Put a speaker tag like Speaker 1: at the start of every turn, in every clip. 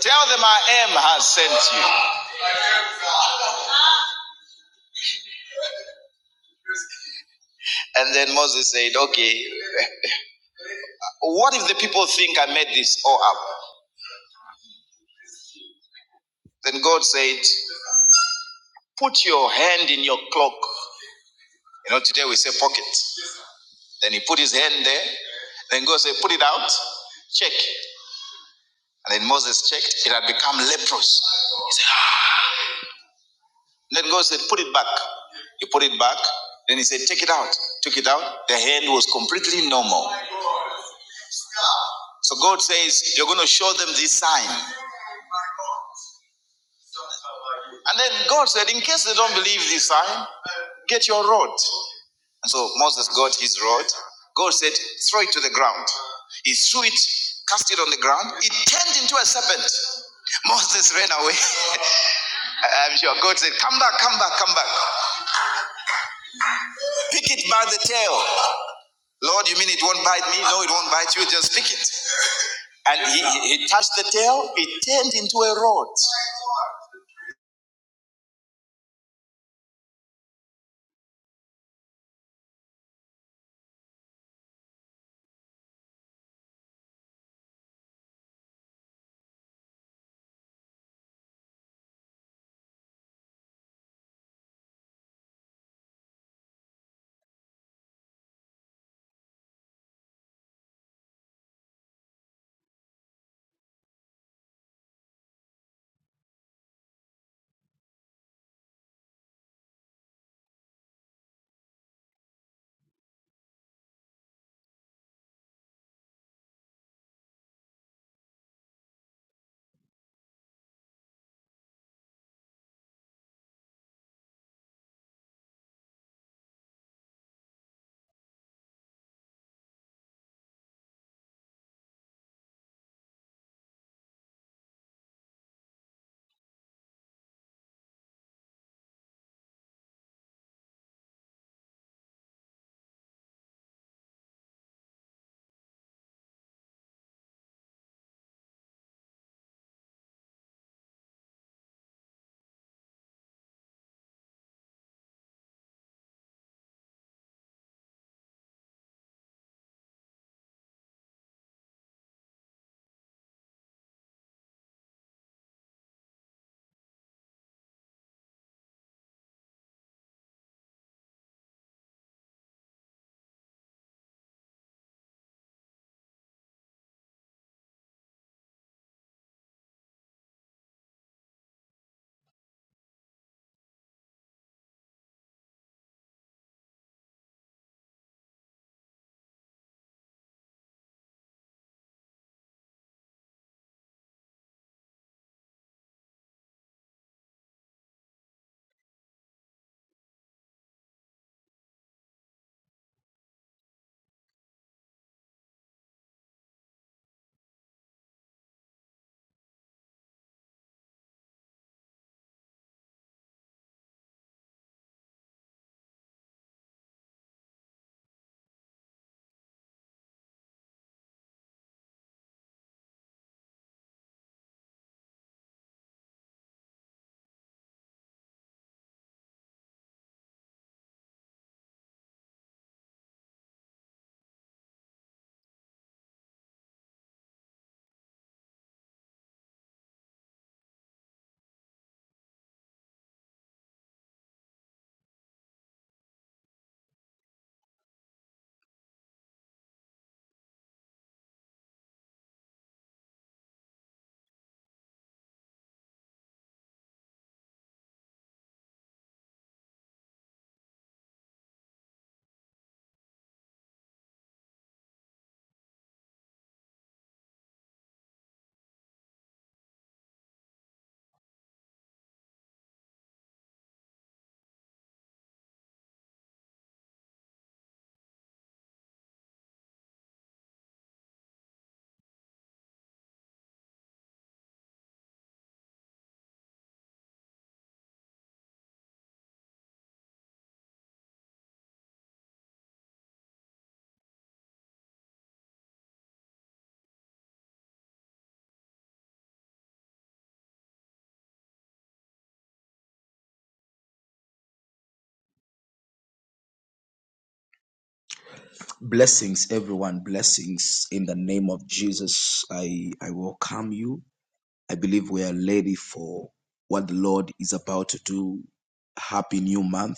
Speaker 1: Tell them I am has sent you. And then Moses said, Okay, what if the people think I made this all up? Then God said, Put your hand in your cloak. You know, today we say pocket. Then he put his hand there. Then God said, Put it out, check. And then Moses checked, it had become leprous. Then God said, Put it back. He put it back. Then he said, Take it out. Took it out. The hand was completely normal. So God says, You're going to show them this sign. And then God said, in case they don't believe this sign, get your rod. And so Moses got his rod. God said, throw it to the ground. He threw it, cast it on the ground. It turned into a serpent. Moses ran away. I'm sure God said, come back, come back, come back. Pick it by the tail. Lord, you mean it won't bite me? No, it won't bite you. Just pick it. And he, he he touched the tail, it turned into a rod. Blessings, everyone. Blessings in the name of Jesus. I, I welcome you. I believe we are ready for what the Lord is about to do. Happy new month.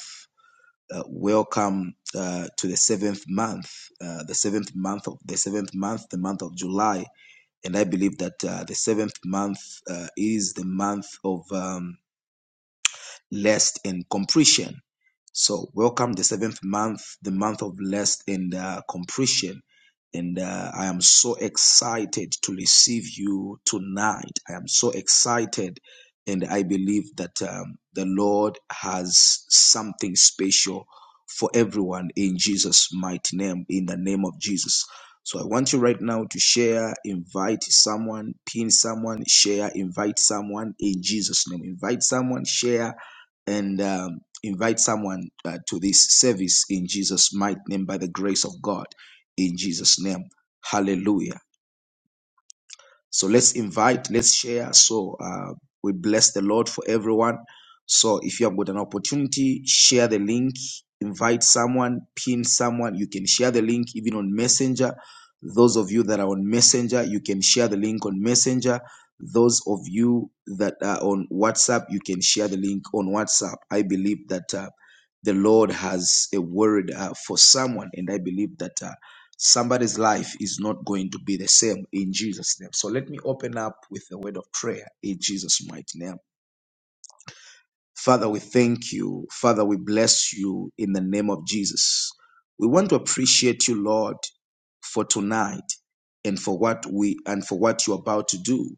Speaker 1: Uh, welcome uh, to the seventh month, uh, the seventh month of the seventh month, the month of July. And I believe that uh, the seventh month uh, is the month of. Um, lest in compression. So welcome the seventh month, the month of lest in uh, compression. And uh, I am so excited to receive you tonight. I am so excited, and I believe that um, the Lord has something special for everyone in Jesus' mighty name, in the name of Jesus. So I want you right now to share, invite someone, pin someone, share, invite someone in Jesus' name. Invite someone, share, and um, invite someone uh, to this service in Jesus' mighty name by the grace of God. In Jesus' name, hallelujah. So let's invite, let's share. So uh, we bless the Lord for everyone. So if you have got an opportunity, share the link, invite someone, pin someone. You can share the link even on Messenger. Those of you that are on Messenger, you can share the link on Messenger. Those of you that are on WhatsApp, you can share the link on WhatsApp. I believe that uh, the Lord has a word uh, for someone, and I believe that. Uh, somebody's life is not going to be the same in Jesus' name. So let me open up with a word of prayer in Jesus' mighty name. Father, we thank you. Father, we bless you in the name of Jesus. We want to appreciate you, Lord, for tonight and for what we and for what you're about to do.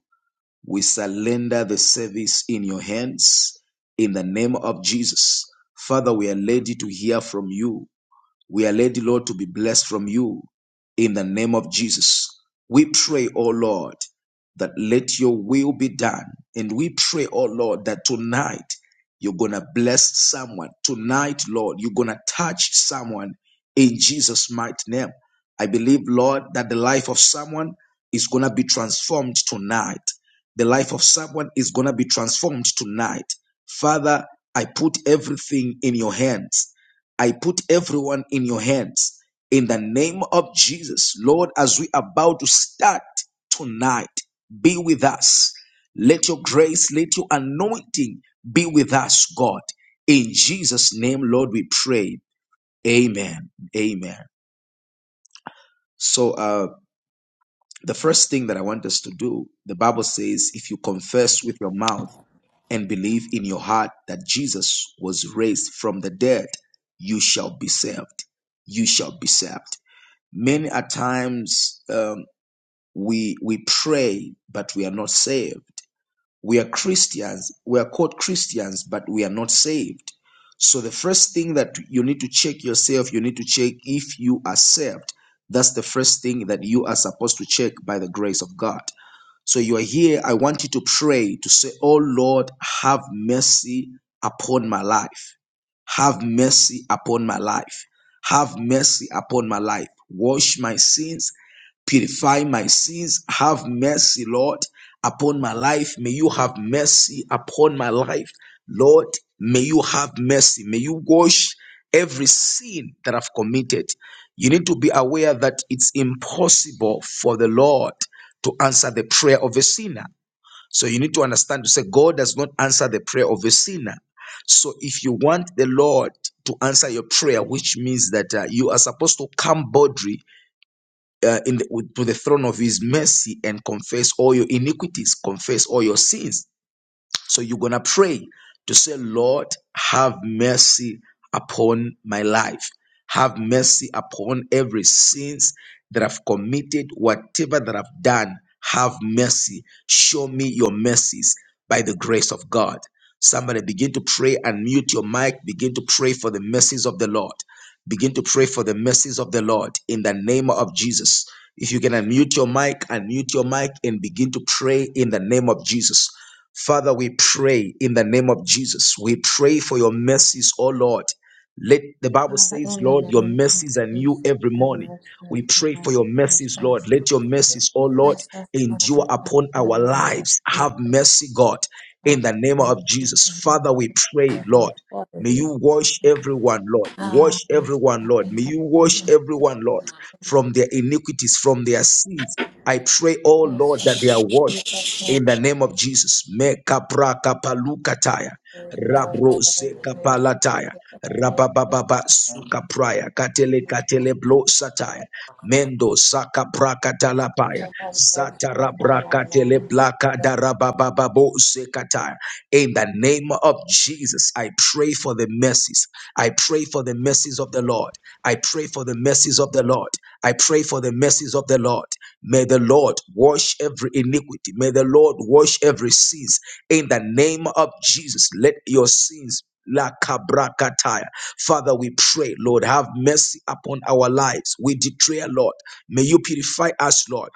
Speaker 1: We surrender the service in your hands in the name of Jesus. Father, we are ready to hear from you. We are ready, Lord, to be blessed from you in the name of Jesus. We pray, oh Lord, that let your will be done. And we pray, oh Lord, that tonight you're going to bless someone. Tonight, Lord, you're going to touch someone in Jesus' mighty name. I believe, Lord, that the life of someone is going to be transformed tonight. The life of someone is going to be transformed tonight. Father, I put everything in your hands. I put everyone in your hands in the name of Jesus. Lord, as we are about to start tonight, be with us. Let your grace, let your anointing be with us, God. In Jesus' name, Lord, we pray. Amen. Amen. So, uh, the first thing that I want us to do, the Bible says, if you confess with your mouth and believe in your heart that Jesus was raised from the dead, you shall be saved. You shall be saved. Many a times um, we we pray, but we are not saved. We are Christians. We are called Christians, but we are not saved. So the first thing that you need to check yourself, you need to check if you are saved. That's the first thing that you are supposed to check by the grace of God. So you are here. I want you to pray to say, Oh Lord, have mercy upon my life. Have mercy upon my life. Have mercy upon my life. Wash my sins purify my sins. Have mercy, Lord, upon my life. May you have mercy upon my life. Lord, may you have mercy. May you wash every sin that I've committed. You need to be aware that it's impossible for the Lord to answer the prayer of a sinner. So you need to understand to say God does not answer the prayer of a sinner. So if you want the Lord to answer your prayer, which means that uh, you are supposed to come boldly uh, in the, with- to the throne of His mercy and confess all your iniquities, confess all your sins so you're going to pray to say, Lord, have mercy upon my life. Have mercy upon every sins that I've committed, whatever that I've done. Have mercy. Show me your mercies by the grace of God. Somebody begin to pray and mute your mic. Begin to pray for the mercies of the Lord. Begin to pray for the mercies of the Lord in the name of Jesus. If you can unmute your mic, unmute your mic and begin to pray in the name of Jesus. Father, we pray in the name of Jesus. We pray for your mercies, O Lord. Let the Bible
Speaker 2: Father,
Speaker 1: says,
Speaker 2: in the
Speaker 1: Lord, your
Speaker 2: name of
Speaker 1: mercies are new
Speaker 2: Jesus,
Speaker 1: every
Speaker 2: have
Speaker 1: morning.
Speaker 2: mercy
Speaker 1: We pray
Speaker 2: on
Speaker 1: for
Speaker 2: us,
Speaker 1: your mercies, Lord.
Speaker 2: Jesus.
Speaker 1: Let your mercies, O Lord,
Speaker 2: Bless us, Father,
Speaker 1: endure
Speaker 2: God,
Speaker 1: upon
Speaker 2: in the
Speaker 1: our
Speaker 2: name of
Speaker 1: lives.
Speaker 2: Jesus,
Speaker 1: Have mercy, God, in
Speaker 2: Father,
Speaker 1: the name
Speaker 2: we need
Speaker 1: of
Speaker 2: this
Speaker 1: Jesus.
Speaker 2: so much.
Speaker 1: Father, we pray,
Speaker 2: Thank you, Lord,
Speaker 1: Lord.
Speaker 2: for
Speaker 1: May you wash everyone, Lord.
Speaker 2: Ah,
Speaker 1: Wash
Speaker 2: yes,
Speaker 1: everyone,
Speaker 2: God,
Speaker 1: Lord.
Speaker 2: in
Speaker 1: May
Speaker 2: the
Speaker 1: you
Speaker 2: name
Speaker 1: wash everyone, Lord, from their iniquities, from their sins. I pray, oh
Speaker 2: of
Speaker 1: Lord, that
Speaker 2: Jesus,
Speaker 1: they are washed
Speaker 2: Jesus, name,
Speaker 1: in the name of Jesus. Me kapra kapalu kataya.
Speaker 2: praise Lord,
Speaker 1: Rabro
Speaker 2: God, in the
Speaker 1: se
Speaker 2: name of
Speaker 3: Hallelujah.
Speaker 1: kapalataya.
Speaker 2: Jesus, thank you,
Speaker 1: Rabababa suka praya katele katele blo sataya mendo saka praka talapaya
Speaker 2: Father, have mercy
Speaker 1: zata
Speaker 2: upon
Speaker 1: rabra
Speaker 2: our
Speaker 1: katele
Speaker 2: lives.
Speaker 1: blaka
Speaker 2: God,
Speaker 1: darabababa sekataya. In the name of Jesus, I pray for the mercies. I pray for the mercies of the Lord. I pray for the mercies of the Lord. I pray for the mercies of the Lord. May the Lord wash every iniquity. May the Lord wash every sins. In the name of Jesus, let your sins. La kabrakataya. Father, we pray, Lord, have mercy upon our lives. We declare, Lord, may you purify us, Lord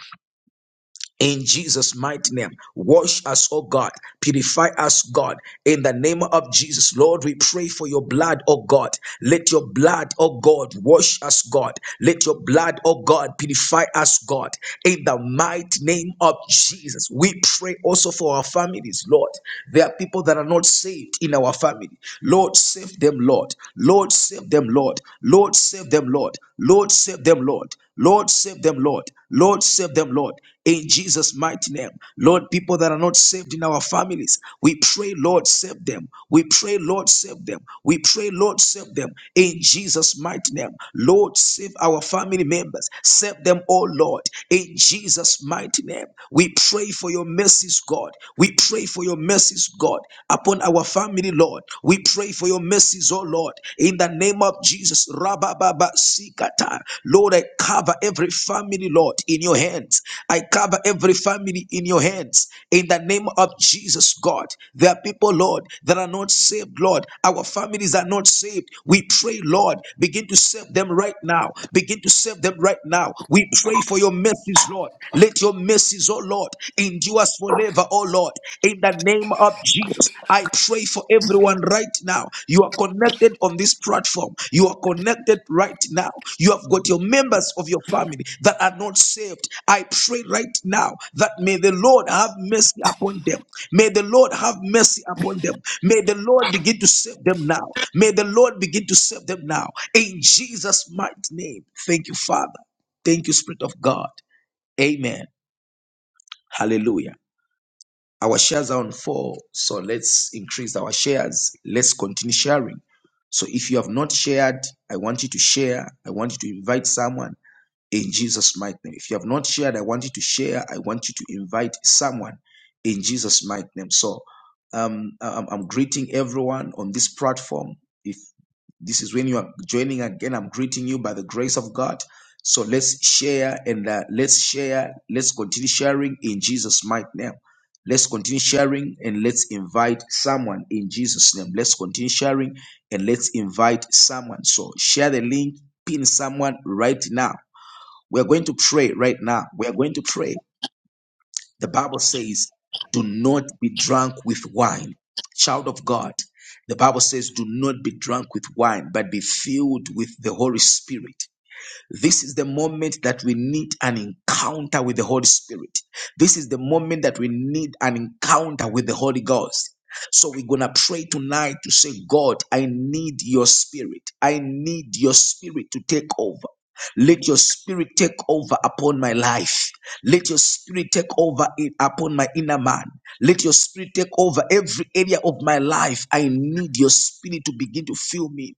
Speaker 1: in Jesus' mighty name, wash us, oh God. Purify us, God. In the name of Jesus, Lord, we pray for your blood, oh God. Let your blood, oh God, wash us, God. Let your blood, oh God, purify us, God. In the mighty name of Jesus, we pray also for our families, Lord. There are people that are not saved in our family. Lord, save them, Lord. Lord, save them, Lord. Lord, save them, Lord. Lord, save them, Lord. Lord, save them, Lord. Lord, save them, Lord. In Jesus' mighty name. Lord, people that are not saved in our families, we pray, Lord, save them. We pray, Lord, save them. We pray, Lord, save them. In Jesus' mighty name. Lord, save our family members. Save them, oh Lord. In Jesus' mighty name. We pray for your mercies, God. We pray for your mercies, God, upon our family, Lord. We pray for your mercies, oh Lord, in the name of Jesus. Rabababa sikata. Lord, I cover every family, Lord, in your hands. I cover every family in your hands. In the name of Jesus, God. There are people, Lord, that are not saved, Lord. Our families are not saved. We pray, Lord, begin to save them right now. Begin to save them right now. We pray for your mercies, Lord. Let your mercies, oh Lord, endure us forever, oh Lord. In the name of Jesus, I pray for everyone right now. You are connected on this platform. You are connected right now. You have got your members of your family that are not saved. I pray right now that may the Lord have mercy upon them. May the Lord have mercy upon them. May the Lord begin to save them now. May the Lord begin to save them now. In Jesus' mighty name. Thank you, Father. Thank you, Spirit of God. Amen. Hallelujah. Our shares are on four, so let's increase our shares. Let's continue sharing. So if you have not shared, I want you to share. I want you to invite someone in Jesus' mighty name. If you have not shared, I want you to share. I want you to invite someone in Jesus' mighty name. So um, I'm, I'm greeting everyone on this platform. If this is when you are joining again. I'm greeting you by the grace of God. So let's share and uh, let's share. Let's continue sharing in Jesus' mighty name. Let's continue sharing and let's invite someone in Jesus' name. Let's continue sharing and let's invite someone. So share the link, pin someone right now. We are going to pray right now. We are going to pray. The Bible says, do not be drunk with wine. Child of God, the Bible says, do not be drunk with wine, but be filled with the Holy Spirit. This is the moment that we need an encounter with the Holy Spirit. This is the moment that we need an encounter with the Holy Ghost. So we're going to pray tonight to say, God, I need your spirit. I need your spirit to take over. Let your spirit take over upon my life. Let your spirit take over it upon my inner man. Let your spirit take over every area of my life. I need your spirit to begin to fill me.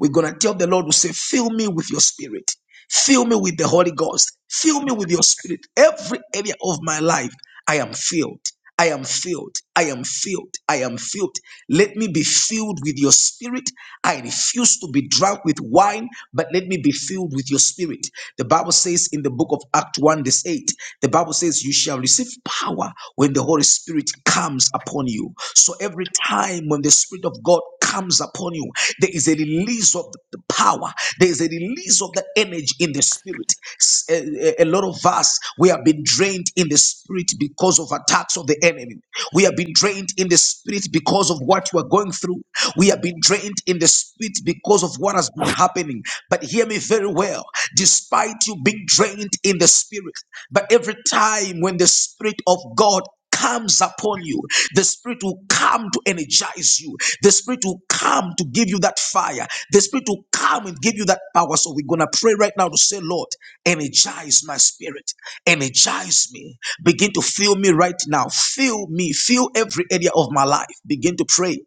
Speaker 1: We're going to tell the Lord, we say, fill me with your spirit. Fill me with the Holy Ghost. Fill me with your spirit. Every area of my life, I am filled. I am filled. I am filled. I am filled. Let me be filled with your spirit. I refuse to be drunk with wine, but let me be filled with your spirit. The Bible says in the book of Acts 1, verse 8, the Bible says, you says, you shall receive power when the Holy Spirit comes upon you. So every time when the Spirit of God comes upon you, there is a release of the power, there is a release of the energy in the Spirit. S- A, a- a lot of us, we have been drained in the Spirit because of attacks of the enemy. We have been drained in the Spirit because of what we are going through. We have been drained restrained in the spirit because of what has been happening. But hear me very well. Despite you being drained in the spirit, but every time when the spirit of God comes upon you, the spirit will come to energize you. The spirit will come to give you that fire. The spirit will come and give you that power. So we're gonna pray right now to say, Lord, energize my spirit, energize me, begin to fill me right now. Fill me, fill every area of my life. Begin to pray.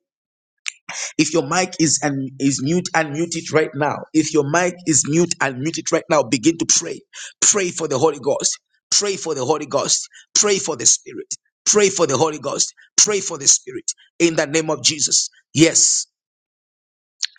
Speaker 1: If your mic is and is mute, unmute it right now. If your mic is mute, unmute it right now. Begin to pray. Pray for the Holy Ghost. Pray for the Holy Ghost. Pray for the Spirit. Pray for the Holy Ghost. Pray for the Spirit in the name of Jesus. Yes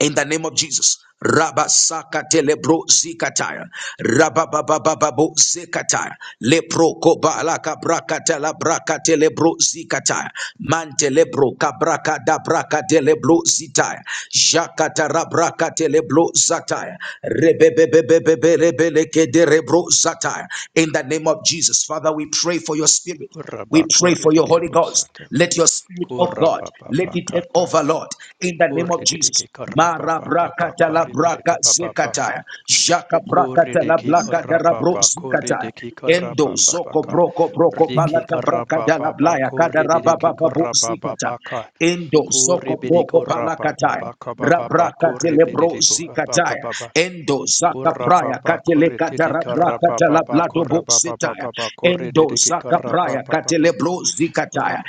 Speaker 1: in the name of Jesus. Rabasaka telebro zikataya. Rabababababo zikataya. Lepro kobalaka brakatela brakatelebro zikataya. Mantelebro kabraka da brakatelebro zitaya. Jakatara brakatelebro zataya. Rebebebebebelebeleke derebro zataya. In the name of Jesus, Father, we pray for your spirit. We pray for your Holy Ghost.
Speaker 4: Kurabakuridididibosatab.
Speaker 1: Let your Spirit of God let it take
Speaker 4: Kurabababakata.
Speaker 1: over, Lord, in the name of Jesus.
Speaker 4: Kurididiki
Speaker 1: Mara braka tala braka
Speaker 4: karabababakaridibibababa.
Speaker 1: zekataya, jaka braka tala
Speaker 4: Kuridiki
Speaker 1: blaka dara bro
Speaker 4: karababa.
Speaker 1: zikataya.
Speaker 4: Kuridiki
Speaker 1: Endo zoko
Speaker 4: karabababaka.
Speaker 1: broko broko
Speaker 4: Riki
Speaker 1: palata braka dala
Speaker 4: karabababa.
Speaker 1: blaya kada raba
Speaker 4: Kurididiki
Speaker 1: baba zikata.
Speaker 4: karabababaka.
Speaker 1: Endo zoko
Speaker 4: Kuribidi
Speaker 1: broko palakataya.
Speaker 4: kurabababakabababa.
Speaker 1: Rabraka telebro zikataya.
Speaker 4: Kuribididibabababa.
Speaker 1: Endo zaka praya
Speaker 4: Kurababa
Speaker 1: katele
Speaker 4: kurididi
Speaker 1: katarabraka
Speaker 4: karabababa.
Speaker 1: talablado bo setaya.
Speaker 4: Kurababababa.
Speaker 1: Endo
Speaker 4: Kurididiki
Speaker 1: zaka praya katele
Speaker 4: karababababa.
Speaker 1: bro zikataya.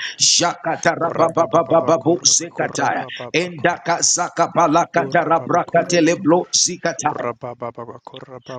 Speaker 4: Korreki karatata korrideki karababa korrideki
Speaker 1: Jakata rabababababo sekataya. Endaka zaka balaka tarabraka telebro zikataya.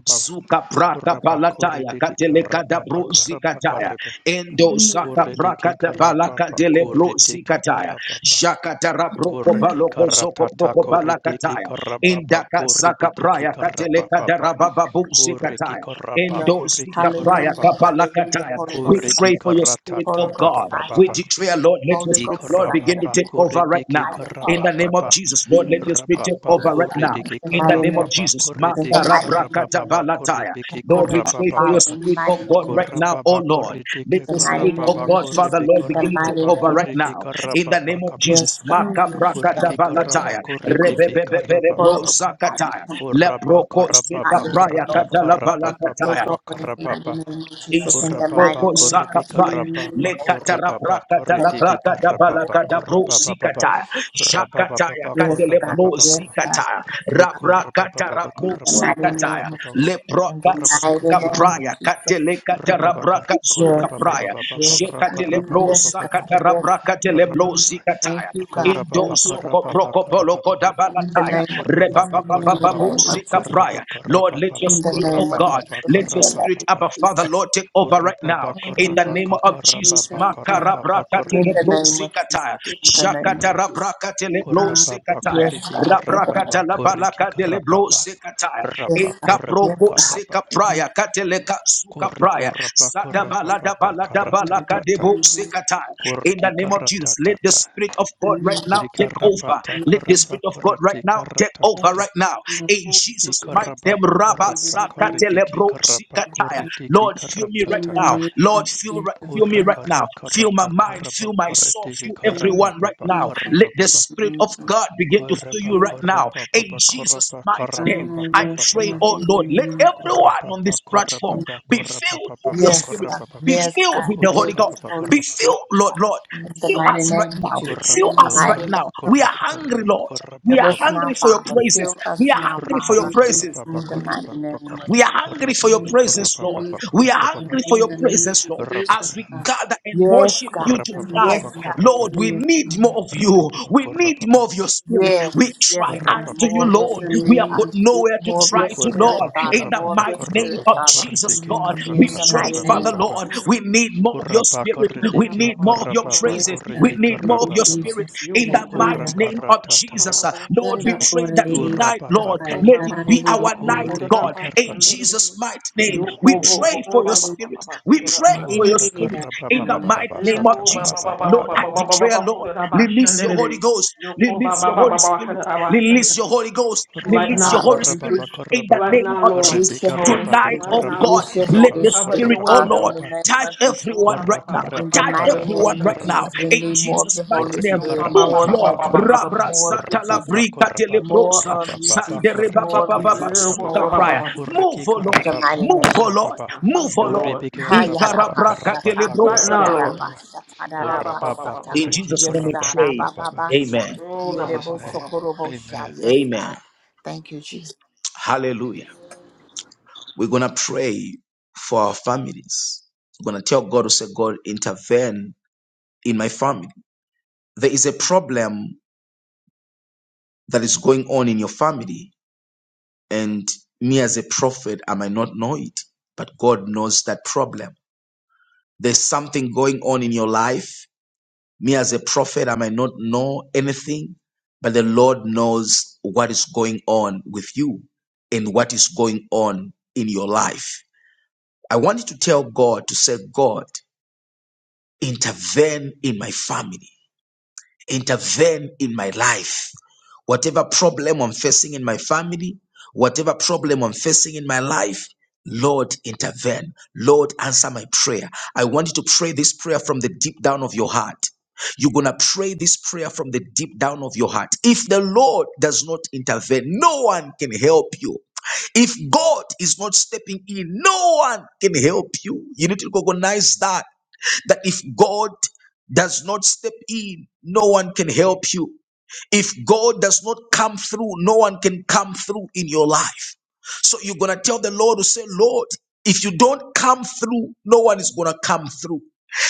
Speaker 1: Suka prata palataya katele kada bro zikataya. Endo
Speaker 2: In the name of Jesus,
Speaker 1: saka prakata balaka dele bro zikataya. Shakatara broko baloko zoko broko balakataya.
Speaker 4: karababa
Speaker 1: Indaka saka
Speaker 4: korreki
Speaker 1: praya katele
Speaker 4: karaba
Speaker 1: kada rabababu zikataya.
Speaker 5: Hallelujah,
Speaker 4: korreki
Speaker 1: Endosika praya
Speaker 5: hallelujah,
Speaker 4: karababa
Speaker 5: hallelujah,
Speaker 1: kabalakataya.
Speaker 5: Holy
Speaker 1: We
Speaker 5: Ghost
Speaker 4: korreki
Speaker 5: fire,
Speaker 1: pray for your spirit,
Speaker 5: Holy
Speaker 1: oh
Speaker 4: karatata
Speaker 5: Ghost
Speaker 1: God.
Speaker 5: fire,
Speaker 1: We
Speaker 4: baba
Speaker 1: declare, Lord, let your
Speaker 5: Holy
Speaker 1: spirit,
Speaker 5: Ghost
Speaker 1: Lord,
Speaker 5: fire,
Speaker 1: begin to take over right
Speaker 4: Ikarababakoridiki
Speaker 1: now.
Speaker 5: fire fall
Speaker 1: In the
Speaker 5: upon
Speaker 1: name of
Speaker 5: the
Speaker 4: karabababat.
Speaker 1: Jesus, Lord, let
Speaker 2: in the
Speaker 1: your spirit take
Speaker 5: Ghost
Speaker 1: over right
Speaker 5: fire.
Speaker 1: now.
Speaker 4: Rababakoridiki
Speaker 5: In the
Speaker 1: In the
Speaker 5: mighty
Speaker 1: name
Speaker 5: name of
Speaker 1: of
Speaker 5: Jesus,
Speaker 1: Jesus.
Speaker 5: in the
Speaker 4: karababakoridiki
Speaker 5: mighty name of Jesus,
Speaker 1: Makarabrakatabalataya.
Speaker 4: karababakoribiki
Speaker 5: take
Speaker 1: Lord,
Speaker 5: over
Speaker 1: we
Speaker 5: now,
Speaker 1: pray for your
Speaker 5: Father,
Speaker 4: karabababaka.
Speaker 5: in the
Speaker 1: spirit,
Speaker 5: mighty
Speaker 1: oh God,
Speaker 5: name of
Speaker 1: right now,
Speaker 5: Jesus,
Speaker 1: oh Lord.
Speaker 5: in
Speaker 1: Let
Speaker 4: Korababakoridiki
Speaker 1: the
Speaker 5: the mighty
Speaker 1: spirit, oh
Speaker 5: name of
Speaker 1: God,
Speaker 5: Jesus,
Speaker 1: Father,
Speaker 4: karababakoribiki
Speaker 1: Lord,
Speaker 5: in the
Speaker 1: begin to take
Speaker 5: mighty
Speaker 1: over
Speaker 5: name
Speaker 1: right
Speaker 5: of
Speaker 4: karababakoriki
Speaker 1: now.
Speaker 5: Jesus.
Speaker 1: In the name of
Speaker 4: karababakabra.
Speaker 1: Jesus.
Speaker 5: Yes, God,
Speaker 2: room,
Speaker 5: yes, God,
Speaker 4: Koriki
Speaker 2: God,
Speaker 5: take over,
Speaker 1: Makaprakatabalataya.
Speaker 5: Holy Ghost,
Speaker 4: karabakoribiki
Speaker 2: we are,
Speaker 5: Holy
Speaker 1: Rebebebeberebro
Speaker 5: Ghost
Speaker 4: karabababaka.
Speaker 5: fire,
Speaker 1: zakataya.
Speaker 5: come on, Holy
Speaker 1: Leproko
Speaker 5: Ghost fire,
Speaker 4: Korabakarababa
Speaker 5: take
Speaker 2: uh,
Speaker 1: sekapraya
Speaker 4: karata
Speaker 5: over,
Speaker 2: in the
Speaker 5: take
Speaker 1: katalabalakataya.
Speaker 5: over
Speaker 2: name
Speaker 5: in
Speaker 2: of
Speaker 5: the mighty
Speaker 4: karababababa
Speaker 5: name of Jesus,
Speaker 2: Jesus,
Speaker 5: in the
Speaker 4: Korababa
Speaker 5: mighty
Speaker 1: Isoproko
Speaker 5: name of
Speaker 4: koribi
Speaker 1: sakapaya
Speaker 5: Jesus.
Speaker 2: I'm going
Speaker 4: karababa
Speaker 1: lekatara
Speaker 4: korababa
Speaker 1: brakata la
Speaker 5: Yes,
Speaker 4: koritiki
Speaker 1: brakata
Speaker 4: karababa
Speaker 5: God.
Speaker 1: balakata bro
Speaker 4: korababa baba
Speaker 1: sikata
Speaker 4: rababa
Speaker 1: shakataya
Speaker 4: baba
Speaker 5: Yes,
Speaker 1: katele
Speaker 5: God.
Speaker 1: bro
Speaker 5: Yes,
Speaker 4: korababa
Speaker 5: God.
Speaker 1: sikata rabrakata
Speaker 4: kukorababa korababa
Speaker 1: rabro
Speaker 5: In the
Speaker 2: to
Speaker 4: korababa
Speaker 5: mighty
Speaker 1: sikataya
Speaker 5: name
Speaker 4: korababa
Speaker 5: of Jesus. In
Speaker 1: leproka
Speaker 5: the mighty
Speaker 4: korababa
Speaker 1: suka
Speaker 5: name of
Speaker 4: korababa
Speaker 1: praya
Speaker 5: Jesus.
Speaker 1: katele katara
Speaker 4: rababa
Speaker 1: braka
Speaker 5: Yes,
Speaker 1: suka
Speaker 4: korababa
Speaker 5: God.
Speaker 1: praya
Speaker 4: baba
Speaker 5: Yes,
Speaker 4: kabra
Speaker 5: God.
Speaker 1: shekatele
Speaker 4: korababa
Speaker 1: bro
Speaker 5: Yes,
Speaker 4: baba
Speaker 5: God.
Speaker 4: kabra
Speaker 1: sakata
Speaker 5: Yes, God.
Speaker 1: rabrakatele bro
Speaker 5: Thank
Speaker 1: sikataya
Speaker 5: you, God.
Speaker 1: Indo
Speaker 4: rababa
Speaker 5: Thank
Speaker 4: korababa korababa
Speaker 5: you,
Speaker 1: zoko
Speaker 5: God.
Speaker 4: korababa
Speaker 1: proko polo koda
Speaker 4: korababa
Speaker 5: In the
Speaker 1: balataya.
Speaker 5: name of
Speaker 1: Reba
Speaker 5: Jesus.
Speaker 1: ba
Speaker 5: In the
Speaker 4: korababa
Speaker 5: name of
Speaker 1: sika
Speaker 5: Jesus.
Speaker 4: korababa
Speaker 1: praya. Lord, let your
Speaker 5: In the
Speaker 1: spirit, oh
Speaker 5: name of
Speaker 4: korababa
Speaker 1: God,
Speaker 5: Jesus.
Speaker 4: korababa
Speaker 1: let
Speaker 5: In
Speaker 1: your
Speaker 5: the name
Speaker 1: spirit,
Speaker 4: korababa
Speaker 1: Abba
Speaker 5: of Jesus.
Speaker 1: Father, Lord, take over right now.
Speaker 4: Korababa
Speaker 1: In the name
Speaker 4: korabaka
Speaker 1: of Jesus.
Speaker 4: korababa korababa
Speaker 5: In the
Speaker 4: koribiki
Speaker 1: Makarabrakatelebro
Speaker 4: kor
Speaker 5: name of Jesus.
Speaker 1: sikataya.
Speaker 5: In the name of Jesus.
Speaker 1: Shakatarabrakatelebro
Speaker 4: korababa
Speaker 5: Yes,
Speaker 1: sikataya.
Speaker 4: koriki
Speaker 5: God. In the name.
Speaker 4: korababa
Speaker 1: Rabrakata la
Speaker 4: koriki
Speaker 1: balaka de leblo
Speaker 4: korababa
Speaker 1: sekataya.
Speaker 4: rabba
Speaker 5: Yes, God.
Speaker 1: Eka
Speaker 4: koraba
Speaker 5: Yes,
Speaker 1: proko
Speaker 5: God.
Speaker 4: koraba
Speaker 1: seka praya kateleka
Speaker 4: kor
Speaker 1: suka praya.
Speaker 4: koraba
Speaker 1: Sada balada
Speaker 4: korababa
Speaker 1: balada balaka
Speaker 4: karatatata
Speaker 1: debo sekataya. In
Speaker 4: koriki
Speaker 1: the name of Jesus, let the
Speaker 4: karatatata
Speaker 1: Spirit of God right now
Speaker 4: idri
Speaker 1: take over.
Speaker 4: karabata
Speaker 1: Let
Speaker 2: be
Speaker 1: the
Speaker 4: koraba
Speaker 1: Spirit of God right
Speaker 4: korati
Speaker 1: now take
Speaker 2: a
Speaker 1: over
Speaker 4: karatatata
Speaker 1: right
Speaker 2: good
Speaker 1: now. In Jesus'
Speaker 2: person.
Speaker 1: mighty name,
Speaker 4: ikarababa
Speaker 1: Rabba
Speaker 4: korata koritiki
Speaker 1: sakatelebro
Speaker 4: karaba
Speaker 2: In
Speaker 1: sekataya.
Speaker 4: koritiki
Speaker 1: Lord, fill me right
Speaker 2: the
Speaker 4: karatatata
Speaker 1: now.
Speaker 2: name
Speaker 1: Lord,
Speaker 2: of
Speaker 1: fill,
Speaker 2: Jesus
Speaker 1: fill me right
Speaker 4: Korra
Speaker 1: me right
Speaker 2: Christ,
Speaker 4: karra
Speaker 1: now. Fill my
Speaker 4: karrata
Speaker 1: mind,
Speaker 4: karraba
Speaker 1: fill my soul,
Speaker 4: korretisi
Speaker 1: fill
Speaker 2: fill
Speaker 4: karraba
Speaker 2: us
Speaker 1: everyone right
Speaker 4: baba
Speaker 1: now.
Speaker 2: now, Father,
Speaker 1: Let
Speaker 4: karraba
Speaker 1: the
Speaker 4: baba
Speaker 2: in the
Speaker 1: Spirit of
Speaker 2: name of
Speaker 1: God begin to fill
Speaker 4: korraba
Speaker 1: you right
Speaker 2: Jesus.
Speaker 1: now.
Speaker 4: korraba
Speaker 1: In
Speaker 4: baba
Speaker 1: Jesus'
Speaker 4: korraba
Speaker 1: mighty
Speaker 4: karraba
Speaker 1: name,
Speaker 2: Ah,
Speaker 1: I
Speaker 2: yes,
Speaker 4: baba
Speaker 1: pray,
Speaker 4: baba
Speaker 2: God,
Speaker 1: oh
Speaker 2: in the
Speaker 1: Lord, let
Speaker 2: name of
Speaker 1: everyone
Speaker 4: korraba
Speaker 1: on
Speaker 4: baba
Speaker 1: this
Speaker 4: korraba
Speaker 1: platform
Speaker 4: baba
Speaker 1: be
Speaker 4: korraba
Speaker 1: filled with your
Speaker 4: baba
Speaker 5: Yes,
Speaker 1: Spirit.
Speaker 5: God.
Speaker 1: Be
Speaker 5: Yes,
Speaker 1: filled
Speaker 5: God.
Speaker 1: with the Holy
Speaker 5: Fill
Speaker 4: korraba
Speaker 5: with the
Speaker 1: Ghost.
Speaker 4: baba korraba baba
Speaker 5: Holy
Speaker 2: Jesus,
Speaker 1: Be
Speaker 4: korraba
Speaker 5: Spirit.
Speaker 1: filled, Lord, Lord.
Speaker 5: In
Speaker 2: in
Speaker 5: the
Speaker 1: Fill
Speaker 5: mighty
Speaker 1: us right
Speaker 5: name of
Speaker 1: now.
Speaker 5: Jesus.
Speaker 2: the
Speaker 4: korra
Speaker 5: In
Speaker 1: Fill
Speaker 5: the
Speaker 1: us right
Speaker 5: mighty
Speaker 2: name of
Speaker 4: korra
Speaker 1: now.
Speaker 5: name of
Speaker 1: We are
Speaker 4: korraba
Speaker 1: hungry,
Speaker 4: korraba
Speaker 1: Lord.
Speaker 4: korraba
Speaker 1: We
Speaker 5: fill
Speaker 1: are
Speaker 5: us
Speaker 4: baba
Speaker 5: now,
Speaker 1: hungry
Speaker 4: korra
Speaker 1: for your
Speaker 5: Father.
Speaker 1: praises.
Speaker 5: Fill
Speaker 1: We
Speaker 5: us
Speaker 1: are
Speaker 5: now,
Speaker 2: Jesus,
Speaker 1: hungry for your
Speaker 4: baba
Speaker 5: Father.
Speaker 2: thank you,
Speaker 4: korra
Speaker 1: praises.
Speaker 4: baba
Speaker 5: In the
Speaker 2: Father.
Speaker 4: korra
Speaker 5: mighty
Speaker 4: baba korraba
Speaker 5: name of
Speaker 1: We are hungry for
Speaker 4: korraba
Speaker 2: Thank
Speaker 1: your
Speaker 4: baba korra
Speaker 2: for
Speaker 1: presence,
Speaker 4: baba
Speaker 1: Lord.
Speaker 2: this,
Speaker 1: We are
Speaker 4: baba
Speaker 2: God,
Speaker 4: baba
Speaker 1: hungry for your
Speaker 2: in the name
Speaker 1: presence,
Speaker 2: of
Speaker 1: Lord. As
Speaker 2: Jesus,
Speaker 1: we
Speaker 2: God,
Speaker 1: gather and
Speaker 5: Yes,
Speaker 1: worship you
Speaker 5: God.
Speaker 4: corraba
Speaker 2: fill
Speaker 5: Yes,
Speaker 1: tonight,
Speaker 2: us
Speaker 4: baba
Speaker 2: now,
Speaker 5: God.
Speaker 4: korra baba korra
Speaker 1: Lord,
Speaker 4: baba
Speaker 2: bring
Speaker 1: we
Speaker 2: your
Speaker 1: need
Speaker 2: power,
Speaker 1: more of
Speaker 4: korra
Speaker 1: you.
Speaker 4: baba
Speaker 1: We
Speaker 4: korra
Speaker 1: need
Speaker 4: baba
Speaker 1: more of your
Speaker 2: bring
Speaker 1: spirit.
Speaker 5: Yes,
Speaker 1: We
Speaker 5: yes,
Speaker 1: cry
Speaker 5: God.
Speaker 1: unto
Speaker 4: Rababa
Speaker 5: More
Speaker 1: you,
Speaker 5: of
Speaker 2: God,
Speaker 5: your
Speaker 2: in
Speaker 1: Lord.
Speaker 2: the
Speaker 4: korababa.
Speaker 1: We
Speaker 5: spirit,
Speaker 1: have
Speaker 2: name
Speaker 5: God.
Speaker 1: got
Speaker 2: of
Speaker 1: nowhere to
Speaker 2: Jesus,
Speaker 5: More of
Speaker 1: cry
Speaker 2: thank
Speaker 5: your
Speaker 1: to,
Speaker 2: you, Father.
Speaker 5: spirit,
Speaker 1: Lord.
Speaker 4: Koraba
Speaker 5: Father.
Speaker 1: In the
Speaker 5: More
Speaker 4: korababa
Speaker 5: of your
Speaker 1: mighty name
Speaker 5: spirit,
Speaker 1: of
Speaker 4: korababa
Speaker 5: Father.
Speaker 1: Jesus,
Speaker 4: korriki
Speaker 1: God,
Speaker 2: Ah,
Speaker 1: we
Speaker 5: In
Speaker 2: yes,
Speaker 4: karata
Speaker 5: the
Speaker 6: Thank
Speaker 1: pray,
Speaker 2: God,
Speaker 6: you,
Speaker 5: mighty
Speaker 2: thank
Speaker 1: Father,
Speaker 2: you.
Speaker 5: name
Speaker 6: Jesus.
Speaker 5: of
Speaker 4: karababa.
Speaker 1: Lord.
Speaker 5: Jesus,
Speaker 1: We need
Speaker 6: Hallelujah.
Speaker 1: more of your
Speaker 4: Koraba
Speaker 1: spirit. We
Speaker 6: Oka
Speaker 4: korriki
Speaker 6: ba
Speaker 1: need
Speaker 6: ba
Speaker 1: more of
Speaker 6: ba
Speaker 1: your
Speaker 6: hora
Speaker 4: karababa
Speaker 1: presence
Speaker 2: Yes,
Speaker 6: ba
Speaker 1: diseases. We
Speaker 4: korriki
Speaker 2: God.
Speaker 6: shanda ra
Speaker 1: need
Speaker 2: Thank
Speaker 1: more of
Speaker 2: you,
Speaker 1: your
Speaker 4: karababa.
Speaker 1: spirit
Speaker 2: Jesus.
Speaker 1: in the
Speaker 6: Yoko ba ba
Speaker 4: Korra
Speaker 1: mighty
Speaker 6: ba
Speaker 2: Hallelujah.
Speaker 6: ba
Speaker 1: name
Speaker 6: ba
Speaker 1: of
Speaker 6: ba ba
Speaker 4: karata
Speaker 6: hora
Speaker 1: Jesus.
Speaker 4: tababa.
Speaker 1: Uh,
Speaker 6: bo
Speaker 1: Lord, we
Speaker 2: Yanda
Speaker 6: shanda ra ra
Speaker 1: pray
Speaker 2: kore
Speaker 1: that
Speaker 2: riri
Speaker 1: tonight,
Speaker 2: shia
Speaker 1: Lord,
Speaker 2: kaya.
Speaker 4: Urababaka.
Speaker 1: let
Speaker 6: Oka
Speaker 1: it
Speaker 6: ba
Speaker 2: Nara
Speaker 6: ba
Speaker 1: be
Speaker 6: ba
Speaker 2: riri
Speaker 6: ba
Speaker 1: our
Speaker 2: riri
Speaker 6: ba ba
Speaker 1: night,
Speaker 2: nana
Speaker 6: hora
Speaker 4: Korriki
Speaker 1: God,
Speaker 6: ba
Speaker 2: namashia.
Speaker 1: in
Speaker 4: karata.
Speaker 6: shanda ra
Speaker 1: Jesus' mighty name.
Speaker 6: Yoko
Speaker 1: We
Speaker 6: bo
Speaker 2: Yanda
Speaker 1: pray
Speaker 6: hoka
Speaker 1: for
Speaker 2: kore
Speaker 6: ba
Speaker 1: your
Speaker 6: ba
Speaker 2: riri
Speaker 6: ba
Speaker 1: spirit.
Speaker 6: ba ba
Speaker 1: We
Speaker 6: hora
Speaker 2: shia.
Speaker 1: pray
Speaker 6: ba
Speaker 1: for
Speaker 2: Riri
Speaker 1: your
Speaker 6: shanda
Speaker 4: Korra
Speaker 6: ra
Speaker 2: riri
Speaker 1: spirit
Speaker 2: rara
Speaker 4: karababa
Speaker 1: in
Speaker 2: nana
Speaker 1: the mighty
Speaker 4: baba
Speaker 1: name
Speaker 2: namashia
Speaker 1: of
Speaker 4: sata
Speaker 6: Yoko ba
Speaker 2: kaya.
Speaker 4: baba
Speaker 6: ba
Speaker 1: Jesus.
Speaker 6: ba ba
Speaker 4: baba
Speaker 6: ba
Speaker 1: Lord,
Speaker 6: ba ba
Speaker 1: I
Speaker 4: baba.
Speaker 6: ba ba ba
Speaker 1: declare,
Speaker 6: ba
Speaker 1: Lord,
Speaker 6: ba
Speaker 1: release
Speaker 6: shanda
Speaker 1: your
Speaker 6: ra
Speaker 1: Holy Ghost,
Speaker 6: Yoko ba
Speaker 1: release
Speaker 6: ba
Speaker 1: your
Speaker 6: ba ba
Speaker 1: Holy
Speaker 6: ba
Speaker 1: Spirit,
Speaker 6: hora ba shanda
Speaker 1: release your Holy Ghost,
Speaker 6: Right
Speaker 1: release
Speaker 4: Rababa
Speaker 6: now,
Speaker 1: your
Speaker 5: Father.
Speaker 1: Holy
Speaker 6: Lord.
Speaker 1: Spirit
Speaker 5: Release,
Speaker 4: korababa
Speaker 1: in the
Speaker 4: korababa
Speaker 6: Right
Speaker 1: name
Speaker 6: now,
Speaker 1: of
Speaker 6: Lord.
Speaker 4: korriki
Speaker 5: release
Speaker 1: Jesus.
Speaker 5: your Holy
Speaker 4: karababa
Speaker 1: Tonight,
Speaker 5: Spirit.
Speaker 6: Right
Speaker 1: oh
Speaker 6: now,
Speaker 1: God,
Speaker 4: korababa
Speaker 6: Lord.
Speaker 5: Release your
Speaker 1: let
Speaker 5: Holy
Speaker 1: the
Speaker 4: korababa
Speaker 6: How about
Speaker 5: Spirit,
Speaker 6: your
Speaker 1: Spirit,
Speaker 4: korababa
Speaker 1: oh
Speaker 6: way,
Speaker 5: Father.
Speaker 6: God?
Speaker 5: In
Speaker 1: Lord,
Speaker 5: the
Speaker 4: baba.
Speaker 5: name
Speaker 1: touch
Speaker 5: of Jesus.
Speaker 6: Oka
Speaker 1: everyone
Speaker 6: ba
Speaker 4: Korra
Speaker 1: right
Speaker 6: ba
Speaker 1: now.
Speaker 6: ba ba
Speaker 5: In the
Speaker 6: ba
Speaker 4: karata
Speaker 1: Touch
Speaker 6: hora
Speaker 5: mighty
Speaker 6: bo
Speaker 4: karaba
Speaker 1: everyone
Speaker 5: name of
Speaker 1: right
Speaker 6: shanda ra
Speaker 5: Jesus,
Speaker 1: now.
Speaker 4: karababa.
Speaker 5: we
Speaker 1: In
Speaker 5: need more of
Speaker 1: Jesus'
Speaker 5: your
Speaker 1: mighty
Speaker 5: Holy
Speaker 4: Corri
Speaker 1: name,
Speaker 5: Spirit,
Speaker 1: move,
Speaker 5: more of you,
Speaker 1: Lord.
Speaker 5: Jesus,
Speaker 4: carapapapapa,
Speaker 1: Rabra
Speaker 5: more of you,
Speaker 1: sata la
Speaker 5: Jesus.
Speaker 4: corapapa,
Speaker 1: brika
Speaker 4: corapapa,
Speaker 5: More
Speaker 1: teleprosa.
Speaker 5: of you,
Speaker 4: corapapa,
Speaker 1: Sandere
Speaker 5: Jesus.
Speaker 1: baba
Speaker 4: corriki
Speaker 5: More of you,
Speaker 1: baba
Speaker 5: Jesus.
Speaker 4: carapapapa,
Speaker 1: basuka
Speaker 5: More of you.
Speaker 1: prayer. Move,
Speaker 4: corriki
Speaker 1: oh
Speaker 5: In
Speaker 1: Lord.
Speaker 5: the mighty name
Speaker 4: carapapapa,
Speaker 1: Move, oh
Speaker 5: of
Speaker 1: Lord.
Speaker 5: Jesus.
Speaker 4: capapa,
Speaker 6: I
Speaker 1: Move,
Speaker 6: Thank you,
Speaker 1: oh Lord.
Speaker 6: Lord.
Speaker 4: corribi
Speaker 5: Ha, yada
Speaker 4: carapapa,
Speaker 1: Ikara
Speaker 5: ba,
Speaker 1: braka
Speaker 4: carapapa,
Speaker 5: shata.
Speaker 6: Right now,
Speaker 1: telebrosata.
Speaker 5: Yada
Speaker 6: Lord.
Speaker 5: ba,
Speaker 4: corapapa,
Speaker 5: shata, da, da, ba,
Speaker 4: corapapa,
Speaker 1: In
Speaker 4: corriki
Speaker 1: Jesus'
Speaker 5: Yes,
Speaker 1: name we
Speaker 5: God. Ah,
Speaker 1: pray.
Speaker 5: ba, ba,
Speaker 4: carapapapa.
Speaker 5: ba, sha.
Speaker 1: Amen.
Speaker 6: Oh,
Speaker 4: In
Speaker 5: Yede
Speaker 4: Jesus'
Speaker 5: bo,
Speaker 4: name, amen.
Speaker 5: Yes,
Speaker 1: Amen.
Speaker 5: God. Thank you, Jesus.
Speaker 1: Hallelujah. We're going to pray for our families. We're going to tell God to say, God, intervene in my family. There is a problem that is going on in your family, and me as a prophet, I might not know it, but God knows that problem. There's something going on in your life. Me as a prophet, I might not know anything, but the Lord knows what is going on with you and what is going on in your life. I want you to tell God to say, God, intervene in my family intervene in my life. Whatever problem I'm facing in my family, whatever problem I'm facing in my life, Lord, intervene. Lord, answer my prayer. I want you to pray this prayer from the deep down of your heart. You're going to pray this prayer from the deep down of your heart. If the Lord does not intervene, no one can help you. If God is not stepping in, no one can help you. You need to recognize that that if God does not step in, no one can help you. If God does not come through, no one can come through in your life. So you're going to tell the Lord to say, Lord, if you don't come through, no one is going to come through.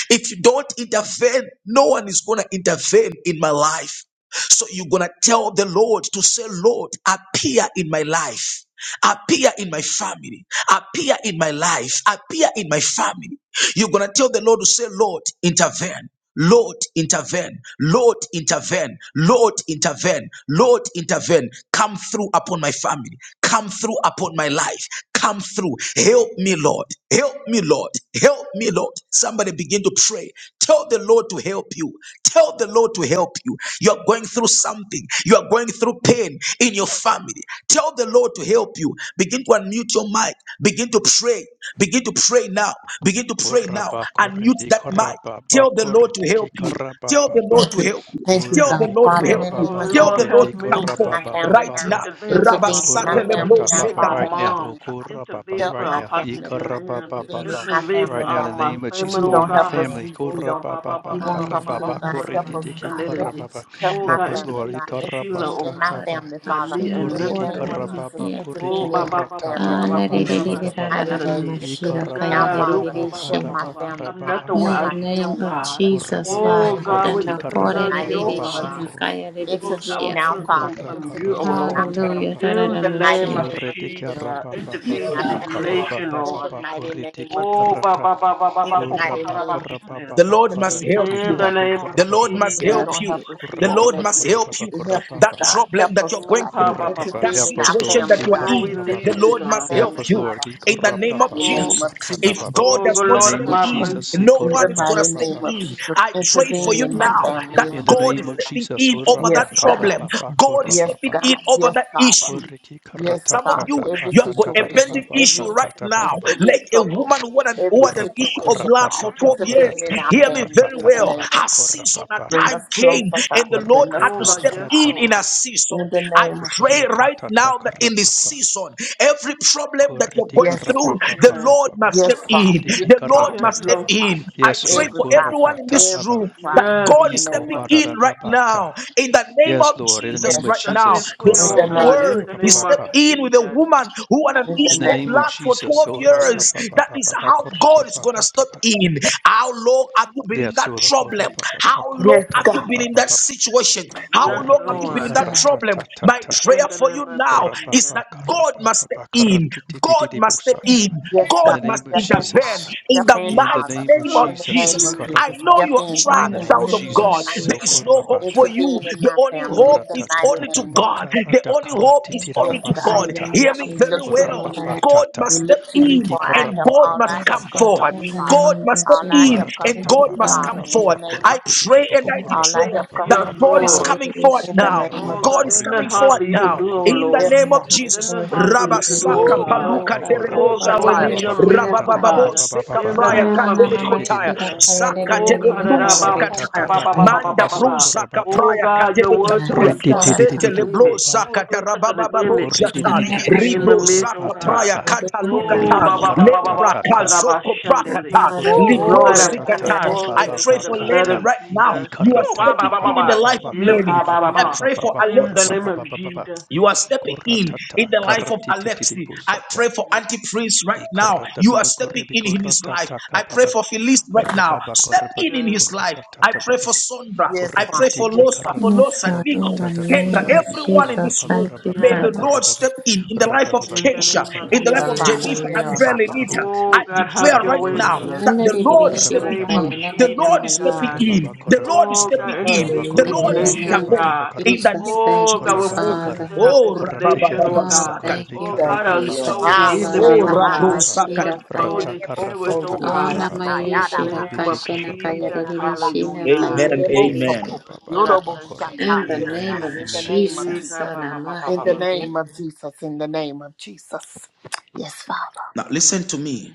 Speaker 1: If you don't intervene, no one is going to intervene in my life. So you're going to tell the Lord to say, Lord, appear in my life. Appear in my family. Appear in my life. Appear in my family. You're going to tell the Lord to say, Lord, intervene. Lord, intervene. Lord, intervene. Lord, intervene. Lord, intervene. Come through upon my family. Come through upon my life. Come through. Help me, Lord. Help me, Lord. Help me, Lord. Somebody begin to pray. Tell the Lord to help you. Tell the Lord to help you. You're going through something. You are going through pain in your family. Tell the Lord to help you. Begin to unmute your mic. Begin to pray. Begin to pray now. Begin to pray now.
Speaker 4: Coraba,
Speaker 1: Unmute
Speaker 4: corriki
Speaker 1: that mic.
Speaker 4: carapapa,
Speaker 1: Tell the Lord to help
Speaker 4: corriki
Speaker 1: you. Tell the
Speaker 4: carapapa,
Speaker 1: Lord
Speaker 5: Thank
Speaker 1: to
Speaker 5: you.
Speaker 1: help you.
Speaker 5: Thank you,
Speaker 1: Tell
Speaker 5: God.
Speaker 1: the
Speaker 4: Koriki
Speaker 6: Oh,
Speaker 1: Lord to
Speaker 5: Father,
Speaker 6: God,
Speaker 5: in
Speaker 1: help
Speaker 6: blah,
Speaker 5: the
Speaker 6: blah,
Speaker 1: you.
Speaker 6: blah.
Speaker 5: name
Speaker 4: karababa,
Speaker 5: of
Speaker 1: Tell
Speaker 6: Lord,
Speaker 5: Jesus,
Speaker 1: the Lord
Speaker 4: koriti
Speaker 6: help
Speaker 1: to
Speaker 6: me,
Speaker 5: intervene
Speaker 1: come
Speaker 6: oh
Speaker 5: in
Speaker 1: forth
Speaker 5: my
Speaker 6: God.
Speaker 4: karababa,
Speaker 5: family
Speaker 1: right
Speaker 4: baba,
Speaker 5: now.
Speaker 4: ba.
Speaker 1: now.
Speaker 6: Intervene for
Speaker 1: Rabba
Speaker 6: my
Speaker 5: Intervene in my
Speaker 6: family.
Speaker 5: family
Speaker 4: Rukuratata,
Speaker 6: Intervene
Speaker 5: now,
Speaker 6: for
Speaker 4: baba,
Speaker 6: my
Speaker 5: Father.
Speaker 4: right now,
Speaker 5: Help
Speaker 6: mom.
Speaker 5: me, God.
Speaker 4: Ukurababa,
Speaker 6: Intervene
Speaker 5: Help
Speaker 6: for
Speaker 4: right
Speaker 5: my
Speaker 4: now,
Speaker 6: Apostle
Speaker 5: family,
Speaker 2: Yanda
Speaker 5: God.
Speaker 2: kore
Speaker 6: Joanne.
Speaker 4: Ikarababa,
Speaker 2: riri
Speaker 5: Intervene
Speaker 4: baba,
Speaker 5: in my
Speaker 2: shia
Speaker 6: Intervene for
Speaker 4: right
Speaker 5: family,
Speaker 4: now,
Speaker 5: God.
Speaker 6: uh,
Speaker 4: in the
Speaker 6: my
Speaker 4: name of
Speaker 5: If
Speaker 6: family,
Speaker 4: Jesus,
Speaker 5: you
Speaker 6: oh
Speaker 4: Lord,
Speaker 5: don't
Speaker 4: and our
Speaker 5: help
Speaker 6: God.
Speaker 5: us,
Speaker 2: kaya.
Speaker 4: family,
Speaker 5: we,
Speaker 6: Oh,
Speaker 5: we
Speaker 6: God,
Speaker 5: don't,
Speaker 6: blah,
Speaker 4: Kurababa,
Speaker 6: blah, blah,
Speaker 5: we
Speaker 6: blah, blah,
Speaker 5: won't
Speaker 2: Oh,
Speaker 6: blah,
Speaker 5: come
Speaker 6: blah, blah,
Speaker 5: through,
Speaker 4: karababa,
Speaker 6: blah,
Speaker 2: Father,
Speaker 5: God.
Speaker 6: blah,
Speaker 5: Help
Speaker 6: blah,
Speaker 2: save
Speaker 5: us,
Speaker 2: our
Speaker 4: koritiki
Speaker 5: God. Help
Speaker 6: shandaree.
Speaker 4: karababa,
Speaker 2: families,
Speaker 5: Help
Speaker 6: Oh,
Speaker 2: God.
Speaker 5: my
Speaker 4: help
Speaker 6: God,
Speaker 4: us,
Speaker 5: family,
Speaker 4: Lord,
Speaker 6: intervene
Speaker 5: God.
Speaker 6: for Sheila,
Speaker 5: Intervene
Speaker 6: oh
Speaker 5: in
Speaker 4: Ikarabata,
Speaker 5: my
Speaker 6: God.
Speaker 2: Sada
Speaker 4: baba,
Speaker 5: family,
Speaker 6: My
Speaker 5: Father.
Speaker 6: niece
Speaker 2: kashina
Speaker 6: and
Speaker 5: In the
Speaker 2: kore
Speaker 4: koriki
Speaker 6: nephew,
Speaker 5: name
Speaker 6: oh
Speaker 5: of
Speaker 2: riri
Speaker 6: God.
Speaker 5: Jesus,
Speaker 4: karababa,
Speaker 2: shia.
Speaker 6: Oh,
Speaker 4: koriki
Speaker 5: intervene
Speaker 6: ba
Speaker 5: in
Speaker 6: ba
Speaker 5: my
Speaker 6: ba ba ba
Speaker 5: family.
Speaker 6: ba ba,
Speaker 4: karatata,
Speaker 2: Ana
Speaker 6: hold
Speaker 5: In
Speaker 4: baba,
Speaker 2: riri
Speaker 6: up, I
Speaker 4: baba,
Speaker 5: Jesus'
Speaker 2: riri
Speaker 4: ba.
Speaker 2: rara
Speaker 6: shun
Speaker 5: mighty
Speaker 2: nana
Speaker 6: that
Speaker 5: name,
Speaker 2: namashia
Speaker 5: intervene now,
Speaker 2: kaya.
Speaker 4: Ikarababa,
Speaker 6: God,
Speaker 2: Riri
Speaker 5: Father.
Speaker 2: riri
Speaker 6: oh,
Speaker 4: baba,
Speaker 6: ba ba
Speaker 5: Help
Speaker 2: shia.
Speaker 6: ba
Speaker 5: my
Speaker 6: ba
Speaker 4: karaba,
Speaker 6: ba.
Speaker 5: family,
Speaker 6: I'm not
Speaker 5: Father.
Speaker 6: the
Speaker 4: karababa,
Speaker 6: way
Speaker 5: Help
Speaker 2: In the
Speaker 6: I
Speaker 5: my
Speaker 6: see,
Speaker 4: korababa.
Speaker 6: oh,
Speaker 2: name
Speaker 5: family,
Speaker 2: of
Speaker 6: God.
Speaker 5: Father.
Speaker 2: Jesus,
Speaker 5: In the
Speaker 4: Kurababa,
Speaker 6: Oh
Speaker 5: name
Speaker 2: Father.
Speaker 5: of
Speaker 6: God, we're
Speaker 4: koriki
Speaker 2: Shanda
Speaker 5: Jesus, in
Speaker 6: depending
Speaker 5: the
Speaker 2: kore
Speaker 4: karababa,
Speaker 6: on
Speaker 2: de
Speaker 6: you,
Speaker 5: mighty
Speaker 2: de
Speaker 6: oh
Speaker 2: de
Speaker 5: name
Speaker 4: baba,
Speaker 5: of
Speaker 2: shina
Speaker 6: God.
Speaker 5: Jesus.
Speaker 4: Ko
Speaker 2: kaya de de
Speaker 6: Oh,
Speaker 2: de
Speaker 6: because
Speaker 5: Intervene
Speaker 6: our
Speaker 2: shia.
Speaker 5: now,
Speaker 6: strength comes
Speaker 5: Father.
Speaker 4: Kura
Speaker 6: from
Speaker 4: kara
Speaker 6: you,
Speaker 5: Intervene
Speaker 6: oh
Speaker 4: ta
Speaker 5: in
Speaker 4: ta
Speaker 5: my
Speaker 6: Lord.
Speaker 4: ta pa
Speaker 5: family.
Speaker 2: Hallelujah.
Speaker 4: pa.
Speaker 2: Tada
Speaker 5: In
Speaker 6: In
Speaker 2: da
Speaker 6: the
Speaker 5: the mighty
Speaker 6: name of
Speaker 2: mashia.
Speaker 5: name
Speaker 4: Kure
Speaker 5: of
Speaker 4: tiki
Speaker 5: Jesus,
Speaker 4: ara
Speaker 6: Jesus,
Speaker 4: pa pa
Speaker 5: intervene
Speaker 4: pa
Speaker 5: in
Speaker 6: intervene
Speaker 4: pa
Speaker 5: my
Speaker 6: to
Speaker 4: pa.
Speaker 6: this
Speaker 5: family.
Speaker 4: Kara pa
Speaker 6: nation,
Speaker 4: pa
Speaker 5: In
Speaker 4: pa
Speaker 6: Lord.
Speaker 5: the
Speaker 4: pa.
Speaker 5: mighty
Speaker 4: Kure
Speaker 5: name
Speaker 4: tiki
Speaker 5: of
Speaker 6: Oh,
Speaker 5: Jesus.
Speaker 4: kara
Speaker 6: ba
Speaker 4: ta.
Speaker 6: ba ba ba ba
Speaker 5: In
Speaker 6: ba,
Speaker 5: the
Speaker 6: ho,
Speaker 4: Kura
Speaker 6: ko,
Speaker 5: mighty
Speaker 6: ha,
Speaker 4: pa
Speaker 6: ra,
Speaker 5: name
Speaker 6: ba,
Speaker 5: of
Speaker 4: kura
Speaker 6: sha,
Speaker 4: pa
Speaker 6: le,
Speaker 5: Jesus,
Speaker 6: le.
Speaker 4: pa
Speaker 1: The
Speaker 4: pa.
Speaker 1: Lord
Speaker 4: Kura
Speaker 1: must
Speaker 5: intervene,
Speaker 4: ti
Speaker 1: help
Speaker 4: ti
Speaker 5: Father.
Speaker 4: ti
Speaker 6: in
Speaker 1: you.
Speaker 6: the
Speaker 4: ti
Speaker 5: Help us.
Speaker 4: bu
Speaker 6: name of
Speaker 4: kura
Speaker 1: The
Speaker 5: Father.
Speaker 4: pa pa
Speaker 1: Lord
Speaker 4: pa pa.
Speaker 1: must
Speaker 5: If you
Speaker 4: Kura
Speaker 1: help
Speaker 6: Jesus.
Speaker 5: don't help
Speaker 1: you.
Speaker 5: us, we
Speaker 1: The
Speaker 4: ta
Speaker 5: won't
Speaker 1: Lord
Speaker 4: pa
Speaker 5: make
Speaker 1: must
Speaker 5: it.
Speaker 4: kura
Speaker 1: help
Speaker 4: pa pa
Speaker 1: you.
Speaker 5: So
Speaker 4: kura
Speaker 5: Help
Speaker 4: pa
Speaker 5: us,
Speaker 1: That
Speaker 4: pa pa.
Speaker 5: God.
Speaker 1: problem
Speaker 5: Help
Speaker 1: that
Speaker 5: us,
Speaker 1: you're
Speaker 6: Oh,
Speaker 1: going
Speaker 5: God.
Speaker 6: ka,
Speaker 1: through,
Speaker 4: Kura
Speaker 6: ba
Speaker 4: ta
Speaker 6: ba ba
Speaker 4: pa.
Speaker 6: ba
Speaker 1: that
Speaker 5: Intervene
Speaker 6: ba.
Speaker 4: Help
Speaker 5: in
Speaker 4: us
Speaker 5: our
Speaker 1: situation
Speaker 4: Lord.
Speaker 1: that
Speaker 5: family,
Speaker 4: Ki
Speaker 1: you are
Speaker 5: God.
Speaker 6: Lord,
Speaker 4: kara
Speaker 1: in,
Speaker 6: we
Speaker 4: pa pa
Speaker 1: the
Speaker 4: pa.
Speaker 6: need
Speaker 5: Intervene
Speaker 6: you,
Speaker 5: in
Speaker 1: Lord
Speaker 5: our
Speaker 6: God.
Speaker 1: must help
Speaker 4: Help
Speaker 5: family,
Speaker 4: us
Speaker 1: you.
Speaker 4: Lord.
Speaker 5: Father.
Speaker 4: Ki
Speaker 1: In the
Speaker 5: In
Speaker 4: kura
Speaker 5: the
Speaker 4: pa
Speaker 1: name of
Speaker 4: pa
Speaker 5: mighty
Speaker 4: pa.
Speaker 6: Oh,
Speaker 5: name
Speaker 1: Jesus,
Speaker 5: of
Speaker 4: Kata ta
Speaker 1: if
Speaker 4: pa
Speaker 5: Jesus.
Speaker 4: pa pa.
Speaker 1: God
Speaker 6: oh,
Speaker 1: does
Speaker 6: good
Speaker 4: In
Speaker 1: not
Speaker 4: the
Speaker 6: Lord, it's
Speaker 4: name
Speaker 1: step
Speaker 4: of
Speaker 6: my
Speaker 1: in,
Speaker 4: Jesus. Ki
Speaker 6: breakthrough.
Speaker 1: no
Speaker 5: In
Speaker 4: kura
Speaker 1: one
Speaker 5: the
Speaker 1: is
Speaker 4: pa
Speaker 1: going
Speaker 4: pa
Speaker 1: to
Speaker 5: mighty
Speaker 4: pa
Speaker 1: step
Speaker 5: name
Speaker 4: pa.
Speaker 5: of
Speaker 1: in.
Speaker 5: Jesus.
Speaker 1: I
Speaker 4: Yo
Speaker 1: pray for
Speaker 5: Intervene
Speaker 1: you
Speaker 4: kura
Speaker 5: in
Speaker 4: pa pa
Speaker 5: my
Speaker 6: Oh,
Speaker 1: now
Speaker 6: that is
Speaker 5: family.
Speaker 1: that
Speaker 5: In
Speaker 6: my
Speaker 4: In the
Speaker 5: Jesus'
Speaker 1: God is
Speaker 4: name of
Speaker 6: breakthrough.
Speaker 1: stepping
Speaker 5: name.
Speaker 4: Jesus,
Speaker 1: in over
Speaker 5: Yes,
Speaker 1: that
Speaker 4: Urapa
Speaker 5: God.
Speaker 1: problem.
Speaker 4: Karapa
Speaker 1: God is
Speaker 5: Yes,
Speaker 1: stepping
Speaker 4: Korapa
Speaker 1: in
Speaker 5: God.
Speaker 1: over
Speaker 5: Yes,
Speaker 1: that
Speaker 5: Father.
Speaker 1: issue.
Speaker 4: Koriki
Speaker 5: Yes,
Speaker 1: Some of
Speaker 5: Father,
Speaker 1: you,
Speaker 4: karatatata
Speaker 5: every
Speaker 1: you have got a
Speaker 4: batatata
Speaker 5: situation,
Speaker 1: pending
Speaker 4: baba
Speaker 5: every
Speaker 1: issue right
Speaker 4: satata
Speaker 5: sickness,
Speaker 1: now,
Speaker 4: baba
Speaker 5: every
Speaker 1: like a
Speaker 5: trouble,
Speaker 1: woman who had, an, who
Speaker 5: every
Speaker 1: had an
Speaker 4: uraba
Speaker 1: issue of
Speaker 5: situation,
Speaker 1: blood
Speaker 5: God,
Speaker 1: for
Speaker 4: karababa
Speaker 1: 12 years.
Speaker 5: intervene in our
Speaker 1: Hear me
Speaker 5: families
Speaker 1: very
Speaker 5: in the
Speaker 4: karatatata
Speaker 1: well.
Speaker 5: name
Speaker 4: baba
Speaker 5: of
Speaker 1: Her
Speaker 5: Jesus.
Speaker 1: season, her
Speaker 5: Bring
Speaker 4: korabata
Speaker 1: time
Speaker 5: us
Speaker 1: came,
Speaker 5: closer,
Speaker 1: and the
Speaker 5: Father.
Speaker 1: Lord
Speaker 5: Bring us
Speaker 1: had
Speaker 6: Oh
Speaker 1: to
Speaker 4: korababa
Speaker 6: God,
Speaker 1: step
Speaker 5: closer,
Speaker 6: yes,
Speaker 1: in
Speaker 5: Father.
Speaker 1: in
Speaker 4: karabata
Speaker 6: Lord.
Speaker 1: her season.
Speaker 5: In the
Speaker 1: I
Speaker 5: name of
Speaker 1: pray right
Speaker 4: koratatata
Speaker 1: now that in this
Speaker 4: karababa
Speaker 1: season, every problem that you're
Speaker 4: koriti
Speaker 1: going
Speaker 5: Yes,
Speaker 1: through,
Speaker 5: Father.
Speaker 4: karababa
Speaker 1: the
Speaker 6: Yes,
Speaker 4: baba
Speaker 1: Lord
Speaker 4: baba
Speaker 1: must
Speaker 5: Yes,
Speaker 1: step
Speaker 5: Father.
Speaker 1: in.
Speaker 5: Yes,
Speaker 4: koriki
Speaker 1: The Lord
Speaker 5: Father.
Speaker 6: yes,
Speaker 1: must
Speaker 4: karatata
Speaker 1: step
Speaker 5: Yes,
Speaker 6: Lord.
Speaker 5: Father.
Speaker 1: in. I
Speaker 4: Yes
Speaker 1: pray
Speaker 4: Lord
Speaker 5: Every
Speaker 1: for
Speaker 5: problem,
Speaker 1: everyone in
Speaker 4: korabata
Speaker 1: this
Speaker 4: baba
Speaker 5: every
Speaker 1: room that
Speaker 5: problem
Speaker 6: Yes.
Speaker 5: in
Speaker 1: God
Speaker 5: the
Speaker 1: is
Speaker 4: iko
Speaker 5: name
Speaker 1: stepping
Speaker 5: of
Speaker 1: in
Speaker 5: Jesus.
Speaker 4: badara
Speaker 1: right
Speaker 4: babata
Speaker 1: now in the name
Speaker 4: Yes
Speaker 1: of
Speaker 4: Lord in the
Speaker 1: Jesus
Speaker 4: name
Speaker 5: Yes,
Speaker 4: of
Speaker 1: right
Speaker 6: Set me
Speaker 1: now.
Speaker 4: Jesus
Speaker 1: The
Speaker 6: free,
Speaker 5: God. In
Speaker 6: oh
Speaker 5: the
Speaker 1: same
Speaker 6: God,
Speaker 5: name,
Speaker 6: in
Speaker 1: word
Speaker 6: the
Speaker 1: he
Speaker 6: name of
Speaker 4: korababa
Speaker 1: stepped in with a
Speaker 6: Jesus.
Speaker 1: woman who had an
Speaker 5: in the
Speaker 4: In the
Speaker 1: issue of
Speaker 4: name
Speaker 5: name
Speaker 4: of
Speaker 5: of
Speaker 1: blood
Speaker 5: Jesus.
Speaker 1: for
Speaker 4: Jesus.
Speaker 1: 12
Speaker 4: oh,
Speaker 6: Yes,
Speaker 1: years. That is how God is going to step in. How long have you been in
Speaker 4: Yes,
Speaker 1: that
Speaker 4: oh,
Speaker 1: problem? How long
Speaker 5: Yes,
Speaker 1: have
Speaker 5: God.
Speaker 1: you been in that situation? How
Speaker 6: yes,
Speaker 1: long have you been
Speaker 2: Yes,
Speaker 6: Lord,
Speaker 1: in that
Speaker 2: God.
Speaker 1: problem? My
Speaker 6: in
Speaker 1: prayer
Speaker 6: the
Speaker 1: for you
Speaker 6: name of
Speaker 1: now is
Speaker 6: Jesus.
Speaker 1: that God must step in. God must step in.
Speaker 5: Yes,
Speaker 4: In
Speaker 1: God
Speaker 5: God.
Speaker 4: the
Speaker 1: must
Speaker 4: name of
Speaker 5: Step in,
Speaker 1: intervene
Speaker 4: Jesus.
Speaker 5: Father.
Speaker 1: in
Speaker 5: Step
Speaker 1: the
Speaker 5: in,
Speaker 4: In the
Speaker 1: mighty
Speaker 5: Father.
Speaker 4: name of
Speaker 1: name of
Speaker 5: In the
Speaker 4: Jesus.
Speaker 5: name
Speaker 4: In
Speaker 1: Jesus.
Speaker 5: of
Speaker 1: I
Speaker 5: Jesus.
Speaker 1: know you
Speaker 5: Step
Speaker 1: are
Speaker 5: in,
Speaker 2: In
Speaker 1: trying,
Speaker 4: the
Speaker 5: Father.
Speaker 2: the
Speaker 4: name of
Speaker 1: child of
Speaker 2: name
Speaker 5: Intervene
Speaker 2: of
Speaker 5: in
Speaker 1: God.
Speaker 5: my
Speaker 4: Jesus.
Speaker 1: There
Speaker 2: Jesus.
Speaker 1: is
Speaker 5: family.
Speaker 1: no hope for you.
Speaker 5: Intervene in
Speaker 1: The
Speaker 5: my
Speaker 1: only
Speaker 5: family.
Speaker 1: hope
Speaker 5: In the
Speaker 1: is only
Speaker 5: mighty
Speaker 1: to
Speaker 5: name
Speaker 4: Koratatatapapa,
Speaker 5: of
Speaker 1: God. The
Speaker 4: karata
Speaker 1: only hope is
Speaker 2: Yes,
Speaker 5: Yes,
Speaker 1: only
Speaker 2: God.
Speaker 1: to
Speaker 5: God.
Speaker 2: In the
Speaker 1: God.
Speaker 4: karatitiratabasata,
Speaker 5: Yes,
Speaker 2: name
Speaker 1: Hear
Speaker 2: of
Speaker 5: God.
Speaker 1: me
Speaker 5: We look
Speaker 1: very
Speaker 2: Jesus.
Speaker 5: to you,
Speaker 1: well.
Speaker 2: Father, da
Speaker 5: Jesus.
Speaker 1: God
Speaker 4: korabapatata,
Speaker 1: must
Speaker 5: We look
Speaker 1: step
Speaker 5: to you
Speaker 1: in
Speaker 4: riki
Speaker 5: for our
Speaker 1: and
Speaker 5: help.
Speaker 4: koraba
Speaker 1: God
Speaker 5: All
Speaker 4: koriti
Speaker 1: must
Speaker 5: our help
Speaker 1: come
Speaker 2: Yes,
Speaker 5: comes
Speaker 2: God.
Speaker 5: from
Speaker 1: forward.
Speaker 2: In
Speaker 5: you,
Speaker 2: the
Speaker 5: Father.
Speaker 1: God
Speaker 2: name
Speaker 1: must
Speaker 2: of
Speaker 1: step
Speaker 5: All
Speaker 2: Jesus.
Speaker 5: our
Speaker 1: in
Speaker 5: help comes
Speaker 1: and
Speaker 2: Thank
Speaker 5: from
Speaker 2: you,
Speaker 1: God
Speaker 5: you,
Speaker 1: must
Speaker 5: Father.
Speaker 1: come
Speaker 2: Father.
Speaker 5: In the
Speaker 4: karababa
Speaker 1: forward.
Speaker 4: koribi korapapapapapatapapa, koratatapapapapapa,
Speaker 5: name of
Speaker 1: I pray
Speaker 5: Jesus.
Speaker 1: and
Speaker 4: korititipopo,
Speaker 1: I
Speaker 2: Shanda
Speaker 5: All our
Speaker 1: declare
Speaker 5: help
Speaker 2: kore
Speaker 5: comes
Speaker 1: that
Speaker 6: Yes,
Speaker 5: from
Speaker 2: shira
Speaker 5: you,
Speaker 1: God is
Speaker 4: korapapapapapapa,
Speaker 5: Father.
Speaker 2: kaya
Speaker 6: Lord.
Speaker 2: de
Speaker 1: coming
Speaker 2: de de
Speaker 1: forward
Speaker 5: In the
Speaker 2: shina
Speaker 1: now.
Speaker 5: name
Speaker 2: kaya.
Speaker 5: of
Speaker 6: Oh
Speaker 4: korapapa,
Speaker 5: Jesus.
Speaker 1: God
Speaker 6: God,
Speaker 1: is
Speaker 6: there's not
Speaker 1: coming
Speaker 6: hard
Speaker 1: forward
Speaker 6: for you to
Speaker 4: koritikarakapa,
Speaker 1: now.
Speaker 2: God,
Speaker 6: do, oh
Speaker 2: let
Speaker 1: In the
Speaker 5: Yes,
Speaker 6: Lord.
Speaker 1: name
Speaker 2: healing
Speaker 1: of
Speaker 5: God.
Speaker 2: Come
Speaker 4: koripikarapapapa,
Speaker 6: There's
Speaker 1: Jesus.
Speaker 6: not
Speaker 2: forth
Speaker 6: hard
Speaker 2: in
Speaker 6: for
Speaker 2: the
Speaker 6: you to
Speaker 2: name
Speaker 6: do,
Speaker 1: Rabasaka
Speaker 2: of
Speaker 6: oh
Speaker 5: Woo,
Speaker 2: Jesus.
Speaker 6: God.
Speaker 5: glory
Speaker 4: urapapapa,
Speaker 5: to God.
Speaker 2: Shanda
Speaker 1: Katerebo
Speaker 6: Oh
Speaker 2: kore
Speaker 6: God, we
Speaker 1: Shataya,
Speaker 5: Glory
Speaker 6: need
Speaker 5: to
Speaker 4: korapakarapapapa,
Speaker 5: God.
Speaker 6: your
Speaker 2: shira
Speaker 6: miracle,
Speaker 2: kaya.
Speaker 1: Rabababo
Speaker 6: God.
Speaker 1: Seka
Speaker 6: In the
Speaker 4: koratatapapapapapa,
Speaker 1: Praya
Speaker 2: Ah,
Speaker 6: name of
Speaker 1: Katelikotaya,
Speaker 6: Jesus.
Speaker 2: Ananamashirakaya
Speaker 4: koribidirisatatapa,
Speaker 6: Oh
Speaker 1: Sakatele
Speaker 6: God, da-
Speaker 1: Blusi
Speaker 6: ba- ho- ka-
Speaker 1: Kataya,
Speaker 6: ba- ba- ba-
Speaker 2: dedededededororoshirakaya.
Speaker 6: ba- ba-
Speaker 1: Manda
Speaker 6: ba- ba- ba.
Speaker 1: Brusa
Speaker 4: koratatatatatabasu,
Speaker 6: oh
Speaker 1: Kapraya
Speaker 6: God, your word to
Speaker 1: Katelikatuya,
Speaker 6: one
Speaker 5: Yes,
Speaker 6: two and
Speaker 5: God.
Speaker 6: take an
Speaker 2: Anokorakaraba.
Speaker 1: Setele
Speaker 6: agreement.
Speaker 1: Blosa
Speaker 6: Two and three take an
Speaker 1: Katarabababo
Speaker 6: agreement.
Speaker 1: Jata,
Speaker 6: You will be in the
Speaker 1: Ribro
Speaker 6: midst, oh
Speaker 1: Saka
Speaker 2: Ananakaredeshirakaya.
Speaker 6: God.
Speaker 1: Praya
Speaker 6: Oh
Speaker 1: Katalukata,
Speaker 6: ba ba ba ba ba
Speaker 2: Dedededananamashira.
Speaker 6: ba
Speaker 1: Lepra
Speaker 6: ho- da- da- ba
Speaker 1: Kalsoko
Speaker 6: shandele.
Speaker 1: Prakata,
Speaker 5: Woo,
Speaker 6: Oh
Speaker 1: Libro
Speaker 6: God,
Speaker 5: glory
Speaker 6: I
Speaker 5: to God.
Speaker 6: thank
Speaker 2: Arededeshirakaya
Speaker 1: Sikata.
Speaker 6: you,
Speaker 5: Glory to
Speaker 1: I
Speaker 5: God.
Speaker 6: Jesus,
Speaker 1: pray
Speaker 6: for the
Speaker 1: for
Speaker 6: blood
Speaker 1: Lenny
Speaker 6: of
Speaker 1: right now.
Speaker 6: Jesus.
Speaker 1: You are
Speaker 6: Oh ba ba
Speaker 1: stepping
Speaker 6: ba ba
Speaker 1: in in the
Speaker 6: ba.
Speaker 1: life of
Speaker 6: Yeah,
Speaker 1: learning.
Speaker 6: ba ba ba
Speaker 1: I
Speaker 6: ba.
Speaker 1: pray
Speaker 2: dedededanamayira.
Speaker 1: for
Speaker 6: In the
Speaker 1: Alexi.
Speaker 6: name of Jesus.
Speaker 1: You are stepping in in the life of Alexi. I pray for
Speaker 6: Yes,
Speaker 1: Auntie Prince right now. You are stepping in in his life. I pray for Felice right now. Step in in
Speaker 6: yes,
Speaker 1: his life. I pray for Sondra.
Speaker 5: Yes,
Speaker 4: Corre
Speaker 1: I pray
Speaker 4: titi
Speaker 5: Father.
Speaker 1: for
Speaker 4: ki
Speaker 5: Yes,
Speaker 1: Losa,
Speaker 5: Father.
Speaker 4: karra
Speaker 1: for
Speaker 4: ta
Speaker 2: Yes,
Speaker 4: ta
Speaker 1: Losa,
Speaker 4: ta
Speaker 2: God,
Speaker 4: ta
Speaker 2: in
Speaker 1: Nico,
Speaker 4: ta
Speaker 2: the
Speaker 4: ta baba
Speaker 2: name
Speaker 1: Kendra,
Speaker 4: corre
Speaker 2: of
Speaker 5: Yes.
Speaker 4: bi
Speaker 1: everyone
Speaker 4: corra
Speaker 1: in
Speaker 2: Jesus,
Speaker 1: this
Speaker 4: baba
Speaker 1: room.
Speaker 4: corra
Speaker 2: thank you,
Speaker 4: baba
Speaker 1: May
Speaker 4: ba
Speaker 1: the
Speaker 6: yes.
Speaker 2: Father.
Speaker 4: corra
Speaker 1: Lord
Speaker 4: baba
Speaker 1: step in in the
Speaker 4: corra
Speaker 1: life of
Speaker 4: baba
Speaker 6: In
Speaker 4: baba
Speaker 6: the
Speaker 1: Keisha,
Speaker 4: corra
Speaker 6: name of
Speaker 4: baba
Speaker 1: in the
Speaker 2: Ananamashirakaya.
Speaker 1: life
Speaker 5: Yes,
Speaker 1: of
Speaker 5: Father.
Speaker 4: good
Speaker 1: Jennifer,
Speaker 6: Jesus.
Speaker 5: Yes,
Speaker 4: corra
Speaker 1: Andrea,
Speaker 5: Father.
Speaker 4: baba
Speaker 1: Lenita.
Speaker 4: bakas
Speaker 2: Ananamashirakaya.
Speaker 1: I
Speaker 6: Oh, God, have
Speaker 4: corra
Speaker 1: declare
Speaker 6: your
Speaker 4: baba
Speaker 1: right
Speaker 6: way,
Speaker 4: corra
Speaker 1: now
Speaker 6: God.
Speaker 3: Hallelujah,
Speaker 4: baba
Speaker 1: that the
Speaker 3: Jesus.
Speaker 1: Lord is
Speaker 6: In
Speaker 4: corra
Speaker 6: the
Speaker 4: baba
Speaker 1: stepping
Speaker 6: name of
Speaker 1: in.
Speaker 4: baba
Speaker 1: The
Speaker 6: Jesus,
Speaker 1: Lord is stepping
Speaker 4: corra
Speaker 6: God.
Speaker 2: Ananamashirakaya.
Speaker 1: in.
Speaker 4: baba
Speaker 1: The
Speaker 4: corra
Speaker 1: Lord
Speaker 4: baba
Speaker 1: is
Speaker 6: Oh,
Speaker 4: corra
Speaker 6: God,
Speaker 1: stepping
Speaker 4: baba
Speaker 1: in.
Speaker 4: ba
Speaker 6: intervene for
Speaker 1: The
Speaker 4: corra
Speaker 6: this
Speaker 1: Lord
Speaker 2: In
Speaker 4: baba
Speaker 2: the
Speaker 1: is
Speaker 3: Hallelujah.
Speaker 4: corra
Speaker 2: name
Speaker 6: nation,
Speaker 2: of
Speaker 4: bata
Speaker 1: intervening
Speaker 4: ba
Speaker 6: God.
Speaker 4: corra
Speaker 1: in
Speaker 4: ba
Speaker 1: the
Speaker 2: Jesus,
Speaker 1: name of
Speaker 2: thank
Speaker 6: Oh, God,
Speaker 2: you,
Speaker 4: corra baba
Speaker 1: Jesus.
Speaker 6: remove the
Speaker 2: Father.
Speaker 4: corra
Speaker 6: sin of this
Speaker 1: Oh,
Speaker 4: corra tiki
Speaker 6: nation,
Speaker 4: arra
Speaker 1: rabababa
Speaker 6: oh,
Speaker 2: Oh,
Speaker 4: baba
Speaker 6: God.
Speaker 4: corre
Speaker 2: thank
Speaker 1: sakata.
Speaker 4: bi
Speaker 2: you,
Speaker 6: Oh,
Speaker 4: karra
Speaker 3: Thank
Speaker 6: God,
Speaker 3: you,
Speaker 4: baba
Speaker 2: Jesus.
Speaker 4: ba
Speaker 3: Lord.
Speaker 6: expose
Speaker 4: corra
Speaker 2: Oh,
Speaker 5: Ah,
Speaker 6: the
Speaker 2: la
Speaker 4: baba
Speaker 2: la
Speaker 6: enemy,
Speaker 1: Oh,
Speaker 2: la
Speaker 6: oh,
Speaker 4: corra
Speaker 2: la,
Speaker 1: rabo
Speaker 2: my
Speaker 6: God.
Speaker 4: baba
Speaker 5: shatabasiki.
Speaker 2: shira
Speaker 1: sakata.
Speaker 6: Expose
Speaker 2: kaya.
Speaker 4: rata
Speaker 6: the
Speaker 5: Yerebo
Speaker 4: karra ta
Speaker 6: terrorist,
Speaker 4: ta
Speaker 3: Thank
Speaker 6: oh,
Speaker 3: you,
Speaker 4: ta
Speaker 5: sokobo
Speaker 2: Oh,
Speaker 4: ta
Speaker 2: la
Speaker 6: God.
Speaker 4: baba
Speaker 5: shata
Speaker 2: my
Speaker 4: baba
Speaker 6: In the
Speaker 4: corre
Speaker 2: shira
Speaker 5: yadabas.
Speaker 4: bi
Speaker 6: name of
Speaker 4: ki
Speaker 2: kasha
Speaker 4: karra
Speaker 2: na
Speaker 4: baba
Speaker 2: kaya de
Speaker 6: Jesus,
Speaker 2: de de
Speaker 5: Enanabasiki.
Speaker 2: kaya
Speaker 6: hallelujah.
Speaker 1: Amen
Speaker 2: de
Speaker 1: and
Speaker 5: Yerebo
Speaker 1: amen.
Speaker 5: soko.
Speaker 6: Oh, God, I
Speaker 5: Yorobo
Speaker 6: thank you,
Speaker 4: Korridikikarabababa,
Speaker 2: In
Speaker 5: shata.
Speaker 2: the
Speaker 5: Yes,
Speaker 6: Jesus.
Speaker 4: Amen.
Speaker 2: name of
Speaker 5: God. In the name of
Speaker 6: Eh,
Speaker 2: Jesus,
Speaker 6: God,
Speaker 5: Jesus.
Speaker 2: son
Speaker 6: ba,
Speaker 2: of
Speaker 6: ba, ba,
Speaker 2: my
Speaker 6: ba,
Speaker 5: In
Speaker 6: ba,
Speaker 5: the
Speaker 6: ba.
Speaker 2: amen.
Speaker 5: name of Jesus. In the name of Jesus. Yes, Father.
Speaker 1: Now, listen to me.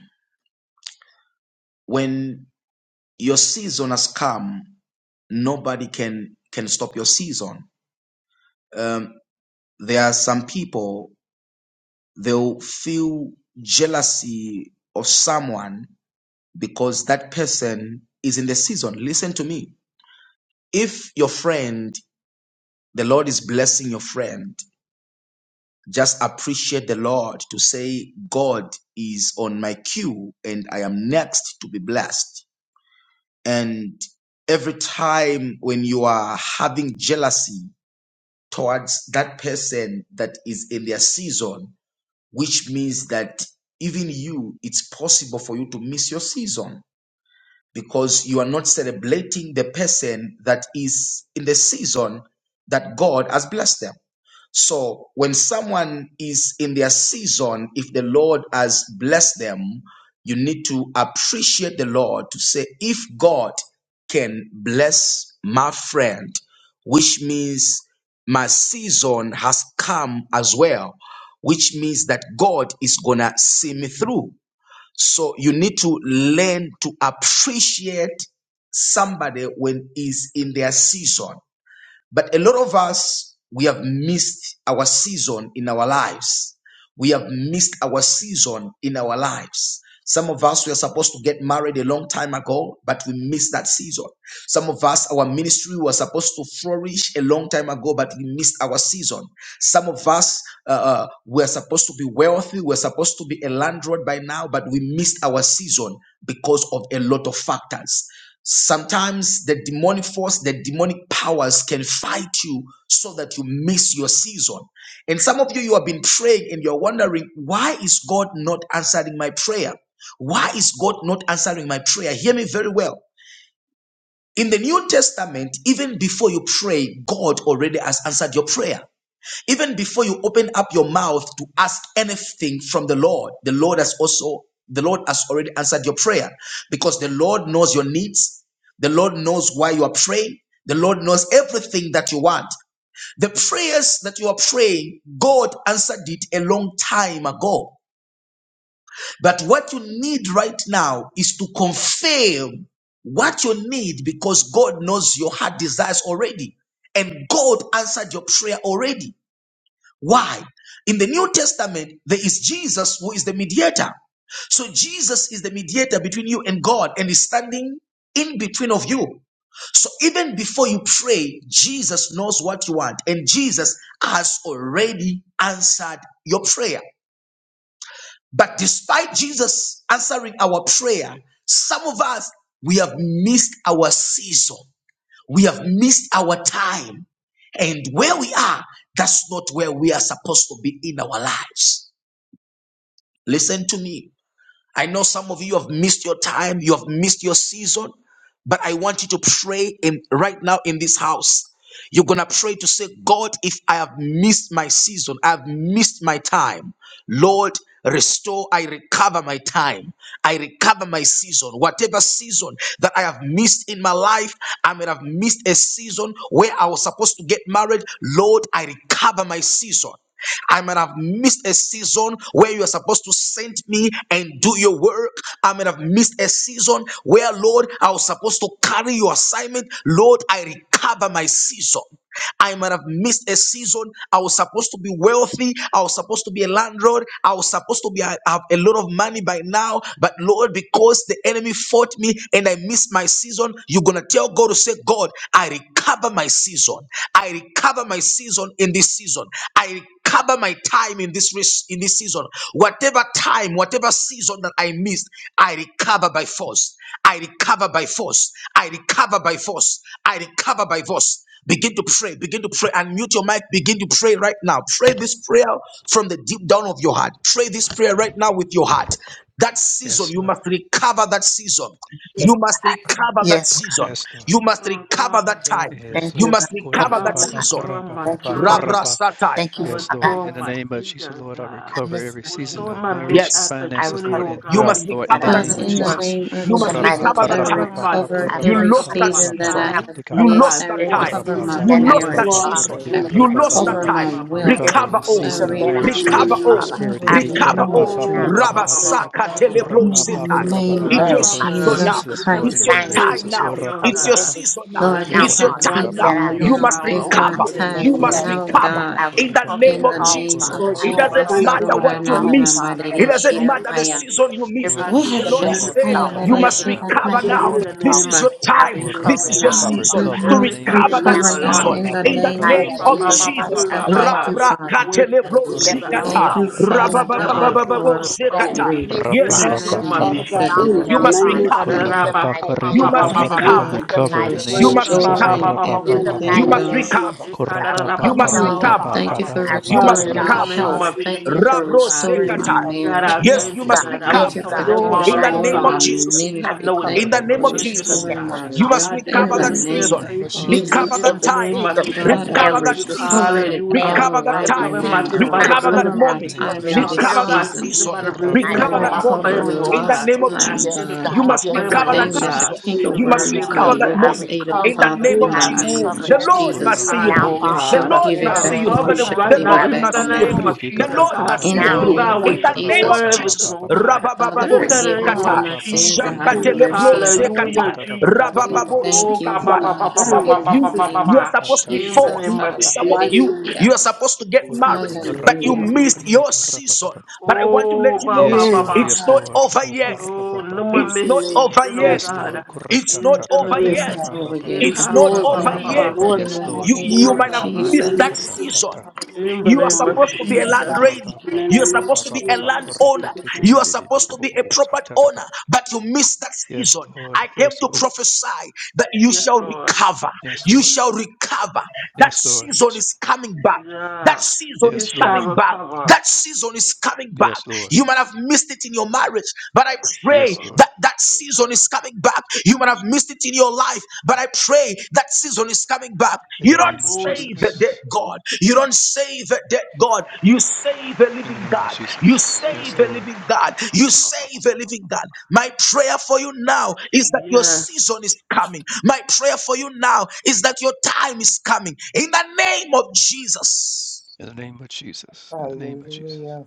Speaker 1: When your season has come, nobody can can stop your season. Um, there are some people they'll feel jealousy of someone because that person is in the season. Listen to me. If your friend, the Lord is blessing your friend, Just appreciate the Lord to say, God is on my queue and I am next to be blessed. And every time when you are having jealousy towards that person that is in their season, which means that even you, it's possible for you to miss your season because you are not celebrating the person that is in the season that God has blessed them. So when someone is in their season, if the Lord has blessed them, you need to appreciate the Lord to say, if God can bless my friend, which means my season has come as well, which means that God is gonna see me through. So you need to learn to appreciate somebody when is in their season. But a lot of us, we have missed our season in our lives. We have missed our season in our lives. Some of us were supposed to get married a long time ago, but we missed that season. Some of us, our ministry was supposed to flourish a long time ago, but we missed our season. Some of us uh, uh, were supposed to be wealthy, we're supposed to be a landlord by now, but we missed our season because of a lot of factors. Sometimes the demonic force, the demonic powers can fight you so that you miss your season. And some of you, you have been praying and you're wondering, why is God not answering my prayer? Why is God not answering my prayer? Hear me very well. In the New Testament, even before you pray, God already has answered your prayer. Even before you open up your mouth to ask anything from the Lord, the Lord has also, the Lord has already answered your prayer because the Lord knows your needs. The Lord knows why you are praying. The Lord knows everything that you want. The prayers that you are praying, God answered it a long time ago. But what you need right now is to confirm what you need because God knows your heart desires already. And God answered your prayer already. Why? In the New Testament, there is Jesus who is the mediator. So Jesus is the mediator between you and God and is standing in between of you. So even before you pray, Jesus knows what you want, and Jesus has already answered your prayer. But despite Jesus answering our prayer, some of us, we have missed our season. We have missed our time. And where we are, that's not where we are supposed to be in our lives. Listen to me. I know some of you have missed your time, you have missed your season, but I want you to pray in, right now in this house. You're going to pray to say, God, if I have missed my season, I have missed my time. Lord, restore, I recover my time. I recover my season. Whatever season that I have missed in my life, I may have missed a season where I was supposed to get married. Lord, I recover my season. I might have missed a season where you are supposed to send me and do your work. I might have missed a season where, Lord, I was supposed to carry your assignment. Lord, I cover my season. I might have missed a season. I was supposed to be wealthy. I was supposed to be a landlord. I was supposed to be uh, have a lot of money by now. But Lord, because the enemy fought me and I missed my season, you're gonna tell God to say, God, I recover my season. I recover my season in this season. I recover my time in this res- in this season. Whatever time, whatever season so that I missed. I recover by force. I recover by force. I recover by force. I recover by force. Begin to pray. Begin to pray. Unmute your mic. Begin to pray right now. Pray this prayer from the deep down of your heart. Pray this prayer right now with your heart. That season,
Speaker 4: Yes,
Speaker 1: you
Speaker 4: Lord.
Speaker 1: must recover that season.
Speaker 5: Yes,
Speaker 1: You must
Speaker 5: God.
Speaker 1: recover that
Speaker 5: Yes.
Speaker 1: season.
Speaker 4: Yes, Lord.
Speaker 1: You must
Speaker 6: Oh
Speaker 1: recover that
Speaker 6: God,
Speaker 3: Jesus.
Speaker 1: time.
Speaker 4: Yes,
Speaker 5: Thank
Speaker 1: You
Speaker 5: you,
Speaker 4: Lord.
Speaker 5: God.
Speaker 1: must
Speaker 5: Thank
Speaker 1: recover
Speaker 5: you,
Speaker 6: God,
Speaker 1: that
Speaker 4: Korabababa,
Speaker 5: God.
Speaker 1: season.
Speaker 6: restore my
Speaker 5: Thank you,
Speaker 4: korabababa,
Speaker 5: Father.
Speaker 1: Rabra
Speaker 6: time
Speaker 4: koraba.
Speaker 1: satire.
Speaker 5: Thank you,
Speaker 6: and
Speaker 4: Yes, Lord.
Speaker 6: restore
Speaker 4: In the
Speaker 5: Father.
Speaker 6: my
Speaker 4: name of Jesus,
Speaker 6: freedom,
Speaker 4: Lord, I
Speaker 6: God.
Speaker 5: I
Speaker 4: recover
Speaker 5: miss
Speaker 4: every
Speaker 5: my
Speaker 4: season
Speaker 5: season,
Speaker 6: Restore
Speaker 3: Hallelujah.
Speaker 4: of
Speaker 6: my
Speaker 5: Father.
Speaker 6: missed
Speaker 4: marriage and
Speaker 1: Yes.
Speaker 5: I
Speaker 4: finances,
Speaker 6: opportunity,
Speaker 4: Lord,
Speaker 5: recover
Speaker 6: oh
Speaker 4: and
Speaker 5: every
Speaker 1: You
Speaker 6: God.
Speaker 4: wealth,
Speaker 1: must
Speaker 5: season
Speaker 4: Lord, in
Speaker 5: that
Speaker 1: recover
Speaker 4: the
Speaker 5: I
Speaker 6: In
Speaker 1: that
Speaker 2: Father,
Speaker 6: the
Speaker 4: name
Speaker 5: missed,
Speaker 4: of
Speaker 2: in
Speaker 6: name
Speaker 1: season.
Speaker 2: the
Speaker 6: of
Speaker 5: Father.
Speaker 4: Jesus.
Speaker 2: name of
Speaker 1: You
Speaker 5: In the
Speaker 1: must
Speaker 6: Jesus.
Speaker 4: Rabba,
Speaker 5: mighty
Speaker 2: Jesus,
Speaker 1: recover
Speaker 5: name
Speaker 2: I
Speaker 1: that
Speaker 5: of
Speaker 6: Cover
Speaker 1: time.
Speaker 5: Jesus,
Speaker 6: my
Speaker 4: karabababa,
Speaker 2: recover
Speaker 5: I
Speaker 1: You
Speaker 6: freedom,
Speaker 4: koraba,
Speaker 5: miss
Speaker 2: every
Speaker 5: my
Speaker 1: lost
Speaker 6: cover
Speaker 1: that
Speaker 6: my
Speaker 5: season.
Speaker 2: season that
Speaker 1: season.
Speaker 2: I
Speaker 5: I
Speaker 6: time
Speaker 2: have
Speaker 4: karababa,
Speaker 1: You
Speaker 5: recover
Speaker 2: missed.
Speaker 6: by
Speaker 1: lost
Speaker 2: I
Speaker 1: that
Speaker 5: every
Speaker 6: force.
Speaker 1: time.
Speaker 2: recover
Speaker 6: In
Speaker 2: my
Speaker 5: season
Speaker 6: the
Speaker 4: Korababa,
Speaker 1: You
Speaker 5: that I
Speaker 6: name
Speaker 3: Hallelujah.
Speaker 1: lost
Speaker 6: of
Speaker 3: Thank
Speaker 5: miss,
Speaker 1: that
Speaker 2: marriage.
Speaker 7: Lord, help
Speaker 5: Father.
Speaker 1: season.
Speaker 5: In
Speaker 2: I
Speaker 6: Jesus.
Speaker 5: the
Speaker 7: me
Speaker 1: You
Speaker 7: to
Speaker 5: mighty
Speaker 1: lost
Speaker 6: Oh
Speaker 1: that
Speaker 5: name
Speaker 2: recover
Speaker 5: of
Speaker 7: believe
Speaker 6: God,
Speaker 2: my
Speaker 5: Jesus.
Speaker 6: ba
Speaker 1: time.
Speaker 6: ba ba
Speaker 2: wealth.
Speaker 6: ba
Speaker 3: Hallelujah.
Speaker 4: Recover
Speaker 5: Every
Speaker 3: Thank
Speaker 6: ba
Speaker 1: Recover
Speaker 3: you,
Speaker 4: the
Speaker 6: ba ba
Speaker 1: all.
Speaker 2: I
Speaker 6: ba
Speaker 4: season
Speaker 5: season
Speaker 4: of
Speaker 3: Jesus.
Speaker 5: that
Speaker 6: koda
Speaker 7: you
Speaker 5: I
Speaker 6: da
Speaker 7: in
Speaker 4: marriage,
Speaker 6: da ba
Speaker 4: Lord,
Speaker 5: miss,
Speaker 1: Recover
Speaker 4: and
Speaker 6: shanda da da
Speaker 7: the
Speaker 5: Father,
Speaker 1: all.
Speaker 6: da. da.
Speaker 2: recover
Speaker 4: prosperity.
Speaker 5: I
Speaker 4: E
Speaker 1: Recover
Speaker 5: recover it
Speaker 3: Hallelujah,
Speaker 1: all.
Speaker 2: ministry.
Speaker 6: Oh
Speaker 5: now.
Speaker 6: ba
Speaker 5: My
Speaker 6: ba ba ba
Speaker 5: season of
Speaker 6: ba ba
Speaker 1: Rabasaka
Speaker 6: ba ba
Speaker 5: ministry,
Speaker 6: ba ba
Speaker 1: teleblo
Speaker 6: ba
Speaker 2: In
Speaker 6: ba.
Speaker 2: the
Speaker 5: my
Speaker 1: zeta.
Speaker 5: season of
Speaker 6: We
Speaker 2: name
Speaker 6: are
Speaker 1: It's your
Speaker 2: of
Speaker 5: marriage,
Speaker 4: Recover
Speaker 5: my
Speaker 1: season
Speaker 6: covered.
Speaker 1: now.
Speaker 2: Jesus
Speaker 5: season of
Speaker 4: businesses, Lord,
Speaker 1: It's
Speaker 4: in the
Speaker 6: Everything
Speaker 2: Christ.
Speaker 1: your
Speaker 4: name of
Speaker 6: connect
Speaker 1: time
Speaker 5: finances,
Speaker 4: Jesus.
Speaker 5: I
Speaker 1: now.
Speaker 6: to me, oh
Speaker 5: recover
Speaker 1: It's
Speaker 4: Orababa,
Speaker 1: your
Speaker 6: God,
Speaker 5: every
Speaker 1: season now.
Speaker 6: by
Speaker 2: Lord,
Speaker 5: season now,
Speaker 6: your
Speaker 2: it's
Speaker 1: It's your
Speaker 2: my
Speaker 5: Father,
Speaker 1: time
Speaker 6: anointing,
Speaker 1: now.
Speaker 5: that
Speaker 6: by
Speaker 2: season
Speaker 6: your
Speaker 5: I
Speaker 1: You
Speaker 5: missed
Speaker 1: must
Speaker 2: now.
Speaker 6: power,
Speaker 7: name of
Speaker 5: in
Speaker 2: It's
Speaker 7: Jesus.
Speaker 5: the
Speaker 6: oh
Speaker 2: my
Speaker 6: God.
Speaker 1: recover.
Speaker 7: Hear
Speaker 5: mighty
Speaker 7: us,
Speaker 1: You
Speaker 5: name
Speaker 2: time
Speaker 5: of
Speaker 1: must
Speaker 5: Jesus.
Speaker 7: Father
Speaker 6: In
Speaker 2: now,
Speaker 6: the
Speaker 7: God.
Speaker 1: recover
Speaker 6: name
Speaker 2: God.
Speaker 5: I
Speaker 6: of
Speaker 1: in the
Speaker 5: recover
Speaker 1: name
Speaker 5: it
Speaker 2: In
Speaker 1: of
Speaker 2: the
Speaker 6: Jesus.
Speaker 5: all,
Speaker 2: name
Speaker 1: Jesus.
Speaker 5: Father.
Speaker 2: of
Speaker 7: Lord,
Speaker 5: I
Speaker 1: It
Speaker 7: just
Speaker 6: Oh,
Speaker 2: Jesus.
Speaker 7: I
Speaker 1: doesn't
Speaker 6: ba ba
Speaker 5: recover
Speaker 7: thank
Speaker 6: ba
Speaker 7: you,
Speaker 6: ba
Speaker 1: matter
Speaker 6: ba
Speaker 7: I
Speaker 1: what
Speaker 6: ba
Speaker 5: it
Speaker 2: Sarora
Speaker 6: ba
Speaker 1: you
Speaker 2: na
Speaker 7: praise
Speaker 2: na
Speaker 6: ko-
Speaker 5: all,
Speaker 2: na
Speaker 6: ko-
Speaker 7: you,
Speaker 6: ko-
Speaker 1: missed.
Speaker 2: ma
Speaker 6: da-
Speaker 5: Father,
Speaker 2: de
Speaker 6: da-
Speaker 5: in
Speaker 1: It
Speaker 2: de
Speaker 7: Father
Speaker 5: the
Speaker 6: ba
Speaker 1: doesn't
Speaker 7: God.
Speaker 5: mighty name
Speaker 1: matter the
Speaker 6: shandere.
Speaker 5: of
Speaker 2: shirakaya.
Speaker 1: season
Speaker 5: Jesus.
Speaker 1: you missed.
Speaker 5: Every
Speaker 6: I
Speaker 2: Wa
Speaker 1: The
Speaker 5: season
Speaker 6: decree
Speaker 1: Lord
Speaker 5: that
Speaker 6: and
Speaker 1: is
Speaker 7: Lord,
Speaker 5: was
Speaker 1: saying,
Speaker 2: shirakaya
Speaker 5: lost,
Speaker 6: declare
Speaker 7: Father,
Speaker 2: la
Speaker 1: You
Speaker 2: de
Speaker 6: right
Speaker 1: must
Speaker 5: every
Speaker 6: now uh,
Speaker 5: season
Speaker 7: do
Speaker 1: recover
Speaker 7: your
Speaker 2: shirakaya.
Speaker 5: that
Speaker 1: now.
Speaker 6: in
Speaker 5: was
Speaker 7: will,
Speaker 6: the
Speaker 7: Father
Speaker 1: This
Speaker 5: lost,
Speaker 6: name
Speaker 1: is
Speaker 7: God.
Speaker 6: of
Speaker 1: your
Speaker 5: I
Speaker 1: time.
Speaker 7: Whether
Speaker 6: Jesus,
Speaker 5: recover
Speaker 7: that
Speaker 1: This is
Speaker 5: it
Speaker 7: be
Speaker 1: your
Speaker 6: God,
Speaker 4: Korababa,
Speaker 5: all,
Speaker 7: called
Speaker 2: Lord,
Speaker 1: season
Speaker 7: to
Speaker 2: I
Speaker 5: Father.
Speaker 7: the
Speaker 5: I
Speaker 4: recover in
Speaker 1: to
Speaker 4: the
Speaker 2: must
Speaker 4: name of
Speaker 5: recover it
Speaker 1: recover
Speaker 6: everything
Speaker 1: that
Speaker 6: that
Speaker 7: community,
Speaker 2: recover
Speaker 5: now,
Speaker 4: Jesus.
Speaker 2: now
Speaker 7: Father
Speaker 6: belongs
Speaker 1: season
Speaker 5: Father,
Speaker 2: in
Speaker 6: to
Speaker 7: God,
Speaker 2: the
Speaker 4: Rababa,
Speaker 5: in
Speaker 1: in
Speaker 5: the
Speaker 1: the
Speaker 6: me,
Speaker 2: name
Speaker 7: to
Speaker 2: of
Speaker 6: you
Speaker 5: mighty
Speaker 1: name
Speaker 7: that
Speaker 6: pa
Speaker 4: korababa,
Speaker 1: of
Speaker 5: name
Speaker 6: pa
Speaker 2: Jesus
Speaker 6: pa
Speaker 7: community,
Speaker 6: pa
Speaker 1: Jesus.
Speaker 6: pa
Speaker 2: Christ.
Speaker 4: korababa,
Speaker 5: I
Speaker 7: word,
Speaker 2: I
Speaker 6: pa
Speaker 7: Father
Speaker 6: pa
Speaker 7: God,
Speaker 6: pa,
Speaker 2: thank
Speaker 5: recover
Speaker 2: you,
Speaker 1: Rabra
Speaker 5: every
Speaker 2: Father.
Speaker 6: with
Speaker 5: seed
Speaker 6: the,
Speaker 1: katelebro
Speaker 6: with
Speaker 7: be
Speaker 5: that
Speaker 6: the,
Speaker 5: was
Speaker 7: in
Speaker 6: I will
Speaker 1: zikata.
Speaker 2: Thank you,
Speaker 5: lost,
Speaker 4: korababa,
Speaker 5: that
Speaker 6: receive
Speaker 7: the
Speaker 5: was
Speaker 2: Father
Speaker 7: service,
Speaker 4: karitiki,
Speaker 5: lost,
Speaker 6: double,
Speaker 2: God,
Speaker 1: Rababababababo
Speaker 5: Father,
Speaker 6: triple
Speaker 2: for
Speaker 4: korababa,
Speaker 5: that I
Speaker 1: zekata.
Speaker 6: fold
Speaker 7: Father
Speaker 6: uh,
Speaker 7: God.
Speaker 5: missed,
Speaker 6: in
Speaker 1: Yes,
Speaker 5: Father.
Speaker 6: the
Speaker 7: Cover
Speaker 5: I
Speaker 4: rababa,
Speaker 6: name
Speaker 7: us,
Speaker 2: redemption
Speaker 6: of
Speaker 7: Father
Speaker 2: and
Speaker 5: recover it
Speaker 2: for
Speaker 7: God,
Speaker 5: all
Speaker 7: in
Speaker 6: Jesus.
Speaker 7: the
Speaker 1: you
Speaker 5: now,
Speaker 4: korababa,
Speaker 1: must
Speaker 6: Eh,
Speaker 7: name
Speaker 5: Father,
Speaker 7: of
Speaker 2: deliverance
Speaker 6: ka-
Speaker 1: recover.
Speaker 6: da- da-
Speaker 2: and
Speaker 5: in
Speaker 7: Jesus,
Speaker 5: the
Speaker 7: God.
Speaker 6: ba
Speaker 4: korababa,
Speaker 5: mighty
Speaker 6: ko- ka-
Speaker 5: name
Speaker 1: You
Speaker 4: kariki,
Speaker 6: ba
Speaker 7: And
Speaker 6: ba
Speaker 5: of
Speaker 1: must
Speaker 7: God,
Speaker 6: ba
Speaker 7: I
Speaker 2: Father
Speaker 6: ba ba
Speaker 5: Jesus,
Speaker 6: ba.
Speaker 4: korababa.
Speaker 7: thank
Speaker 1: recover.
Speaker 5: in
Speaker 2: God,
Speaker 7: you,
Speaker 5: the
Speaker 2: for
Speaker 7: and
Speaker 4: recover in
Speaker 6: Eh,
Speaker 7: I
Speaker 4: the
Speaker 5: mighty
Speaker 4: name
Speaker 1: You
Speaker 7: praise
Speaker 4: of
Speaker 6: ko-
Speaker 5: name
Speaker 7: you,
Speaker 1: must
Speaker 6: da-
Speaker 5: of
Speaker 6: ba
Speaker 4: Jesus.
Speaker 7: God,
Speaker 5: Jesus.
Speaker 6: ba
Speaker 1: recover.
Speaker 6: ba
Speaker 2: restoring
Speaker 6: ba
Speaker 4: Rababa,
Speaker 6: ba
Speaker 5: In
Speaker 7: in
Speaker 6: ko-
Speaker 5: the
Speaker 7: the
Speaker 6: ko- ko-
Speaker 1: You
Speaker 2: everything,
Speaker 6: ko.
Speaker 5: mighty
Speaker 4: korababa,
Speaker 1: must
Speaker 7: name
Speaker 2: God.
Speaker 5: name of
Speaker 1: recover.
Speaker 6: Eh,
Speaker 5: Jesus,
Speaker 7: of
Speaker 6: ka-
Speaker 5: I
Speaker 6: da- da-
Speaker 4: kurababa,
Speaker 6: ba
Speaker 1: You
Speaker 5: recover
Speaker 6: ba
Speaker 5: it
Speaker 1: must
Speaker 6: ba
Speaker 7: Jesus.
Speaker 5: all,
Speaker 6: ko-
Speaker 2: Father,
Speaker 6: ka-
Speaker 1: recover.
Speaker 4: karataba,
Speaker 6: ba
Speaker 5: Father.
Speaker 6: ba
Speaker 2: thank you
Speaker 6: ba ba
Speaker 2: for
Speaker 6: ba
Speaker 5: I
Speaker 1: You
Speaker 4: karababa,
Speaker 5: recover
Speaker 1: must
Speaker 2: restoring
Speaker 5: it
Speaker 6: in
Speaker 2: my
Speaker 7: Hallelujah.
Speaker 6: the
Speaker 5: all,
Speaker 1: recover.
Speaker 6: name
Speaker 4: karababa,
Speaker 5: Father,
Speaker 6: of
Speaker 2: health.
Speaker 5: in the
Speaker 7: Yes,
Speaker 2: Thank you
Speaker 5: mighty
Speaker 7: God.
Speaker 6: Jesus,
Speaker 5: name
Speaker 2: for
Speaker 5: of
Speaker 1: Rabro
Speaker 5: Jesus.
Speaker 6: God.
Speaker 2: restoring
Speaker 7: Yes,
Speaker 2: my
Speaker 1: zekata.
Speaker 7: God.
Speaker 6: God,
Speaker 4: ikorababa,
Speaker 2: marriage,
Speaker 6: I
Speaker 7: Recovery.
Speaker 2: God.
Speaker 5: Yes,
Speaker 1: Yes,
Speaker 6: thank
Speaker 1: you
Speaker 6: you,
Speaker 5: God.
Speaker 1: must
Speaker 6: God. I
Speaker 5: Yes,
Speaker 2: Thank
Speaker 6: will
Speaker 4: kuritiki,
Speaker 2: you
Speaker 1: recover
Speaker 6: cover
Speaker 2: for
Speaker 5: God.
Speaker 6: them
Speaker 5: In
Speaker 7: Restore,
Speaker 5: the
Speaker 6: all,
Speaker 1: in the
Speaker 5: mighty
Speaker 7: God,
Speaker 6: oh
Speaker 7: in
Speaker 1: name
Speaker 2: restoring
Speaker 7: the
Speaker 4: karababa,
Speaker 5: name
Speaker 1: of
Speaker 2: my
Speaker 6: God,
Speaker 5: of
Speaker 7: name of
Speaker 5: Jesus,
Speaker 1: Jesus.
Speaker 6: because
Speaker 7: Jesus.
Speaker 6: you
Speaker 5: I
Speaker 6: have
Speaker 2: ministry.
Speaker 6: no
Speaker 4: in
Speaker 2: Thank
Speaker 5: recover
Speaker 4: the
Speaker 1: In the
Speaker 2: you
Speaker 4: name
Speaker 7: God,
Speaker 5: every
Speaker 4: of
Speaker 6: impossible
Speaker 1: name
Speaker 2: for
Speaker 1: of
Speaker 7: I
Speaker 4: Jesus,
Speaker 6: person,
Speaker 4: in
Speaker 5: season
Speaker 7: thank
Speaker 1: Jesus,
Speaker 6: oh
Speaker 4: the
Speaker 7: you.
Speaker 2: restoring
Speaker 5: that
Speaker 4: name of
Speaker 6: God.
Speaker 5: was
Speaker 2: my
Speaker 1: you
Speaker 4: Jesus,
Speaker 5: lost.
Speaker 1: must
Speaker 6: I
Speaker 2: wealth in
Speaker 1: recover
Speaker 6: decree
Speaker 5: Every
Speaker 2: the
Speaker 6: and
Speaker 7: Thank
Speaker 1: that
Speaker 7: you. Lord.
Speaker 6: declare
Speaker 4: in
Speaker 2: name
Speaker 4: the
Speaker 1: season,
Speaker 2: of
Speaker 5: season
Speaker 4: name of
Speaker 5: of
Speaker 6: favor
Speaker 5: ministry.
Speaker 7: Thank
Speaker 1: recover
Speaker 4: Jesus,
Speaker 7: you.
Speaker 2: Jesus.
Speaker 1: that
Speaker 6: in
Speaker 7: Lord.
Speaker 6: the
Speaker 5: every
Speaker 1: time,
Speaker 6: name of
Speaker 7: Thank you. Lord. Thank
Speaker 5: season
Speaker 7: you
Speaker 5: of
Speaker 4: in
Speaker 2: God,
Speaker 4: the
Speaker 2: I
Speaker 6: Jesus.
Speaker 4: name
Speaker 1: recover
Speaker 5: marriage,
Speaker 4: of
Speaker 7: for
Speaker 1: that
Speaker 7: your
Speaker 5: the
Speaker 7: good work.
Speaker 2: recover
Speaker 4: Jesus.
Speaker 1: season,
Speaker 5: season of
Speaker 2: it
Speaker 6: Hallelujah.
Speaker 5: marriage,
Speaker 2: all
Speaker 1: recover that
Speaker 6: i
Speaker 2: right
Speaker 5: every
Speaker 6: cover
Speaker 1: time,
Speaker 7: Yes,
Speaker 6: my
Speaker 5: season
Speaker 2: now.
Speaker 6: sin
Speaker 5: of
Speaker 2: I
Speaker 6: by the
Speaker 7: God.
Speaker 1: recover
Speaker 5: finances,
Speaker 6: blood
Speaker 1: that
Speaker 2: recover
Speaker 6: of
Speaker 2: my
Speaker 5: I
Speaker 4: In
Speaker 1: moment,
Speaker 4: the
Speaker 7: Lord,
Speaker 6: Jesus.
Speaker 4: name
Speaker 2: time
Speaker 5: recover
Speaker 4: of
Speaker 5: it
Speaker 2: in
Speaker 6: i
Speaker 5: all
Speaker 2: this
Speaker 6: cover
Speaker 5: now,
Speaker 1: recover that
Speaker 4: Jesus.
Speaker 6: my
Speaker 7: you
Speaker 5: Father,
Speaker 2: season.
Speaker 6: sin by
Speaker 1: season,
Speaker 6: the
Speaker 5: in the
Speaker 6: blood,
Speaker 2: I
Speaker 6: even
Speaker 7: restore,
Speaker 5: mighty
Speaker 1: recover
Speaker 6: for
Speaker 1: that
Speaker 7: God,
Speaker 6: my
Speaker 5: name of
Speaker 1: moment.
Speaker 2: recover
Speaker 7: in
Speaker 5: Jesus.
Speaker 6: family,
Speaker 7: the name of Jesus.
Speaker 6: oh
Speaker 1: In
Speaker 7: God.
Speaker 1: the
Speaker 6: God.
Speaker 2: lost
Speaker 1: name of
Speaker 4: Ra-ba-ba-ba-ba-ba-ba-ba-ba-ba.
Speaker 6: I
Speaker 2: time,
Speaker 5: Yes,
Speaker 1: Jesus,
Speaker 6: send it to
Speaker 2: God.
Speaker 1: you
Speaker 5: God,
Speaker 6: my
Speaker 1: must
Speaker 5: yes,
Speaker 4: In
Speaker 7: Lord,
Speaker 4: the
Speaker 6: family,
Speaker 5: God,
Speaker 1: recover
Speaker 4: name
Speaker 6: oh
Speaker 7: you
Speaker 4: of
Speaker 1: that
Speaker 2: Everything that
Speaker 7: are
Speaker 2: the
Speaker 6: God.
Speaker 1: season,
Speaker 4: Jesus.
Speaker 7: holy,
Speaker 1: you
Speaker 5: I
Speaker 1: must
Speaker 6: If they
Speaker 2: cankerworms
Speaker 7: God. in the name of
Speaker 2: and the
Speaker 6: miss
Speaker 7: Jesus.
Speaker 1: recover
Speaker 5: recover,
Speaker 1: that
Speaker 5: it.
Speaker 6: their
Speaker 5: I
Speaker 2: locusts
Speaker 1: moment.
Speaker 2: ate up,
Speaker 1: In
Speaker 7: God.
Speaker 1: the
Speaker 5: recover,
Speaker 6: opportunity,
Speaker 2: Father,
Speaker 6: oh
Speaker 1: name of
Speaker 7: Lord,
Speaker 2: in
Speaker 7: you
Speaker 5: I
Speaker 2: the
Speaker 4: In
Speaker 6: God.
Speaker 4: the
Speaker 1: Jesus,
Speaker 4: name
Speaker 2: name
Speaker 7: pass,
Speaker 4: of
Speaker 5: recover
Speaker 2: of
Speaker 1: the
Speaker 6: They
Speaker 7: God, in
Speaker 6: see
Speaker 5: every
Speaker 4: Jesus.
Speaker 7: the
Speaker 1: Lord
Speaker 6: the
Speaker 1: must
Speaker 2: Jesus,
Speaker 7: name
Speaker 5: season
Speaker 1: see you.
Speaker 6: time,
Speaker 7: of
Speaker 5: now,
Speaker 7: Jesus.
Speaker 6: oh
Speaker 1: through.
Speaker 2: you
Speaker 1: The
Speaker 5: Father,
Speaker 2: shall
Speaker 6: God.
Speaker 1: Lord
Speaker 2: give
Speaker 5: in
Speaker 2: it
Speaker 1: must
Speaker 5: the
Speaker 6: I've
Speaker 7: Lord,
Speaker 1: see
Speaker 7: we
Speaker 2: back
Speaker 1: you
Speaker 5: name
Speaker 2: and you
Speaker 5: of
Speaker 6: covered
Speaker 1: through.
Speaker 7: thank
Speaker 6: them
Speaker 2: shall
Speaker 1: The
Speaker 5: Jesus.
Speaker 6: right
Speaker 2: give
Speaker 6: now
Speaker 4: Ra-ba-ba-korata-ba-ba-ba-korra-ba-ba-ba-ba. Korriki-korra-ba-ba-ba-ba-korriki-korra-ba-ba-ba-ba-ba-ba.
Speaker 5: I
Speaker 2: it
Speaker 1: Lord
Speaker 6: in
Speaker 2: back
Speaker 6: the
Speaker 1: must see
Speaker 5: recover
Speaker 1: you
Speaker 2: now.
Speaker 6: name
Speaker 5: every
Speaker 6: of
Speaker 1: through. The
Speaker 6: Jesus,
Speaker 5: season
Speaker 1: Lord
Speaker 6: God.
Speaker 1: must see
Speaker 2: In
Speaker 1: you
Speaker 2: the
Speaker 5: now,
Speaker 6: Oh,
Speaker 5: in
Speaker 1: through.
Speaker 5: the
Speaker 6: God,
Speaker 2: name
Speaker 1: In
Speaker 2: of
Speaker 5: name
Speaker 1: the
Speaker 5: of
Speaker 1: name of
Speaker 2: Jesus
Speaker 6: restore
Speaker 5: Jesus.
Speaker 2: Christ.
Speaker 6: everything,
Speaker 1: Jesus.
Speaker 6: oh, God.
Speaker 2: Father,
Speaker 1: Rabababo
Speaker 6: In
Speaker 5: Yes,
Speaker 6: the
Speaker 2: forgive me
Speaker 5: God.
Speaker 6: name
Speaker 2: for
Speaker 7: you
Speaker 6: of
Speaker 1: zekata.
Speaker 7: speak
Speaker 2: my sins and
Speaker 6: Jesus.
Speaker 2: have
Speaker 7: Jesus' mighty
Speaker 1: Zakatelebro
Speaker 2: mercy
Speaker 7: name.
Speaker 2: upon me.
Speaker 6: Hallelujah,
Speaker 1: zekata.
Speaker 6: Jesus.
Speaker 2: And
Speaker 4: Korriki-korra-ba-ba-korriki-korra-ta-ta-ta-ta-ta-ta-ba-ba-ba-ba-ba.
Speaker 1: Rabababo
Speaker 2: thank
Speaker 6: Oh,
Speaker 2: you,
Speaker 6: God, ba,
Speaker 1: zikapra.
Speaker 7: In
Speaker 6: ba, ba,
Speaker 7: Jesus'
Speaker 6: ba,
Speaker 2: Father,
Speaker 1: Some
Speaker 6: ba,
Speaker 1: of
Speaker 6: ba,
Speaker 2: in the
Speaker 6: ba,
Speaker 1: you,
Speaker 6: ba, ba, ba,
Speaker 2: name
Speaker 1: you
Speaker 2: of
Speaker 1: are
Speaker 6: ba.
Speaker 1: supposed to be
Speaker 6: In the
Speaker 1: forward.
Speaker 2: Jesus.
Speaker 6: name of
Speaker 1: Some of
Speaker 4: Korriki-korra-ta-ta-ta-ta-ta-ta-ba-ba-ba-ba.
Speaker 1: you,
Speaker 6: Jesus.
Speaker 1: you
Speaker 2: Hallelujah.
Speaker 1: are supposed to get married,
Speaker 3: Jesus.
Speaker 1: but you
Speaker 2: Hallelujah.
Speaker 7: mighty name.
Speaker 1: missed your season.
Speaker 4: Korriki-korra-ba-ba-korriki-korra-ba-ba-ba.
Speaker 1: But I want to let
Speaker 6: Oh,
Speaker 1: you
Speaker 6: ba,
Speaker 1: know
Speaker 6: ba,
Speaker 4: Yes,
Speaker 6: ba,
Speaker 7: Yes,
Speaker 4: Lord.
Speaker 6: ba.
Speaker 1: it's
Speaker 4: Yes,
Speaker 1: not
Speaker 7: God.
Speaker 4: Lord.
Speaker 1: over
Speaker 4: Go
Speaker 1: yet.
Speaker 7: Yes,
Speaker 6: Oh, no more
Speaker 1: It's
Speaker 7: Thank you,
Speaker 1: not
Speaker 7: Lord.
Speaker 1: over
Speaker 6: misdeeding, oh,
Speaker 1: yet.
Speaker 4: Yes,
Speaker 7: Thank you,
Speaker 4: Lord.
Speaker 6: God.
Speaker 7: Lord.
Speaker 4: Korra
Speaker 1: It's
Speaker 4: ta
Speaker 1: not
Speaker 6: In
Speaker 4: ta
Speaker 6: the
Speaker 4: ta ta
Speaker 1: over
Speaker 2: Oh, it's
Speaker 7: Yes,
Speaker 4: ba
Speaker 1: yet.
Speaker 6: name
Speaker 2: not
Speaker 4: ba
Speaker 7: God.
Speaker 4: ba
Speaker 2: over
Speaker 4: ba ba.
Speaker 6: Eh,
Speaker 2: yet,
Speaker 1: It's
Speaker 6: ka,
Speaker 1: not
Speaker 2: God.
Speaker 7: Restore,
Speaker 6: ba,
Speaker 2: It's
Speaker 6: ba,
Speaker 1: over
Speaker 4: Orra
Speaker 6: ba,
Speaker 7: God.
Speaker 2: not
Speaker 6: ba,
Speaker 4: ba
Speaker 6: ba.
Speaker 4: ba
Speaker 1: yet.
Speaker 2: over
Speaker 4: ba.
Speaker 7: Restore,
Speaker 2: in
Speaker 4: Yes,
Speaker 7: God.
Speaker 2: the
Speaker 6: Oh,
Speaker 4: Lord.
Speaker 1: You,
Speaker 6: ko, ko,
Speaker 2: name
Speaker 6: ko,
Speaker 1: you
Speaker 2: of
Speaker 6: ko,
Speaker 7: Restore,
Speaker 4: Ikorra
Speaker 6: da,
Speaker 1: might have
Speaker 6: da,
Speaker 4: ba
Speaker 7: God. In
Speaker 4: ba
Speaker 7: the
Speaker 6: ba,
Speaker 1: missed
Speaker 4: ba.
Speaker 6: shun,
Speaker 7: name
Speaker 2: Jesus.
Speaker 1: that
Speaker 6: da,
Speaker 7: of
Speaker 6: da,
Speaker 4: Korra
Speaker 6: da,
Speaker 4: ta
Speaker 6: da.
Speaker 1: season.
Speaker 4: ta.
Speaker 6: In
Speaker 7: Jesus.
Speaker 6: the
Speaker 1: You are
Speaker 6: name of
Speaker 7: Hallelujah.
Speaker 1: supposed to be a
Speaker 4: Korridiki
Speaker 7: Yes,
Speaker 1: land
Speaker 6: Jesus.
Speaker 4: karra
Speaker 7: God.
Speaker 1: lady.
Speaker 4: ba
Speaker 7: In the
Speaker 4: ba
Speaker 1: You
Speaker 4: ba
Speaker 1: are
Speaker 7: name
Speaker 4: ba
Speaker 1: supposed
Speaker 4: ba
Speaker 1: to
Speaker 4: ba
Speaker 1: be
Speaker 4: ba
Speaker 1: a
Speaker 7: of
Speaker 4: ba.
Speaker 1: land
Speaker 7: Jesus.
Speaker 1: owner.
Speaker 7: Thank you,
Speaker 1: You
Speaker 7: God.
Speaker 1: are
Speaker 4: Korriditititititi bu
Speaker 1: supposed
Speaker 4: bu
Speaker 1: to
Speaker 4: bu
Speaker 1: be
Speaker 4: bu.
Speaker 1: a
Speaker 4: bu. Sa
Speaker 1: property
Speaker 4: ta ta
Speaker 1: owner,
Speaker 4: ba.
Speaker 1: but you missed that
Speaker 4: Yes,
Speaker 1: season.
Speaker 4: Lord.
Speaker 1: I came
Speaker 4: Yes,
Speaker 1: to
Speaker 4: Lord.
Speaker 1: prophesy that you
Speaker 6: Yes,
Speaker 1: shall
Speaker 6: Lord.
Speaker 1: recover.
Speaker 4: Yes,
Speaker 1: You
Speaker 4: Lord.
Speaker 1: shall recover. That
Speaker 4: Yes, Lord.
Speaker 1: season is coming back. That
Speaker 6: Yeah,
Speaker 1: season
Speaker 6: you
Speaker 4: Yes,
Speaker 1: is
Speaker 6: shall
Speaker 4: Lord.
Speaker 1: coming back.
Speaker 6: recover.
Speaker 1: That season is coming back.
Speaker 4: Yes, Lord.
Speaker 1: You might have missed it in your marriage, but I
Speaker 6: I
Speaker 1: pray
Speaker 4: Yes,
Speaker 6: shall
Speaker 4: Lord.
Speaker 1: that that season is
Speaker 6: recover.
Speaker 1: coming back. You might have missed it in your life, but I pray that season is coming back.
Speaker 4: In
Speaker 1: You
Speaker 4: the
Speaker 1: don't
Speaker 4: name of
Speaker 6: Glory be
Speaker 1: save
Speaker 6: to
Speaker 1: a dead
Speaker 6: God.
Speaker 4: Jesus.
Speaker 1: God. You don't save a dead God. You save a
Speaker 4: In the
Speaker 1: living
Speaker 4: name
Speaker 1: God.
Speaker 4: of Jesus.
Speaker 1: You
Speaker 4: Yes,
Speaker 1: save
Speaker 6: Glory.
Speaker 1: a
Speaker 4: Lord.
Speaker 1: living God. You save a living God. My prayer for you now is that your
Speaker 6: Yeah.
Speaker 1: season is coming. My prayer for you now is that your time is coming. In the name of Jesus.
Speaker 4: In the name of Jesus. In the name of Jesus.
Speaker 3: Hallelujah.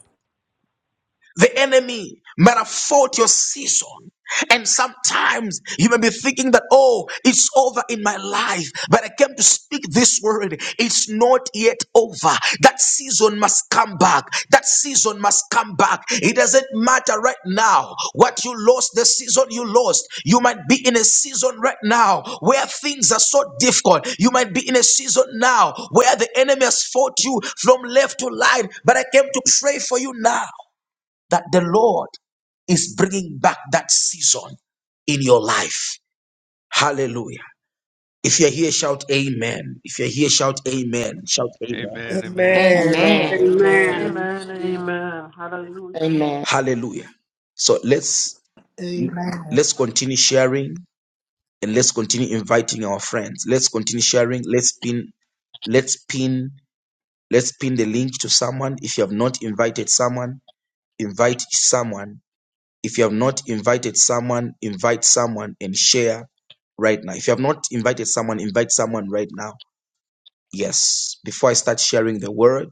Speaker 1: The enemy might have fought your season. And sometimes you may be thinking that, oh, it's over in my life, but I came to speak this word. It's not yet over. That season must come back. That season must come back. It doesn't matter right now what you lost, the season you lost. You might be in a season right now where things are so difficult. You might be in a season now where the enemy has fought you from left to right, but I came to pray for you now that the Lord is bringing back that season in your life. Hallelujah. If you're here, shout amen. If you're here, shout amen. Shout amen.
Speaker 4: Amen. Amen.
Speaker 8: Amen.
Speaker 5: Amen.
Speaker 2: Amen.
Speaker 3: Amen.
Speaker 4: Amen.
Speaker 8: Amen.
Speaker 5: Amen.
Speaker 6: Amen.
Speaker 7: Amen.
Speaker 6: Amen. Hallelujah.
Speaker 5: Amen.
Speaker 1: Hallelujah. So let's
Speaker 9: Amen.
Speaker 1: let's continue sharing and let's continue inviting our friends. Let's continue sharing. Let's pin let's pin let's pin the link to someone. If you have not invited someone, invite someone If you have not invited someone, invite someone and share right now. If you have not invited someone, invite someone right now. Yes. Before I start sharing the word,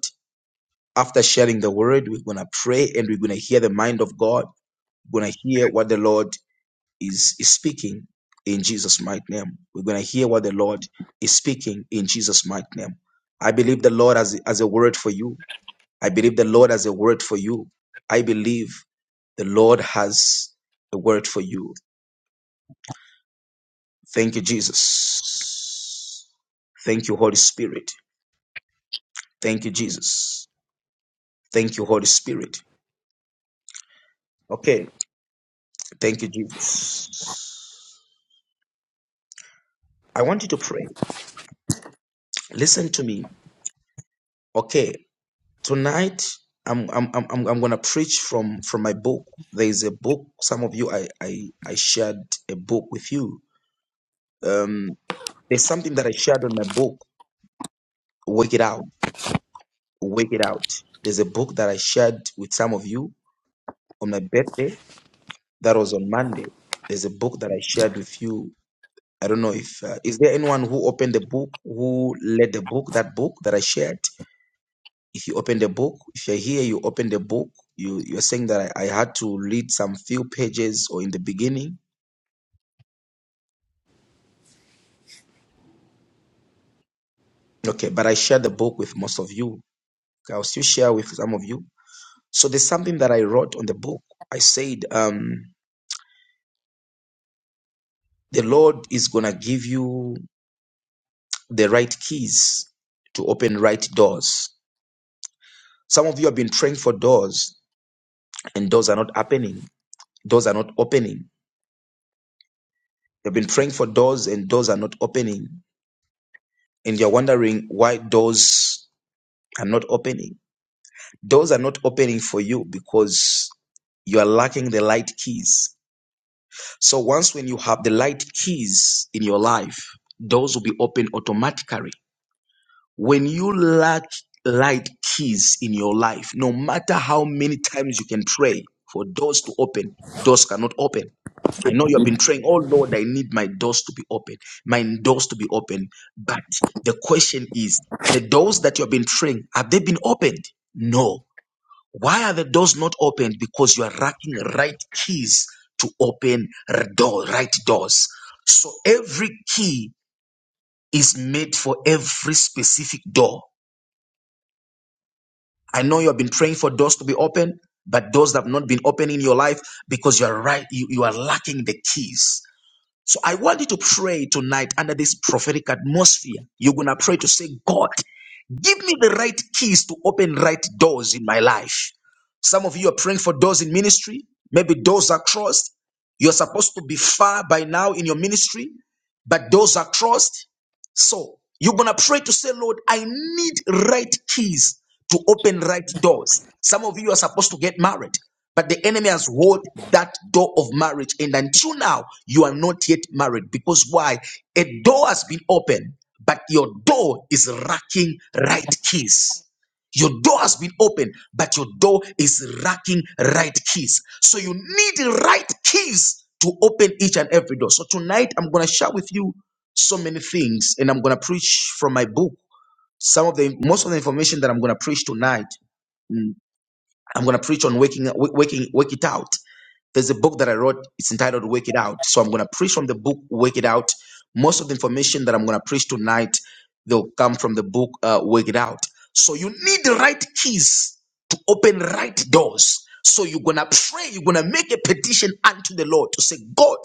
Speaker 1: after sharing the word, we're going to pray and we're going to hear the mind of God. We're going to hear what the Lord is, is speaking in Jesus' mighty name. We're going to hear what the Lord is speaking in Jesus' mighty name. I believe the Lord has, has a word for you. I believe the Lord has a word for you. I believe the Lord has a word for you. Thank you, Jesus. Thank you, Holy Spirit. Thank you, Jesus. Thank you, Holy Spirit. Okay. Thank you, Jesus. I want you to pray. Listen to me. Okay. Tonight, I'm I'm I'm I'm I'm gonna preach from from my book. There is a book. Some of you, I I I shared a book with you. Um, there's something that I shared on my book. Work it out. Work it out. There's a book that I shared with some of you on my birthday That was on Monday. There's a book that I shared with you. I don't know if uh, is there anyone who opened the book, who led the book, that book that I shared. If you open the book, if you're here, you open the book. You you're saying that I, I had to read some few pages or in the beginning. Okay, but I shared the book with most of you. I'll still share with some of you. So there's something that I wrote on the book. I said, um, the Lord is gonna give you the right keys to open right doors. Some of you have been praying for doors and doors are not happening. Doors are not opening. You've been praying for doors and doors are not opening. And you're wondering why doors are not opening. Doors are not opening for you because you are lacking the light keys. So once when you have the light keys in your life, doors will be open automatically. When you lack light keys in your life, no matter how many times you can pray for doors to open, doors cannot open. I know you have been praying, oh Lord, I need my doors to be open, my doors to be open. But the question is, the doors that you have been praying, have they been opened? No. Why are the doors not opened? Because you are lacking right keys to open r- door, right doors. So every key is made for every specific door. I know you have been praying for doors to be open, but doors that have not been open in your life because you are right, you, you are lacking the keys. So I want you to pray tonight under this prophetic atmosphere. You're gonna pray to say, God, give me the right keys to open right doors in my life. Some of you are praying for doors in ministry, maybe doors are crossed. You're supposed to be far by now in your ministry, but doors are crossed. So you're going to pray to say, Lord, I need right keys to open right doors. Some of you are supposed to get married, but the enemy has walled that door of marriage. And until now, you are not yet married because why? A door has been opened, but your door is lacking right keys. Your door has been opened, but your door is lacking right keys. So you need right keys to open each and every door. So tonight I'm going to share with you so many things and i'm going to preach from my book some of the most of the information that i'm going to preach tonight mm, i'm going to preach on waking wa- waking wake it out there's a book that i wrote it's entitled wake it out so i'm going to preach from the book wake it out most of the information that I'm going to preach tonight, they'll come from the book uh, Work It Out. So you need the right keys to open right doors. So you're going to pray, you're going to make a petition unto the Lord to say, God,